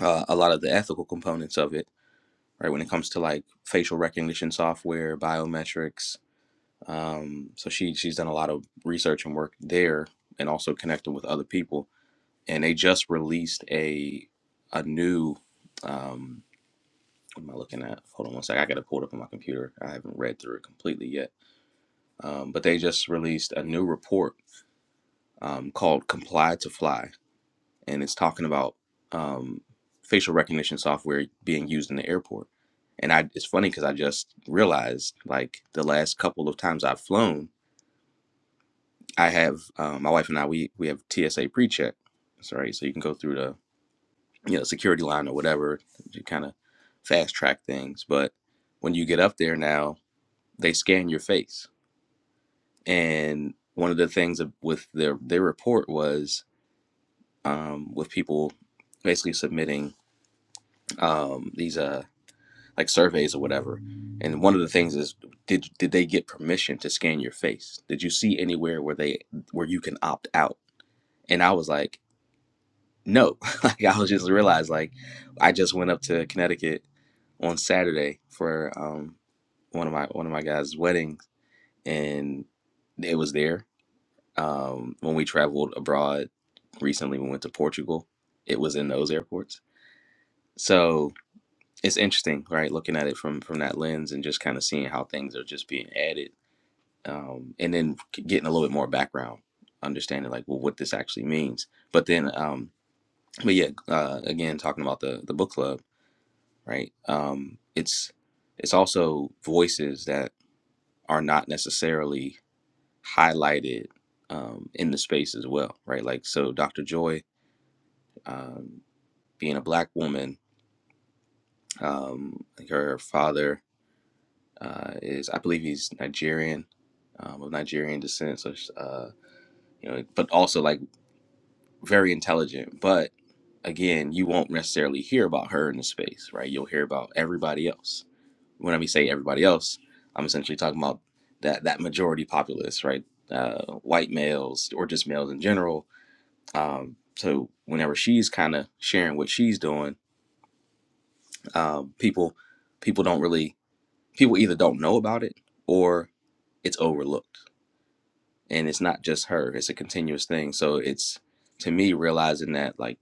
F: uh, a lot of the ethical components of it, right? When it comes to like facial recognition software, biometrics. Um, so she she's done a lot of research and work there, and also connecting with other people. And they just released a a new. Um, what am I looking at? Hold on one second. I got to pull it up on my computer. I haven't read through it completely yet. Um, but they just released a new report um, called Comply to Fly, and it's talking about um, facial recognition software being used in the airport. And I, it's funny because I just realized, like the last couple of times I've flown, I have um, my wife and I we we have TSA pre-check. Sorry, so you can go through the you know security line or whatever to kind of fast track things. But when you get up there now, they scan your face, and one of the things with their their report was um, with people basically submitting um, these uh, like surveys or whatever. And one of the things is, did did they get permission to scan your face? Did you see anywhere where they where you can opt out? And I was like, no. like I was just realized like I just went up to Connecticut on Saturday for um, one of my one of my guys' weddings, and it was there. Um, when we traveled abroad recently, we went to Portugal. It was in those airports. So it's interesting, right? Looking at it from from that lens and just kind of seeing how things are just being added, um, and then getting a little bit more background, understanding like well what this actually means. But then, um, but yeah, uh, again talking about the the book club, right? Um, it's it's also voices that are not necessarily highlighted um, in the space as well, right? Like so, Dr. Joy, um, being a black woman, um, like her father uh, is I believe he's Nigerian, um, of Nigerian descent. So, uh, you know, but also like very intelligent. But again, you won't necessarily hear about her in the space, right? You'll hear about everybody else. When I say everybody else, I'm essentially talking about that that majority populace, right? Uh, white males or just males in general. Um, so whenever she's kind of sharing what she's doing, um, people people don't really people either don't know about it or it's overlooked and it's not just her it's a continuous thing so it's to me realizing that like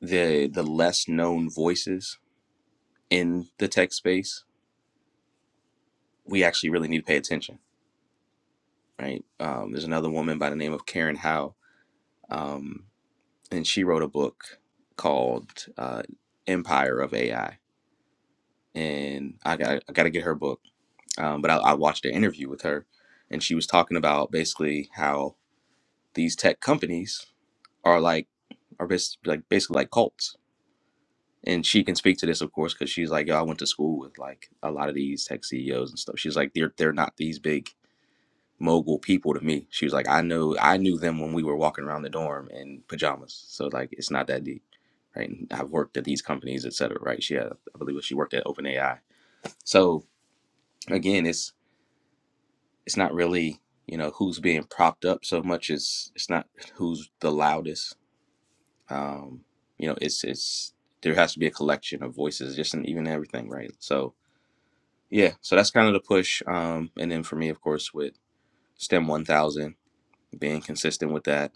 F: the the less known voices in the tech space we actually really need to pay attention right um, there's another woman by the name of karen howe um, and she wrote a book called uh, empire of ai and i got i got to get her book um, but I, I watched an interview with her and she was talking about basically how these tech companies are like are bas- like basically like cults and she can speak to this, of course, because she's like, Yo, I went to school with like a lot of these tech CEOs and stuff. She's like, they're they're not these big mogul people to me. She was like, I know I knew them when we were walking around the dorm in pajamas. So like, it's not that deep, right? And I've worked at these companies, et cetera, right? She had, I believe, she worked at OpenAI. So again, it's it's not really you know who's being propped up so much as it's not who's the loudest. Um, you know, it's it's there has to be a collection of voices, just in even everything, right? So Yeah, so that's kind of the push. Um, and then for me, of course, with STEM 1000, being consistent with that.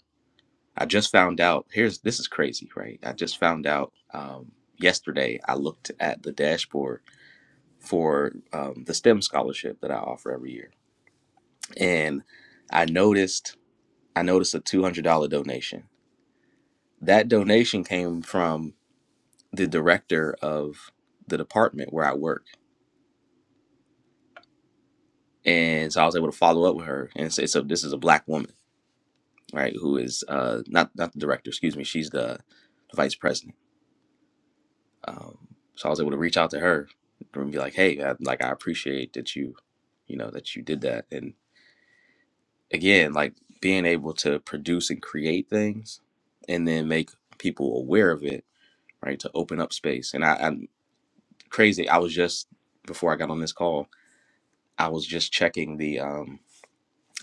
F: I just found out, here's this is crazy, right? I just found out um, yesterday, I looked at the dashboard for um, the STEM scholarship that I offer every year. And I noticed, I noticed a $200 donation. That donation came from the director of the department where I work. And so I was able to follow up with her. And say, so this is a black woman right? Who is uh, not not the director? Excuse me. She's the, the vice president. Um, so I was able to reach out to her and be like, "Hey, I, like I appreciate that you you know that you did that." And again, like being able to produce and create things, and then make people aware of it, right? To open up space. And I, I'm crazy. I was just before I got on this call, I was just checking the. Um,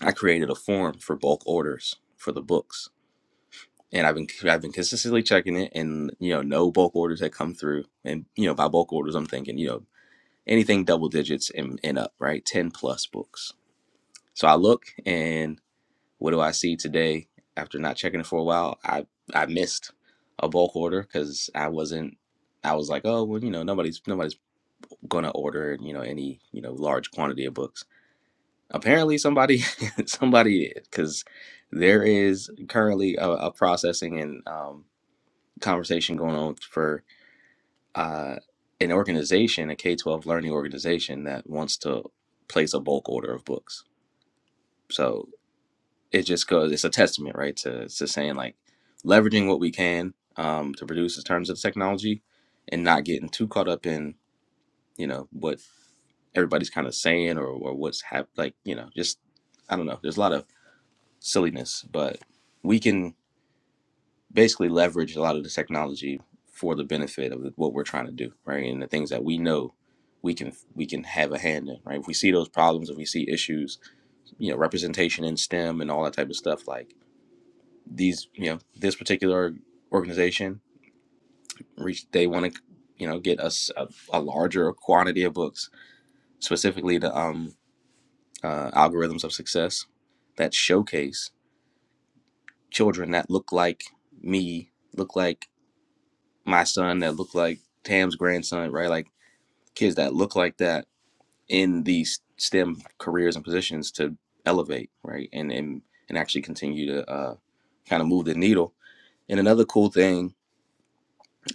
F: I created a form for bulk orders for the books and I've been I've been consistently checking it, and you know, no bulk orders had come through. And you know, by bulk orders, I'm thinking you know anything double digits and, and up, right? Ten plus books. So I look, and what do I see today? After not checking it for a while, I I missed a bulk order because I wasn't. I was like, oh well, you know, nobody's nobody's gonna order you know any you know large quantity of books. Apparently, somebody somebody is because there is currently a, a processing and um, conversation going on for uh, an organization, a K 12 learning organization that wants to place a bulk order of books. So it just goes, it's a testament, right, to, to saying like leveraging what we can um, to produce in terms of technology and not getting too caught up in, you know, what everybody's kind of saying or, or what's hap- like, you know, just, I don't know. There's a lot of silliness, but we can. basically leverage a lot of the technology for the benefit of what we're trying to do, right? And the things that we know we can we can have a hand in, right? If we see those problems, if we see issues, you know, representation in STEM and all that type of stuff, like these, you know, this particular organization reached they want to, you know, get us a, a larger quantity of books, specifically the um, uh, algorithms of success that showcase children that look like me, look like my son that look like Tam's grandson, right? Like kids that look like that in these STEM careers and positions to elevate, right? And and and actually continue to uh, kind of move the needle. And another cool thing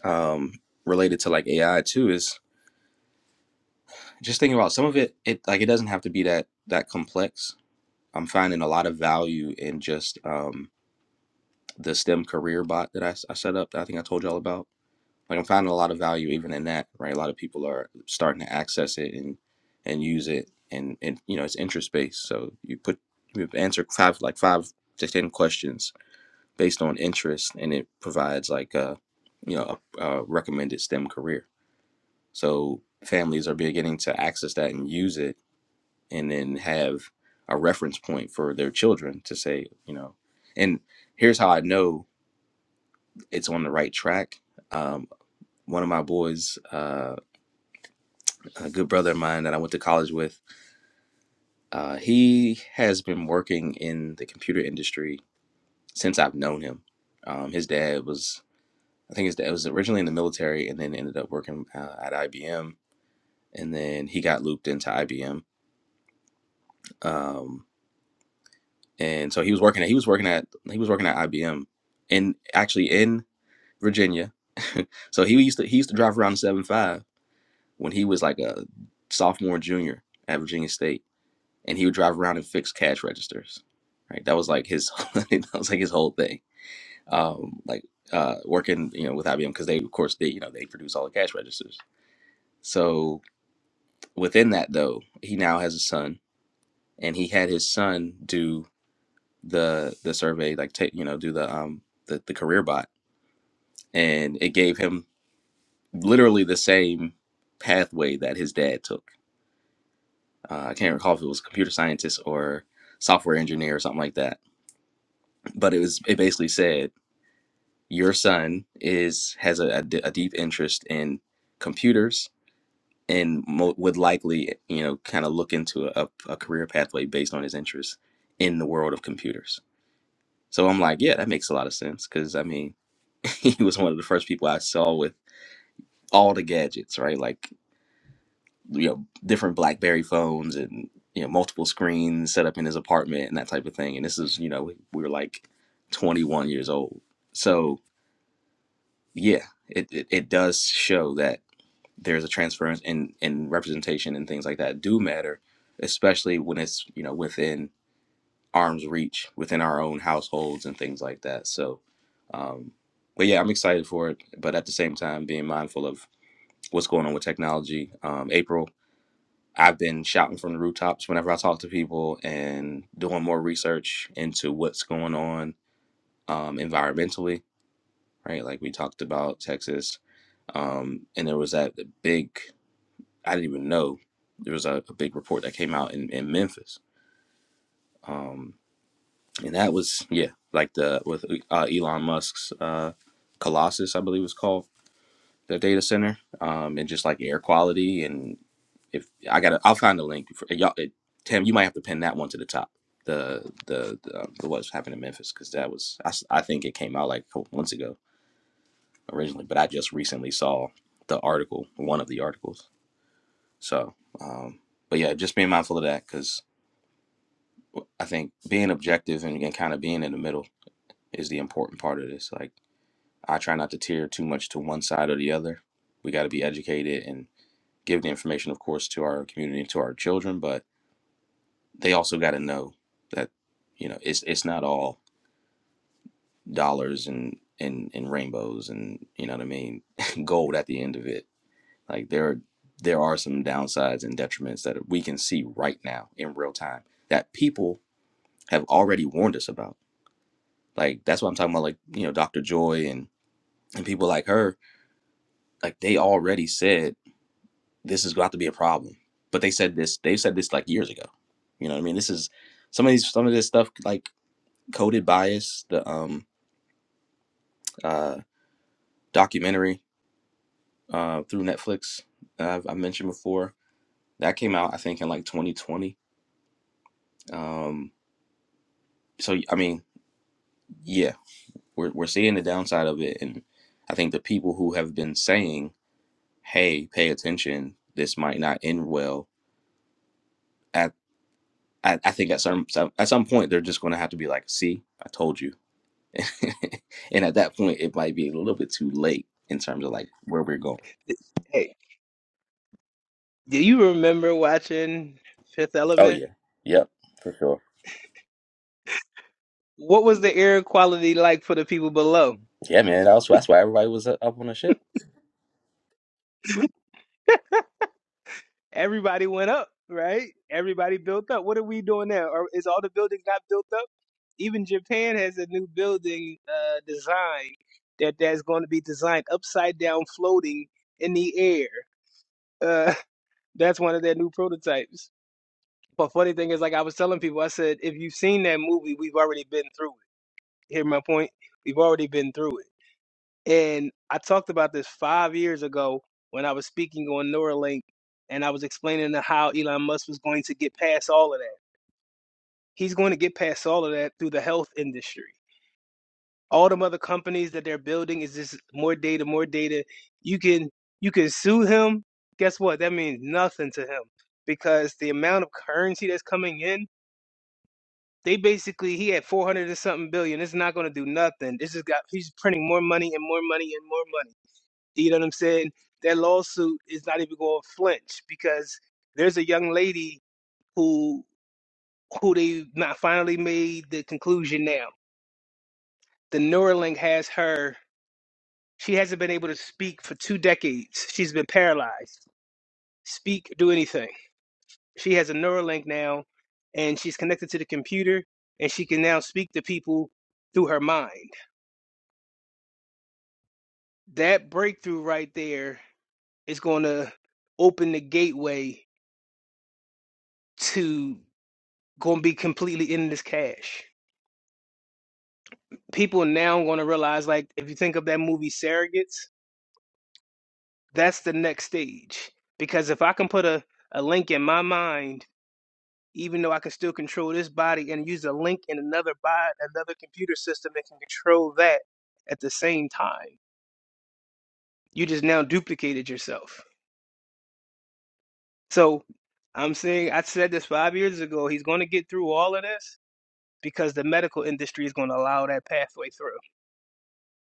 F: um, related to like AI too is just thinking about some of it. It like it doesn't have to be that that complex. I'm finding a lot of value in just um, the STEM career bot that I I set up. That I think I told y'all about like I'm finding a lot of value even in that, right? A lot of people are starting to access it and and use it, and and you know it's interest based. So you put you answer five like five to ten questions based on interest, and it provides like a you know a, a recommended STEM career. So families are beginning to access that and use it, and then have a reference point for their children to say, you know, and here's how I know it's on the right track. Um, one of my boys. uh, a good brother of mine that I went to college with. Uh, he has been working in the computer industry since I've known him. Um, his dad was, I think his dad was originally in the military and then ended up working uh, at IBM, and then he got looped into IBM. Um, and so he was working at he was working at he was working at IBM, and actually in Virginia. so he used to he used to drive around the seven five when he was like a sophomore junior at Virginia State and he would drive around and fix cash registers. Right, that was like his that was like his whole thing. Um, like uh, working you know with IBM because they of course they you know they produce all the cash registers. So within that though, he now has a son, and he had his son do the the survey, like take you know do the um the, the career bot, and it gave him literally the same pathway that his dad took. Uh, I can't recall if it was computer scientist or software engineer or something like that, but it was it basically said your son is has a, a d- a deep interest in computers and mo- would likely you know kind of look into a, a career pathway based on his interest in the world of computers so i'm like yeah that makes a lot of sense because i mean he was one of the first people i saw with all the gadgets right like you know different blackberry phones and you know multiple screens set up in his apartment and that type of thing and this is you know we were like 21 years old so yeah it, it, it does show that there's a transference in in representation and things like that do matter, especially when it's you know within arm's reach, within our own households and things like that. So, um, but yeah, I'm excited for it. But at the same time, being mindful of what's going on with technology. Um, April, I've been shouting from the rooftops whenever I talk to people and doing more research into what's going on um, environmentally. Right, like we talked about Texas, um, and there was that big I didn't even know there was a, a big report that came out in, in Memphis. Um, and that was, yeah, like the with uh, Elon Musk's uh, Colossus, I believe it's called, the data center, um, and just like air quality. And if I got I'll find the link. For, y'all, it, Tim, you might have to pin that one to the top. The the the, um, the what's happened in Memphis because that was I, s- I think it came out like a couple months ago originally, but I just recently saw the article, one of the articles. So, um, but yeah, just being mindful of that because I think being objective and, and kind of being in the middle is the important part of this. Like, I try not to tear too much to one side or the other. We got to be educated and give the information, of course, to our community and to our children, but they also got to know that, you know, it's it's not all dollars and, and, and rainbows and, you know what I mean, gold at the end of it. Like, there, are, there are some downsides and detriments that we can see right now in real time that people have already warned us about Like that's what I'm talking about. Like you know, Dr. Joy and and people like her, like they already said this is about to be a problem. But they said this. They said this like years ago. You know what I mean? This is some of these some of this stuff like coded bias. The um uh documentary uh through Netflix that I mentioned before that came out I think in like 2020. Um, so I mean, yeah, we're we're seeing the downside of it, and I think the people who have been saying hey, pay attention. This might not end well at I, I think at some, some at some point they're just going to have to be like, "See, I told you," and at that point it might be a little bit too late in terms of like where we're going.
E: Hey, do you remember watching Fifth
F: Oh
E: Element?
F: yeah, yep, for sure.
E: What was the air quality like for the people below?
F: Yeah, man. That's that's why everybody was up on the ship.
E: Everybody went up, right? Everybody built up. What are we doing now? Are, is all the buildings not built up? Even Japan has a new building uh, design that that's going to be designed upside down, floating in the air. Uh, that's one of their new prototypes. But funny thing is, like I was telling people, I said, if you've seen that movie, we've already been through it. Hear my point? We've already been through it. And I talked about this five years ago when I was speaking on Neuralink and I was explaining to how Elon Musk was going to get past all of that. He's going to get past all of that through the health industry. All the other companies that they're building is just more data, more data. You can you can sue him. Guess what? That means nothing to him because the amount of currency that's coming in, they basically he had four hundred and something billion. It's not going to do nothing. This is got he's printing more money and more money and more money You know what I'm saying? That lawsuit is not even going to flinch because there's a young lady who who they not finally made the conclusion now. The Neuralink has her. She hasn't been able to speak for two decades. She's been paralyzed. Speak, do anything. She has a Neuralink now, and she's connected to the computer, and she can now speak to people through her mind. That breakthrough right there is going to open the gateway to. gonna be completely in this cash. People now gonna realize, like, if you think of that movie Surrogates, that's the next stage. Because if I can put a, a link in my mind, even though I can still control this body and use a link in another body, another computer system that can control that at the same time, you just now duplicated yourself. So I'm saying, I said this five years ago, he's gonna get through all of this because the medical industry is gonna allow that pathway through.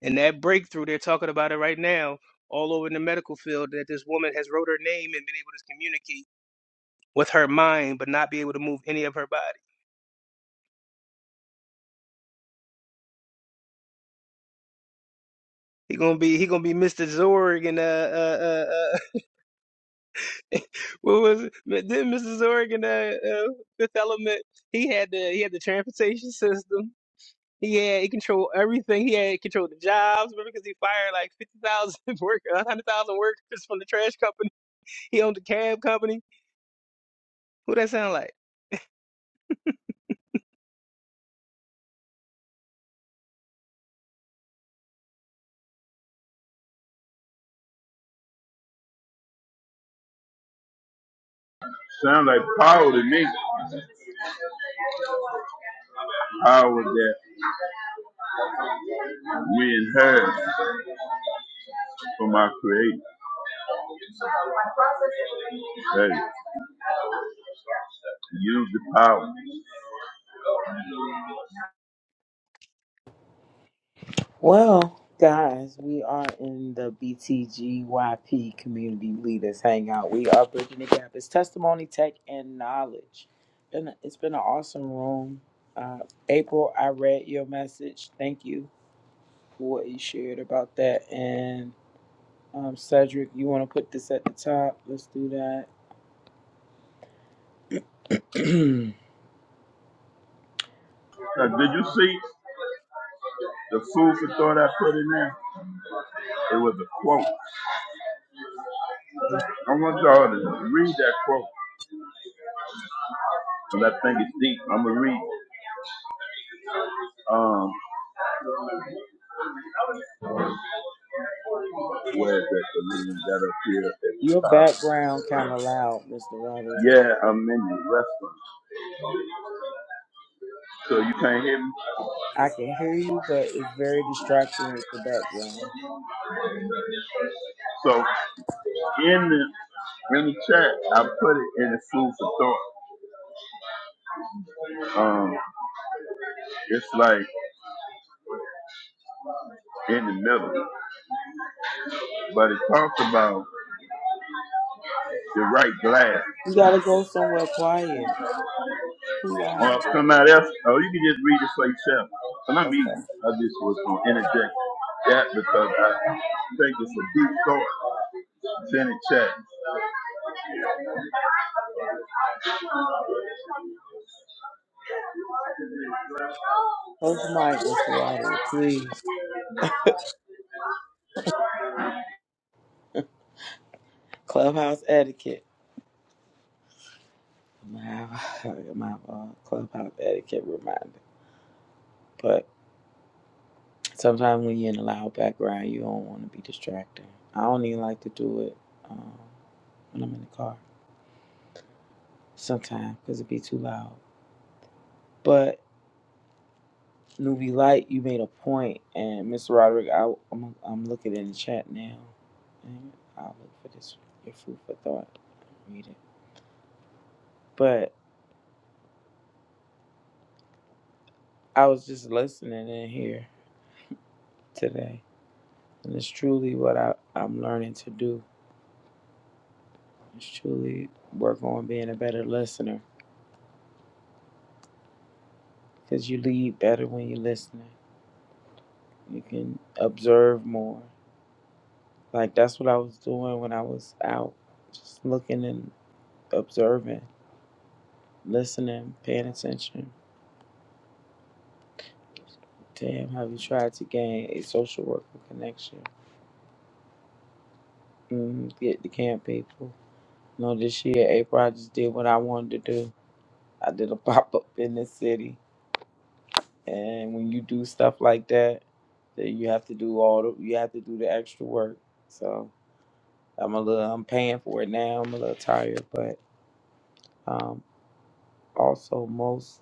E: And that breakthrough, they're talking about it right now all over in the medical field that this woman has wrote her name and been able to communicate with her mind, but not be able to move any of her body. He gonna be he gonna be Mr. Zorg and uh uh uh, uh what was it? Then Mr. Zorg and uh, uh Fifth Element. He had the he had the transportation system. He had he controlled everything. He had control of the jobs. Remember, because he fired like fifty thousand workers, hundred thousand workers from the trash company. He owned the cab company. Who that sound like?
D: Sound like power to me. Power that we inherit from our Creator. Hey, use the power.
A: Well, guys, we are in the BTGYP Community Leaders Hangout. We are bridging the gap. It's testimony, tech, and knowledge. Been it's been an awesome room. Uh, April, I read your message. Thank you for what you shared about that. And um, Cedric, you want to put this at the top? Let's do that.
D: Now, did you see the food for thought I put in there? It was a quote. I want y'all to read that quote because I think it's deep. I'm gonna read. it. Um, where is that? The reading that
A: your background kind of loud, Mr. Roderick.
D: up? Yeah, I'm in the restaurant. So you can't hear me.
A: I can hear you, but it's very distracting with the background.
D: So in the in the chat, I put it in a food for thought. Um, it's like in the middle. But it talks about the right glass.
A: You gotta go somewhere quiet. Too loud.
D: Or somebody else, oh, you can just read it for yourself. And I mean,
A: Okay.
D: I just was going to interject that because I think it's a deep thought. It's in the chat.
A: Close your mic, Mr. Roderick, please. Clubhouse etiquette. I'm gonna have, I'm gonna have a clubhouse etiquette reminder. But sometimes when you're in a loud background, you don't want to be distracting. I don't even like to do it um, when I'm in the car sometimes because it be too loud. But newbie light, you made a point, and Mr. Roderick, I, I'm I'm looking in the chat now, and I'll look for this your food for thought, read it. But I was just listening in here today, and it's truly what I, I'm learning to do. It's truly work on being a better listener because you lead better when you're listening. You can observe more. Like that's what I was doing when I was out, just looking and observing, listening, paying attention. Damn, have you tried to gain a social worker connection? Mm, get to camp people. No, this year, April, I just did what I wanted to do I did a pop up in this city, and when you do stuff like that, then you have to do all the you have to do the extra work. So I'm a little I'm paying for it now. I'm a little tired, but um, also most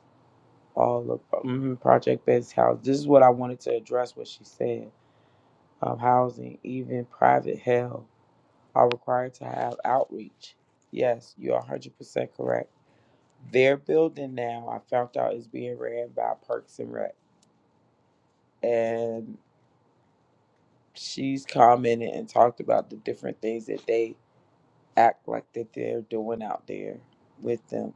A: all of mm, project based Housing. This is what I wanted to address. What she said, um, housing, even private held, are required to have outreach. Yes, you're 100 percent correct. Their building now, I found out, is being ran by Parks and Rec, and she's commented and talked about the different things that they act like that they're doing out there with them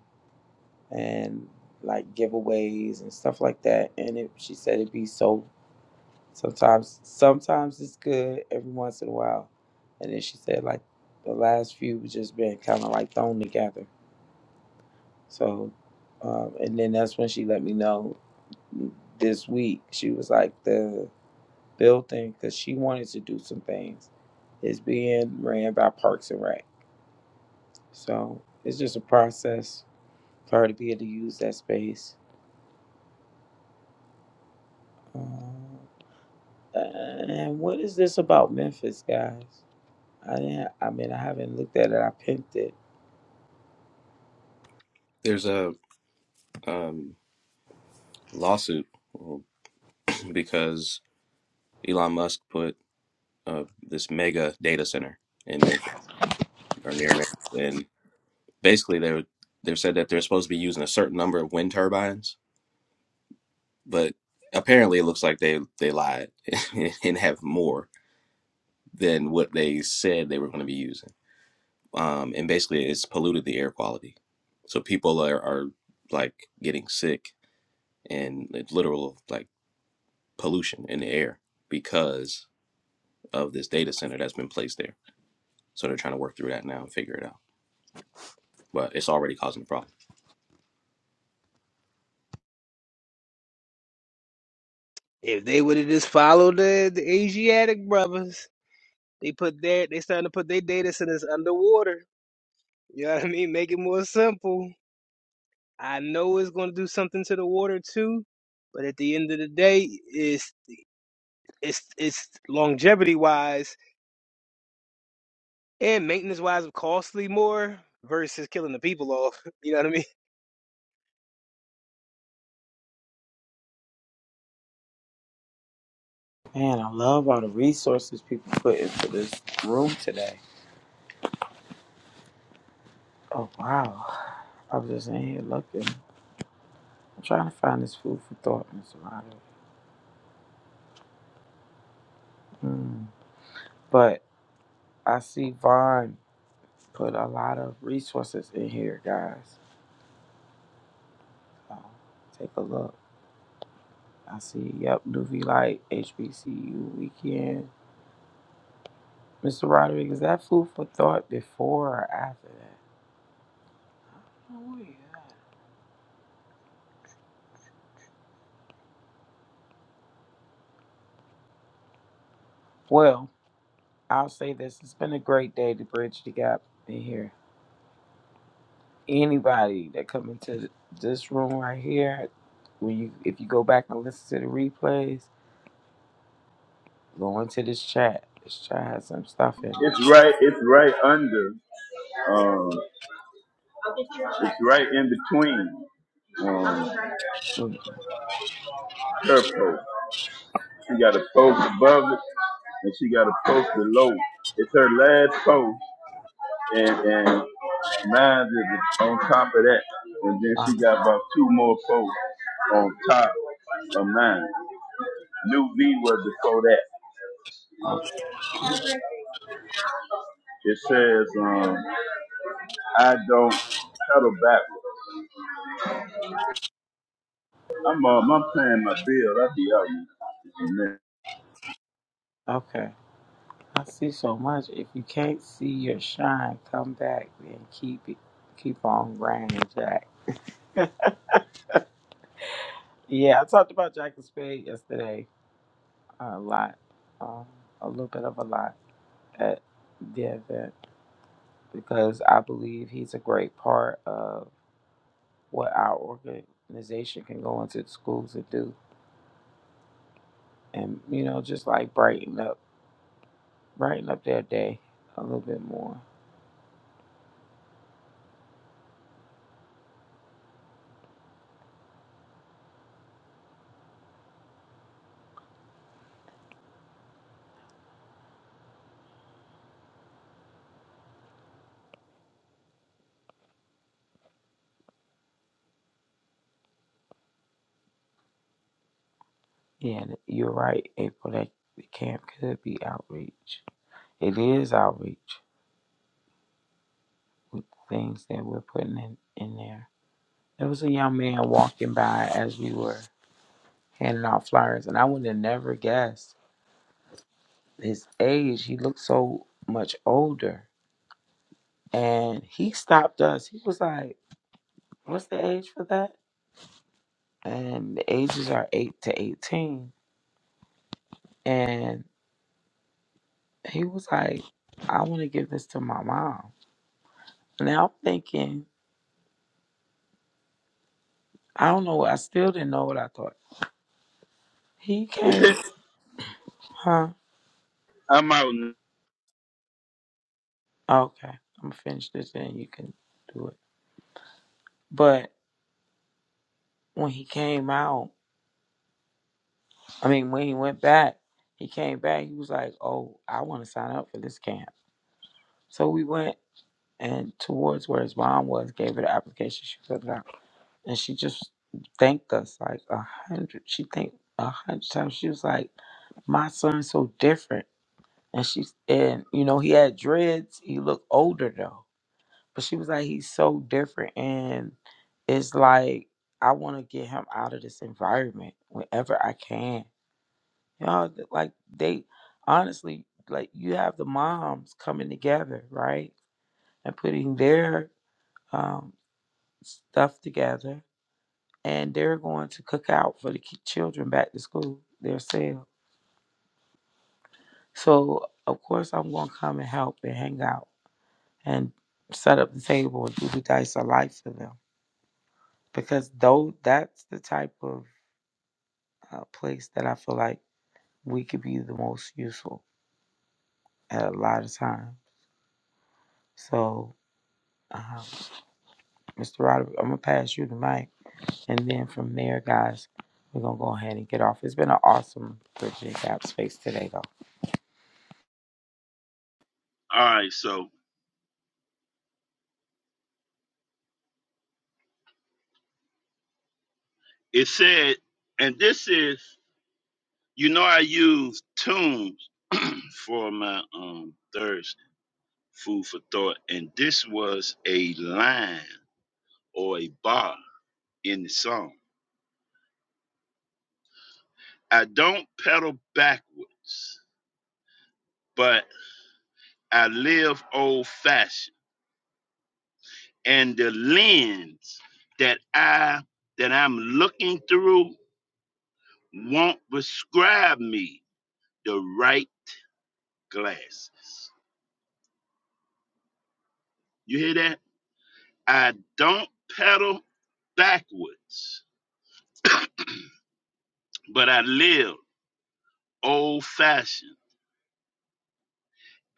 A: and like giveaways and stuff like that and it, she said it be so sometimes sometimes it's good every once in a while and then she said like the last few was just been kind of like thrown together so um, and then that's when she let me know this week she was like the building because she wanted to do some things is being ran by Parks and Rec. So it's just a process for her to be able to use that space. Um, and what is this about Memphis, guys? I didn't. I mean, I haven't looked at it. I pinned it.
F: There's a um, lawsuit because Elon Musk put uh, this mega data center in Memphis or near Memphis, and basically they were- they said that they're supposed to be using a certain number of wind turbines but apparently it looks like they they lied and have more than what they said they were going to be using um and basically it's polluted the air quality so people are, are like getting sick and it's literal like pollution in the air because of this data center that's been placed there so they're trying to work through that now and figure it out but it's already causing a problem
E: If they would have just followed the, the Asiatic brothers, they put their they starting to put their data centers underwater. You know what I mean? Make it more simple. I know it's going to do something to the water too, but at the end of the day, it's it's it's longevity wise and maintenance wise costly more versus killing the people off. You know what I mean?
A: Man, I love all the resources people put into this room today. Oh wow! I was just in here looking. I'm trying to find this food for thought, Mr. Ryder. Mm. But I see Vaughn put a lot of resources in here, guys. Uh, take a look. I see, yep, Nuvi Light, HBCU Weekend. Mr. Roderick, is that food for thought before or after that? Oh, yeah. Well, I'll say this. It's been a great day to bridge the gap in here. Anybody that come into this room right here, when you if you go back and listen to the replays, go into this chat. This chat has some stuff in it.
D: It's right. It's right under. Um, it's right in between. Um,
A: Mm,
D: her post. She got a post above it, and she got a post below. It's her last post. and and mine is on top of that, and then
A: uh,
D: she got about two more folks on top of mine. New V was before that.
A: uh,
D: It says, um, I don't pedal backwards. I'm um, I'm paying my bill. I'll be out in a
A: Okay. I see so much. If you can't see your shine, come back and keep it, keep on grinding, Jack. yeah, I talked about Jack and Spade yesterday a lot, um, a little bit of a lot at the event because I believe he's a great part of what our organization can go into the schools and do, and you know, just like brighten up, brighten up their day a little bit more. Yeah, and you're right, April. That the camp could be outreach. It is outreach with things that we're putting in, in there. There was a young man walking by as we were handing out flyers, and I would have never guessed his age. He looked so much older. And he stopped us. He was like, What's the age for that? And the ages are 8 to 18. And he was like, I want to give this to my mom. Now I'm thinking, I don't know. I still didn't know what I thought. He came,
D: minute.
A: huh?
D: I'm out. now.
A: Okay, I'm gonna finish this and you can do it. But when he came out, I mean, when he went back, he came back. He was like, "Oh, I want to sign up for this camp." So we went and towards where his mom was, gave her the application. She filled it out, and she just thanked us like a hundred. She thanked a hundred times. She was like, "My son's so different," and she's and you know he had dreads. He looked older though But she was like, he's so different. And it's like, I want to get him out of this environment whenever I can. You know, th- like they honestly, like you have the moms coming together, right? And putting their um, stuff together. And they're going to cook out for the ki- children back to school themselves. So, of course, I'm going to come and help and hang out and set up the table and do the dice of life for them because though that's the type of uh, place that I feel like we could be the most useful at a lot of time. So, um, Mr. Roderick, I'm gonna pass you the mic, and then from there, guys, we're gonna go ahead and get off. It's been an awesome Bridging the Gap space today, though.
D: All right. So it said, and this is, you know, I use Tunes for my um Thursday. food for thought. And this was a line or a bar in the song. I don't pedal backwards, but I live old fashioned. And the lens that I that I'm looking through won't prescribe me the right glasses. You hear that? I don't pedal backwards, but I live old fashioned.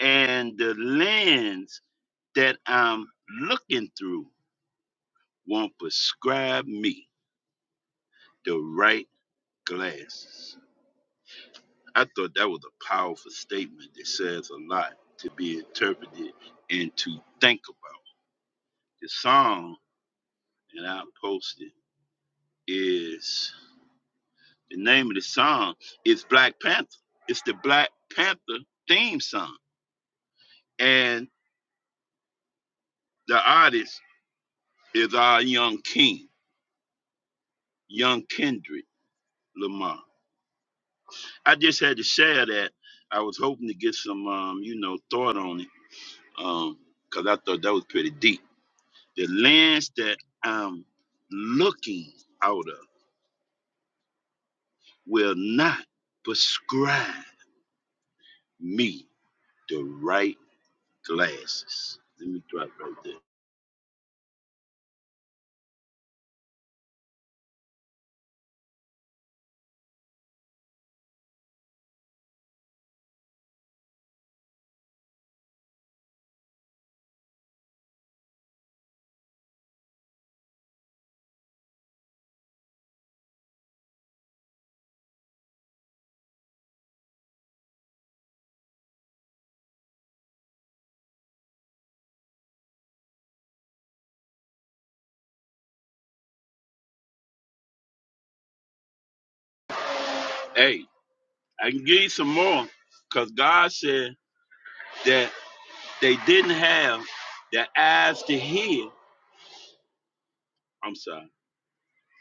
D: And the lens that I'm looking through won't prescribe me the right glasses. I thought that was a powerful statement that says a lot to be interpreted and to think about. The song that I posted is the name of the song is Black Panther. It's the Black Panther theme song. And the artist is our young king, young Kendrick Lamar. I just had to share that. I was hoping to get some, um, you know, thought on it, um, because I thought that was pretty deep. The lands that I'm looking out of will not prescribe me the right glasses. Let me drop right there. Hey, I can give you some more, because God said that they didn't have the eyes to hear. I'm sorry,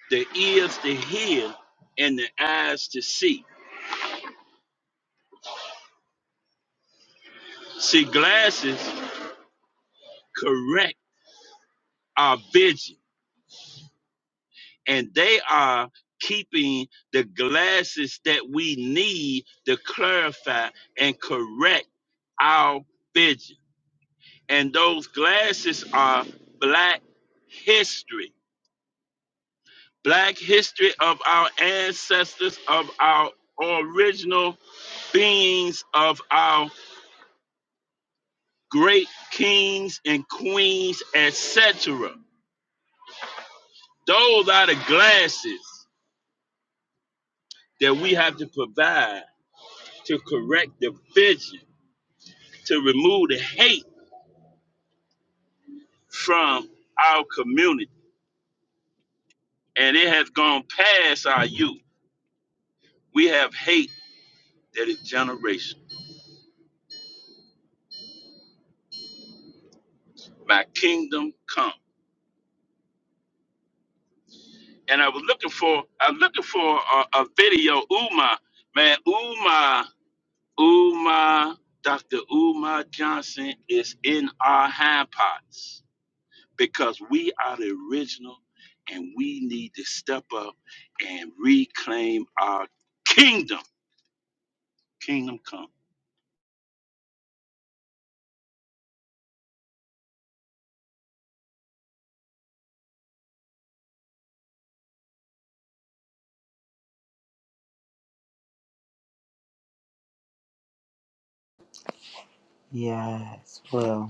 D: the ears to hear and the eyes to see. See, glasses correct our vision, and they are keeping the glasses that we need to clarify and correct our vision. And those glasses are Black history, Black history of our ancestors, of our original beings, of our great kings and queens, etc. Those are the glasses that we have to provide to correct the vision, to remove the hate from our community. And it has gone past our youth. We have hate that is generational. My kingdom come. And I was looking for, I'm looking for a, a video, Uma, man, Uma, Uma, Dr. Uma Johnson is in our hand pots. because we are the original and we need to step up and reclaim our kingdom. Kingdom come.
A: Yes, well.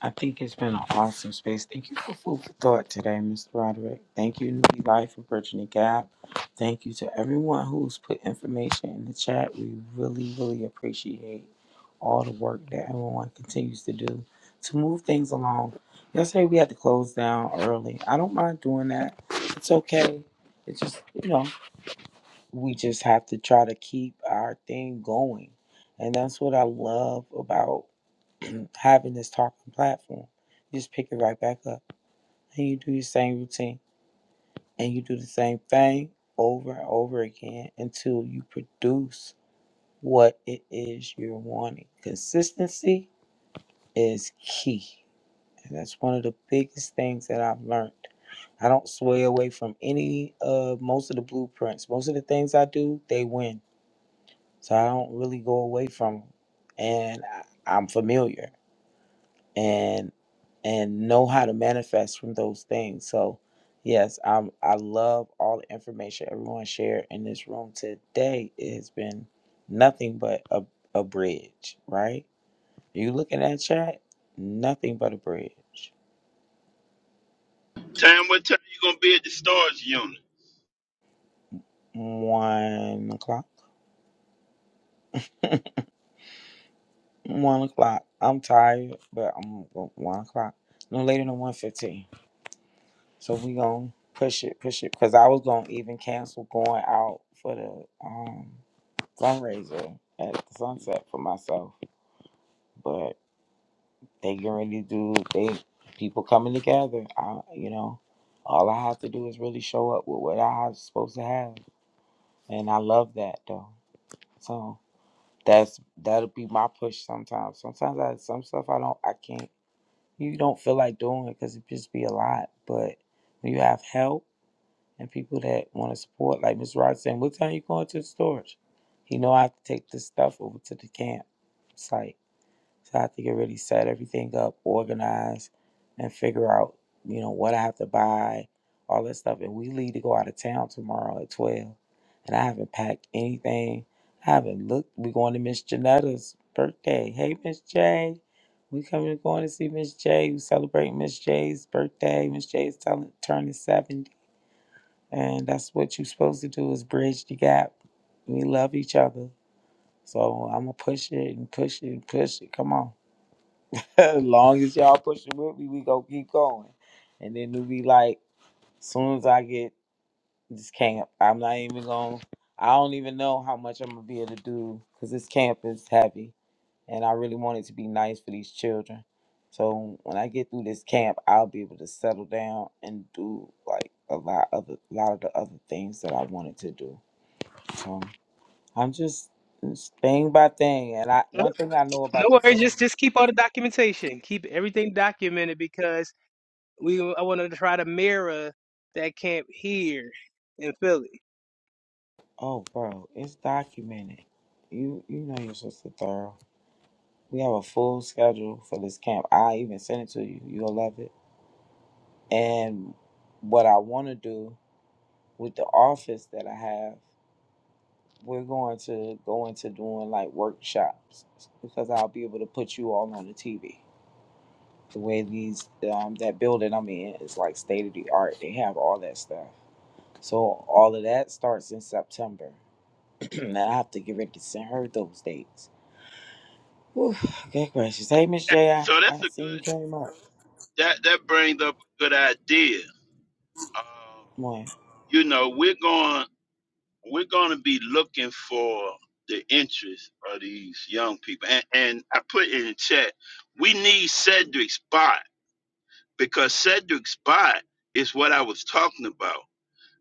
A: I think it's been an awesome space. Thank you for food for thought today, Mr. Roderick. Thank you, New Life for Bridging the Gap. Thank you to everyone who's put information in the chat. We really, really appreciate all the work that everyone continues to do to move things along. Yesterday we had to close down early. I don't mind doing that. It's okay. It's just you know we just have to try to keep our thing going, and that's what I love about. having this talking platform. You just pick it right back up and you do your same routine and you do the same thing over and over again until you produce what it is you're wanting. Consistency is key. And that's one of the biggest things that I've learned. I don't sway away from any of most of the blueprints. Most of the things I do, they win. So I don't really go away from them. And I, I'm familiar. and and know how to manifest from those things. So yes, I'm I love all the information everyone shared in this room today. It has been nothing but a, a bridge, right? You looking at chat? Nothing but a bridge.
D: Tam, what time you gonna be at the stars unit?
A: One o'clock. One o'clock. I'm tired, but I'm go- one o'clock. No later than one fifteen. So we gonna push it, push it. Cause I was gonna even cancel going out for the um. fundraiser at the sunset for myself, but they get ready to do they people coming together. I you know, all I have to do is really show up with what I'm supposed to have, and I love that though. So that's that'll be my push sometimes. Sometimes I some stuff I don't I can't you don't feel like doing it because it just be a lot. But when you have help and people that want to support, like Miss Rod saying, "What time you going to the storage?" You know I have to take this stuff over to the camp site So I have to get really set everything up, organize, and figure out, you know, what I have to buy, all that stuff. And we leave to go out of town tomorrow at 12. And I haven't packed anything. I haven't looked. We're going to Miss Janetta's birthday. Hey, Miss J. We coming going to see Miss J. We celebrating Miss J's birthday. Miss J's telling, turning 70. And that's what you're supposed to do is bridge the gap. We love each other. So I'm going to push it and push it and push it. Come on. as long as y'all pushing with me, we gonna keep going. And then it'll be like, soon as I get this camp, I'm not even gonna. I don't even know how much I'm gonna be able to do because this camp is heavy, and I really want it to be nice for these children. So when I get through this camp, I'll be able to settle down and do like a lot of the, lot of the other things that I wanted to do. So I'm just it's thing by thing, and I
E: No,
A: one thing I know about the
E: no worries.
A: family.
E: Just just keep all the documentation. Keep everything documented because we I want to try to mirror that camp here in Philly.
A: Oh, bro, it's documented. You you know you're supposed to thorough. We have a full schedule for this camp. I even sent it to you. You'll love it. And what I want to do with the office that I have, we're going to go into doing like workshops because I'll be able to put you all on the TV. The way these um, that building I'm in is like state of the art. They have all that stuff. So all of that starts in September, and I have to get ready to send her those dates Whew, good gracious. Hey, Miss
D: Hey,
A: J, I,
D: so that's
A: I
D: a
A: see you
D: good
A: came up.
D: that that brings up a good idea. Um,
A: Boy.
D: you know, we're going we're gonna be looking for the interest of these young people. And and I put in the chat, we need Cedric Spot because Cedric Spot is what I was talking about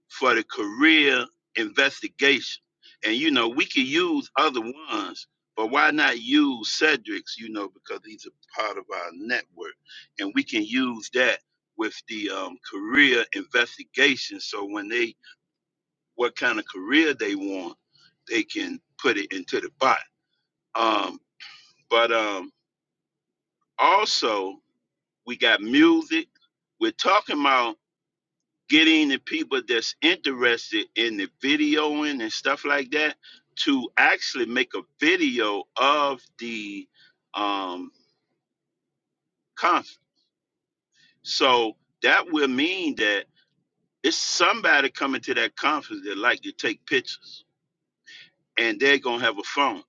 D: for the career investigation. And you know, we could use other ones, but why not use Cedric's, you know, because he's a part of our network. And we can use that with the um, career investigation. So when they what kind of career they want, they can put it into the bot. Um, but um also we got music. We're talking about getting the people that's interested in the videoing and stuff like that to actually make a video of the um conference. So that will mean that it's somebody coming to that conference that like to take pictures and they're gonna have a phone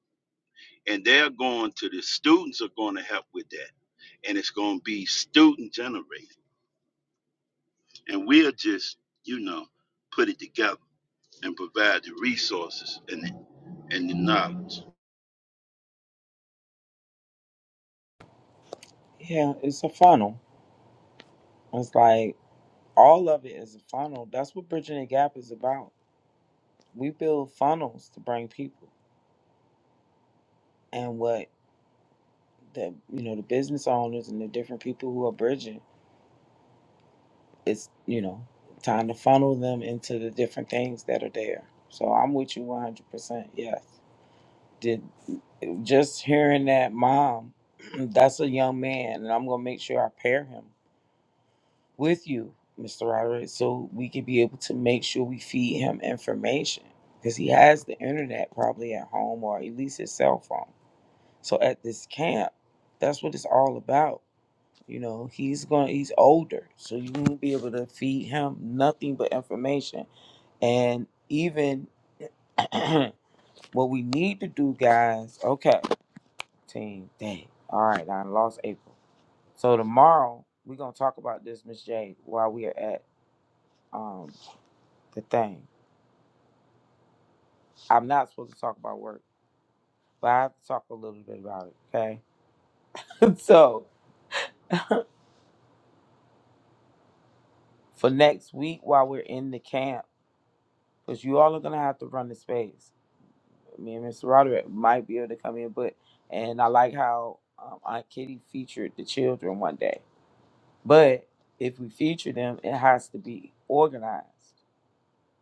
D: and they're going to the students are going to help with that and it's going to be student generated and we'll just you know put it together and provide the resources and the, and the knowledge.
A: Yeah, it's a funnel. It's like all of it is a funnel. That's what Bridging the Gap is about. We build funnels to bring people. And what the, you know, the business owners and the different people who are bridging, it's, you know, time to funnel them into the different things that are there. So I'm with you 100%. Yes. Did just hearing that mom, that's a young man, and I'm going to make sure I pair him with you, Mr. Roderick, so we could be able to make sure we feed him information because he has the internet probably at home or at least his cell phone. So at this camp, that's what it's all about. You know, he's going to he's older, so you won't be able to feed him nothing but information. And even what we need to do, guys. Okay, team. Dang. All right, I lost April. So tomorrow we're gonna talk about this, Miss J, while we are at um the thing. I'm not supposed to talk about work, but I have to talk a little bit about it, okay? so for next week while we're in the camp, because you all are gonna have to run the space. Me and Mr. Roderick might be able to come in, but and I like how um, Aunt Kitty featured the children one day. But if we feature them, it has to be organized.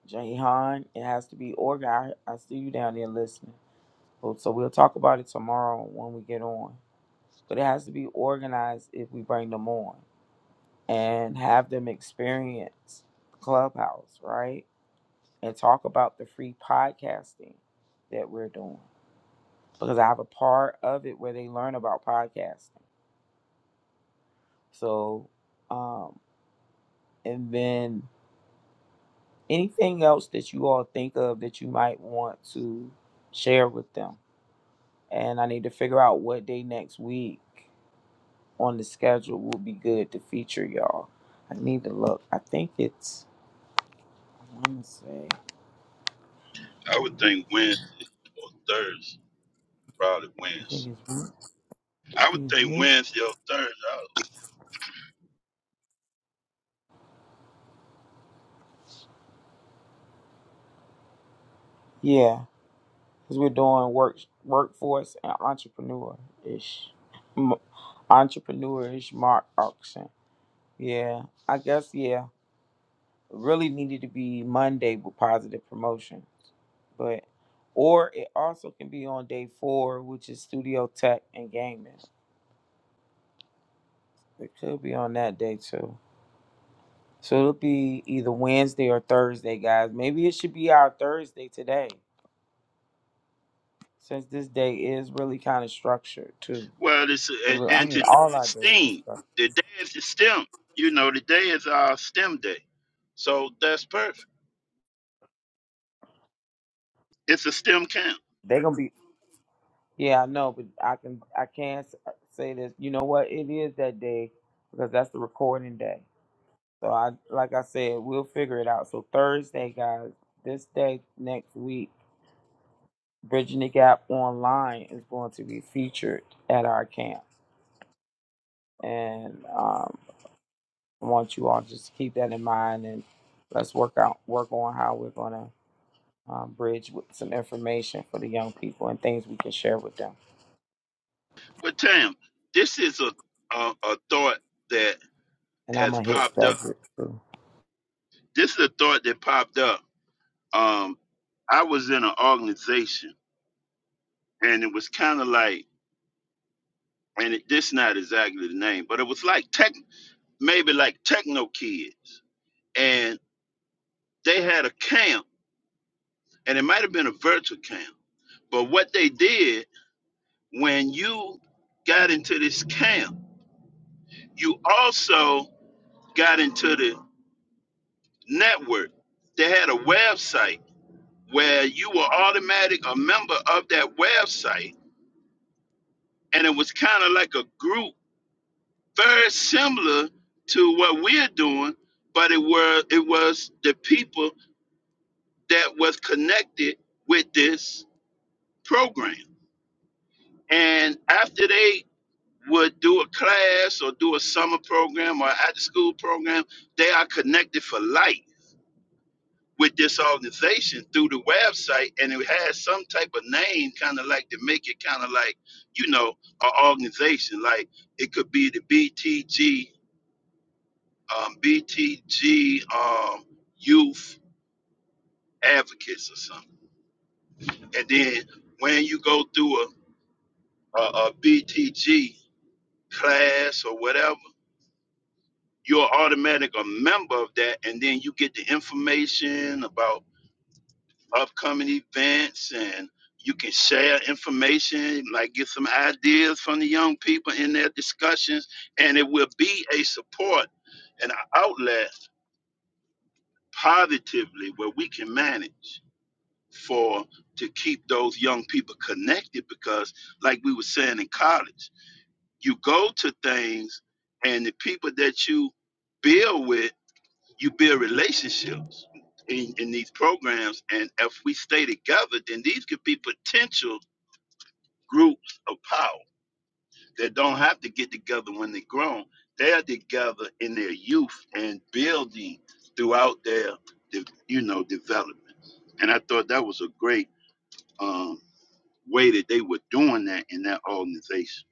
A: Jahan, it has to be organized. I see you down there listening. So so we'll talk about it tomorrow when we get on. but it has to be organized if we bring them on and have them experience Clubhouse, right? And talk about the free podcasting that we're doing because I have a part of it where they learn about podcasting. So, um, and then anything else that you all think of that you might want to share with them. And I need to figure out what day next week on the schedule will be good to feature y'all. I need to look. I think it's Wednesday.
D: I would think
A: So
D: Wednesday or Thursday, probably
A: I think
D: Wednesday.
A: it's Wed- I
D: I would
A: think it's
D: think
A: Wednesday.
D: Wednesday or Thursday.
A: Yeah, because we're doing work workforce and entrepreneur ish, entrepreneur ish mark auction. Yeah, I guess yeah. Really needed to be Monday with positive promotions, but or it also can be on day four, which is studio tech and gaming. It could be on that day too. So it'll be either Wednesday or Thursday, guys. Maybe it should be our Thursday today. since this day is really kind of structured too.
D: Well, it's
A: It
D: and,
A: really, I
D: and
A: mean,
D: today
A: all
D: is
A: our days are
D: STEAM.
A: structured.
D: The day is the STEM. You know, today is our STEM day, so that's perfect. It's a STEM camp.
A: They're gonna be, yeah, I know, but I can, I can not say this. You know what? It is that day because that's the recording day. So I, like I said, we'll figure it out. So Thursday, guys, this day next week, Bridging the Gap Online is going to be featured at our camp, and um, I want you all just to keep that in mind and let's work out, work on how we're gonna um, bridge with some information for the young people and things we can share with them.
D: But Tam, this is a a, a thought that
A: And I'm
D: has
A: gonna hit
D: popped up.
A: Frederick too.
D: This is a thought that popped up. Um, I was in an organization, and it was kind of like and it, this not exactly the name, but it was like tech, maybe like techno kids, and they had a camp, and it might have been a virtual camp, but what they did when you got into this camp, you also got into the network. They had a website where you were automatic a member of that website, and it was kind of like a group, very similar to what we're doing, but it were it was the people that was connected with this program. And after they would do a class or do a summer program or after school program, they are connected for life with this organization through the website. And it has some type of name, kind of like to make it kind of like, you know, an organization. Like it could be the BTG, um, BTG um, Youth Advocates or something. And then when you go through a uh, a, BTG class or whatever, you're automatic a member of that, and then you get the information about upcoming events, and you can share information, like get some ideas from the young people in their discussions, and it will be a support and an outlet positively where we can manage for to keep those young people connected because like we were saying in college you go to things and the people that you build with you build relationships in, in these programs and if we stay together then these could be potential groups of power that don't have to get together when they're grown they're together in their youth and building throughout their de- you know development and i thought that was a great um, way that they were doing that in that organization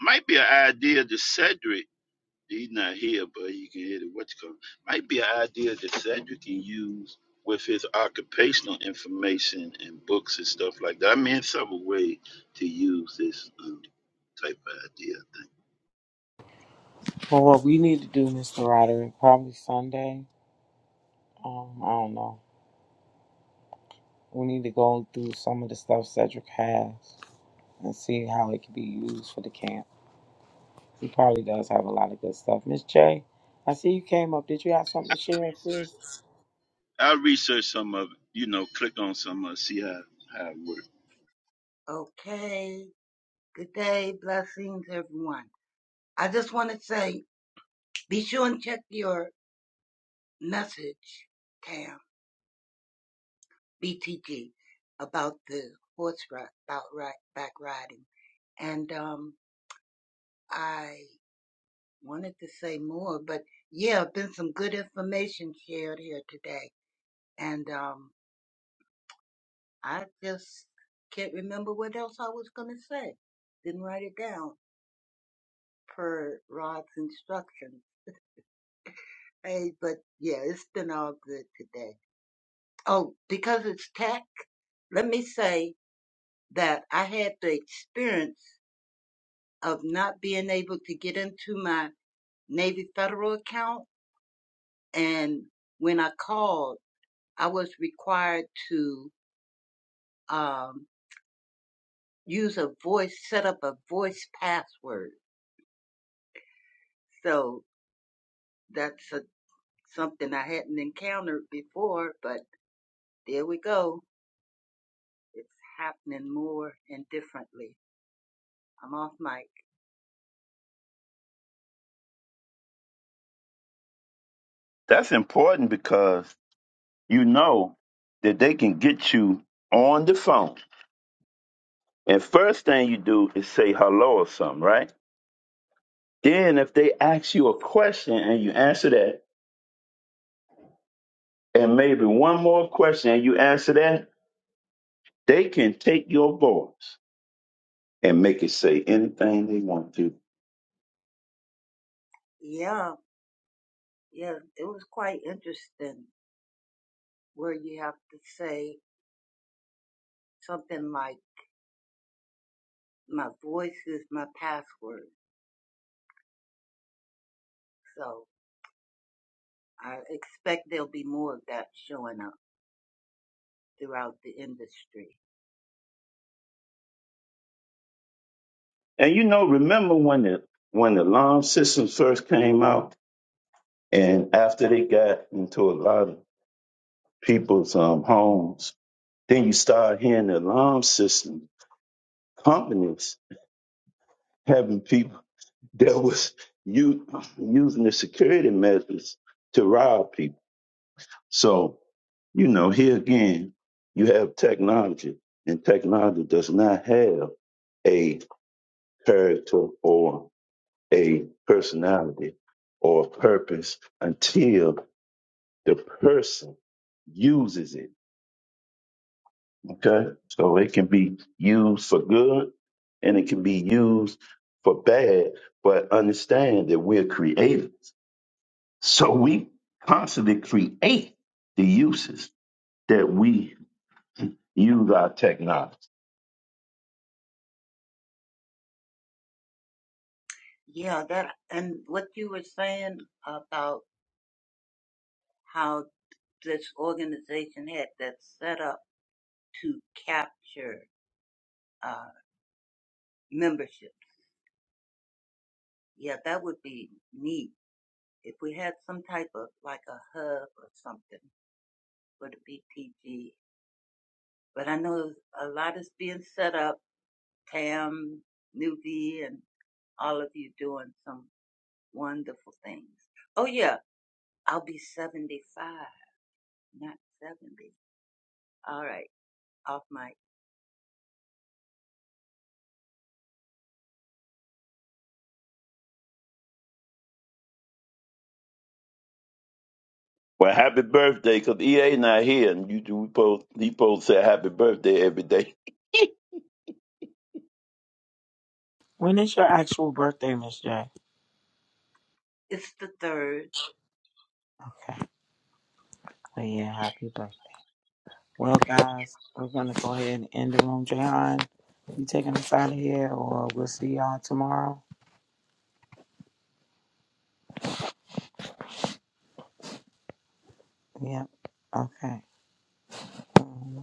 D: might be an idea to cedric He's not here, but you can hear the what you call? Might be an idea that Cedric can use with his occupational information and books and stuff like that. I mean, several ways to use this um, type of idea. I think.
A: Well, what we need to do, Mr. Roderick, probably Sunday. Um, I don't know. We need to go through some of the stuff Cedric has and see how it can be used for the camp. He probably does have a lot of good stuff. Miss J, I see you came up. Did you have something to
D: I'll
A: share, sis?
D: research. I'll research some of it. You know, click on some of it, see how how it works.
G: Okay. Good day. Blessings, everyone. I just want to say, be sure and check your message, Cam, BTG, about the horse ride, about right, back riding. And, um, I wanted to say more, but yeah, been some good information shared here today. And, um, I just can't remember what else I was going to say. Didn't write it down per Rod's instructions. Hey, but yeah, it's been all good today. Oh, because it's tech, let me say that I had the experience of not being able to get into my Navy Federal account. And when I called, I was required to um, use a voice, set up a voice password. So that's a, something I hadn't encountered before, but there we go. It's happening more and differently. I'm off mic.
D: That's important because you know that they can get you on the phone. And first thing you do is say hello or something, right? Then if they ask you a question and you answer that and maybe one more question and you answer that, they can take your voice and make it say anything they want to.
G: Yeah, yeah, it was quite interesting where you have to say something like, my voice is my password. So I expect there'll be more of that showing up throughout the industry.
D: And you know, remember when the when the alarm systems first came out and after they got into a lot of people's um, homes, then you start hearing the alarm system companies having people that was u- using the security measures to rob people So, you know, here again, you have technology, and technology does not have a character or a personality or purpose until the person uses it. Okay. So it can be used for good and it can be used for bad, but understand that we're creative. So we constantly create the uses that we use our technology.
G: Yeah, that, and what you were saying about how this organization had that set up to capture, uh, membership. Yeah, that would be neat. If we had some type of like a hub or something for the BPG But I know a lot is being set up. Tam, Nuvi, and all of you doing some wonderful things. Oh yeah, I'll be 75, not 70. All right, off mic.
D: Well, happy birthday, because EA not here, and you do post, he post say happy birthday every day.
A: When is your actual birthday, Miss J?
G: It's the third.
A: Okay. Well,
G: Okay,
A: yeah, happy birthday. Well,
G: thank you.
A: guys, we're going to go ahead and end the room. Jahan, you taking us out of here, or we'll see y'all tomorrow? Yep. Okay. Um,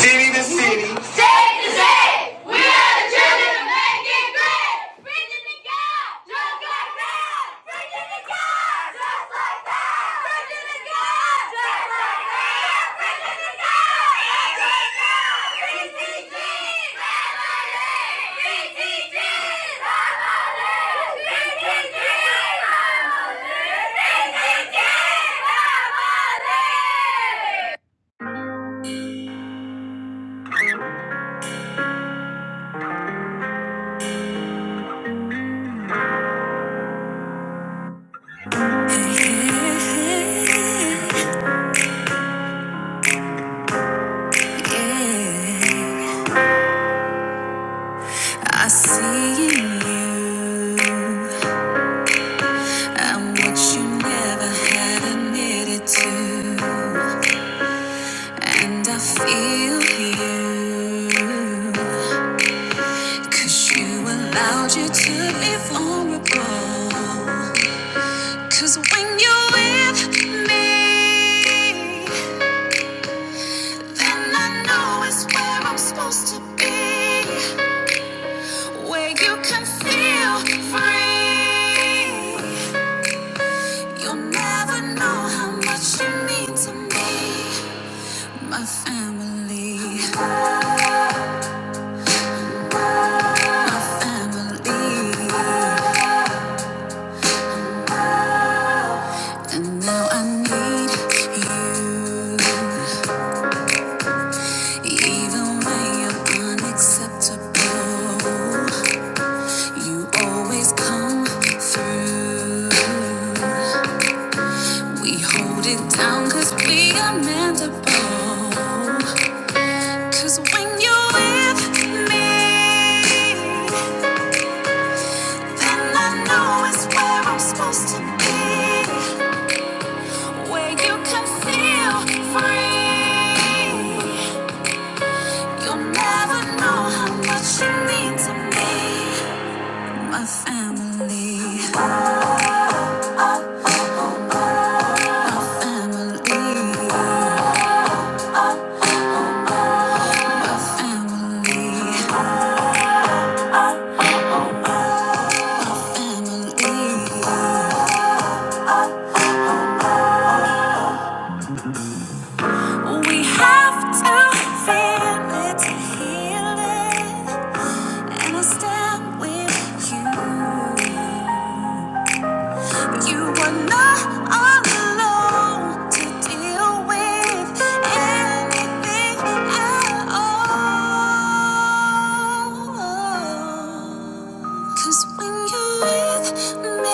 B: City to city. State to state, we are the children of making great. Virginia God, just like that. Virginia God, just like that. Virginia God, just like that. Virginia God, just like that. VTG, family. VTG, family. VTG, family. VTG, family. I see in you. I'm what you never have admitted to. And I feel you, 'cause you allowed you to be vulnerable. 'Cause when you're with me, then I know it's where I'm supposed to be. Where you can feel free. You'll never know how much you mean to me. My family, and now I need you. Even when you're acceptable, you always come through. We hold it down cause we are meant Cause when you're with me, then I know it's where I'm supposed to be. Where you can feel free. You'll never know how much you mean to me, my family. And we have to feel it to heal it, and I stand with you. You are not alone to deal with anything at all. 'Cause when you're with me.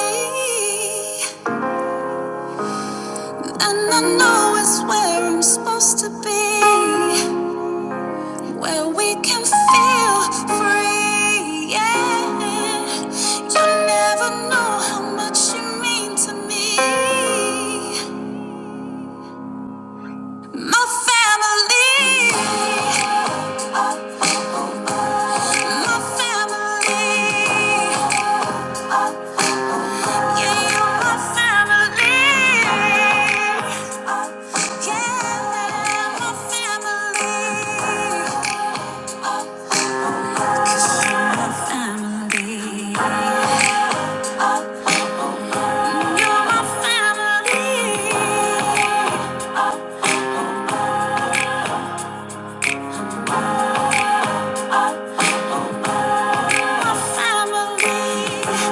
B: And I know it's where I'm supposed to be, where we can feel free. Yeah, you never know how much you mean to me. My family, my family, yeah, you're my family. Yeah, my family, you're my family. family. I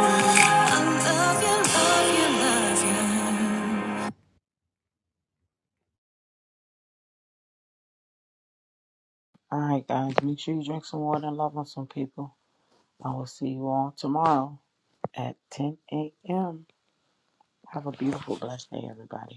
B: love you, love you, love you.
A: All right, guys, make sure you drink some water and love on some people. I will see you all tomorrow at 10 a.m. Have a beautiful, blessed day, everybody.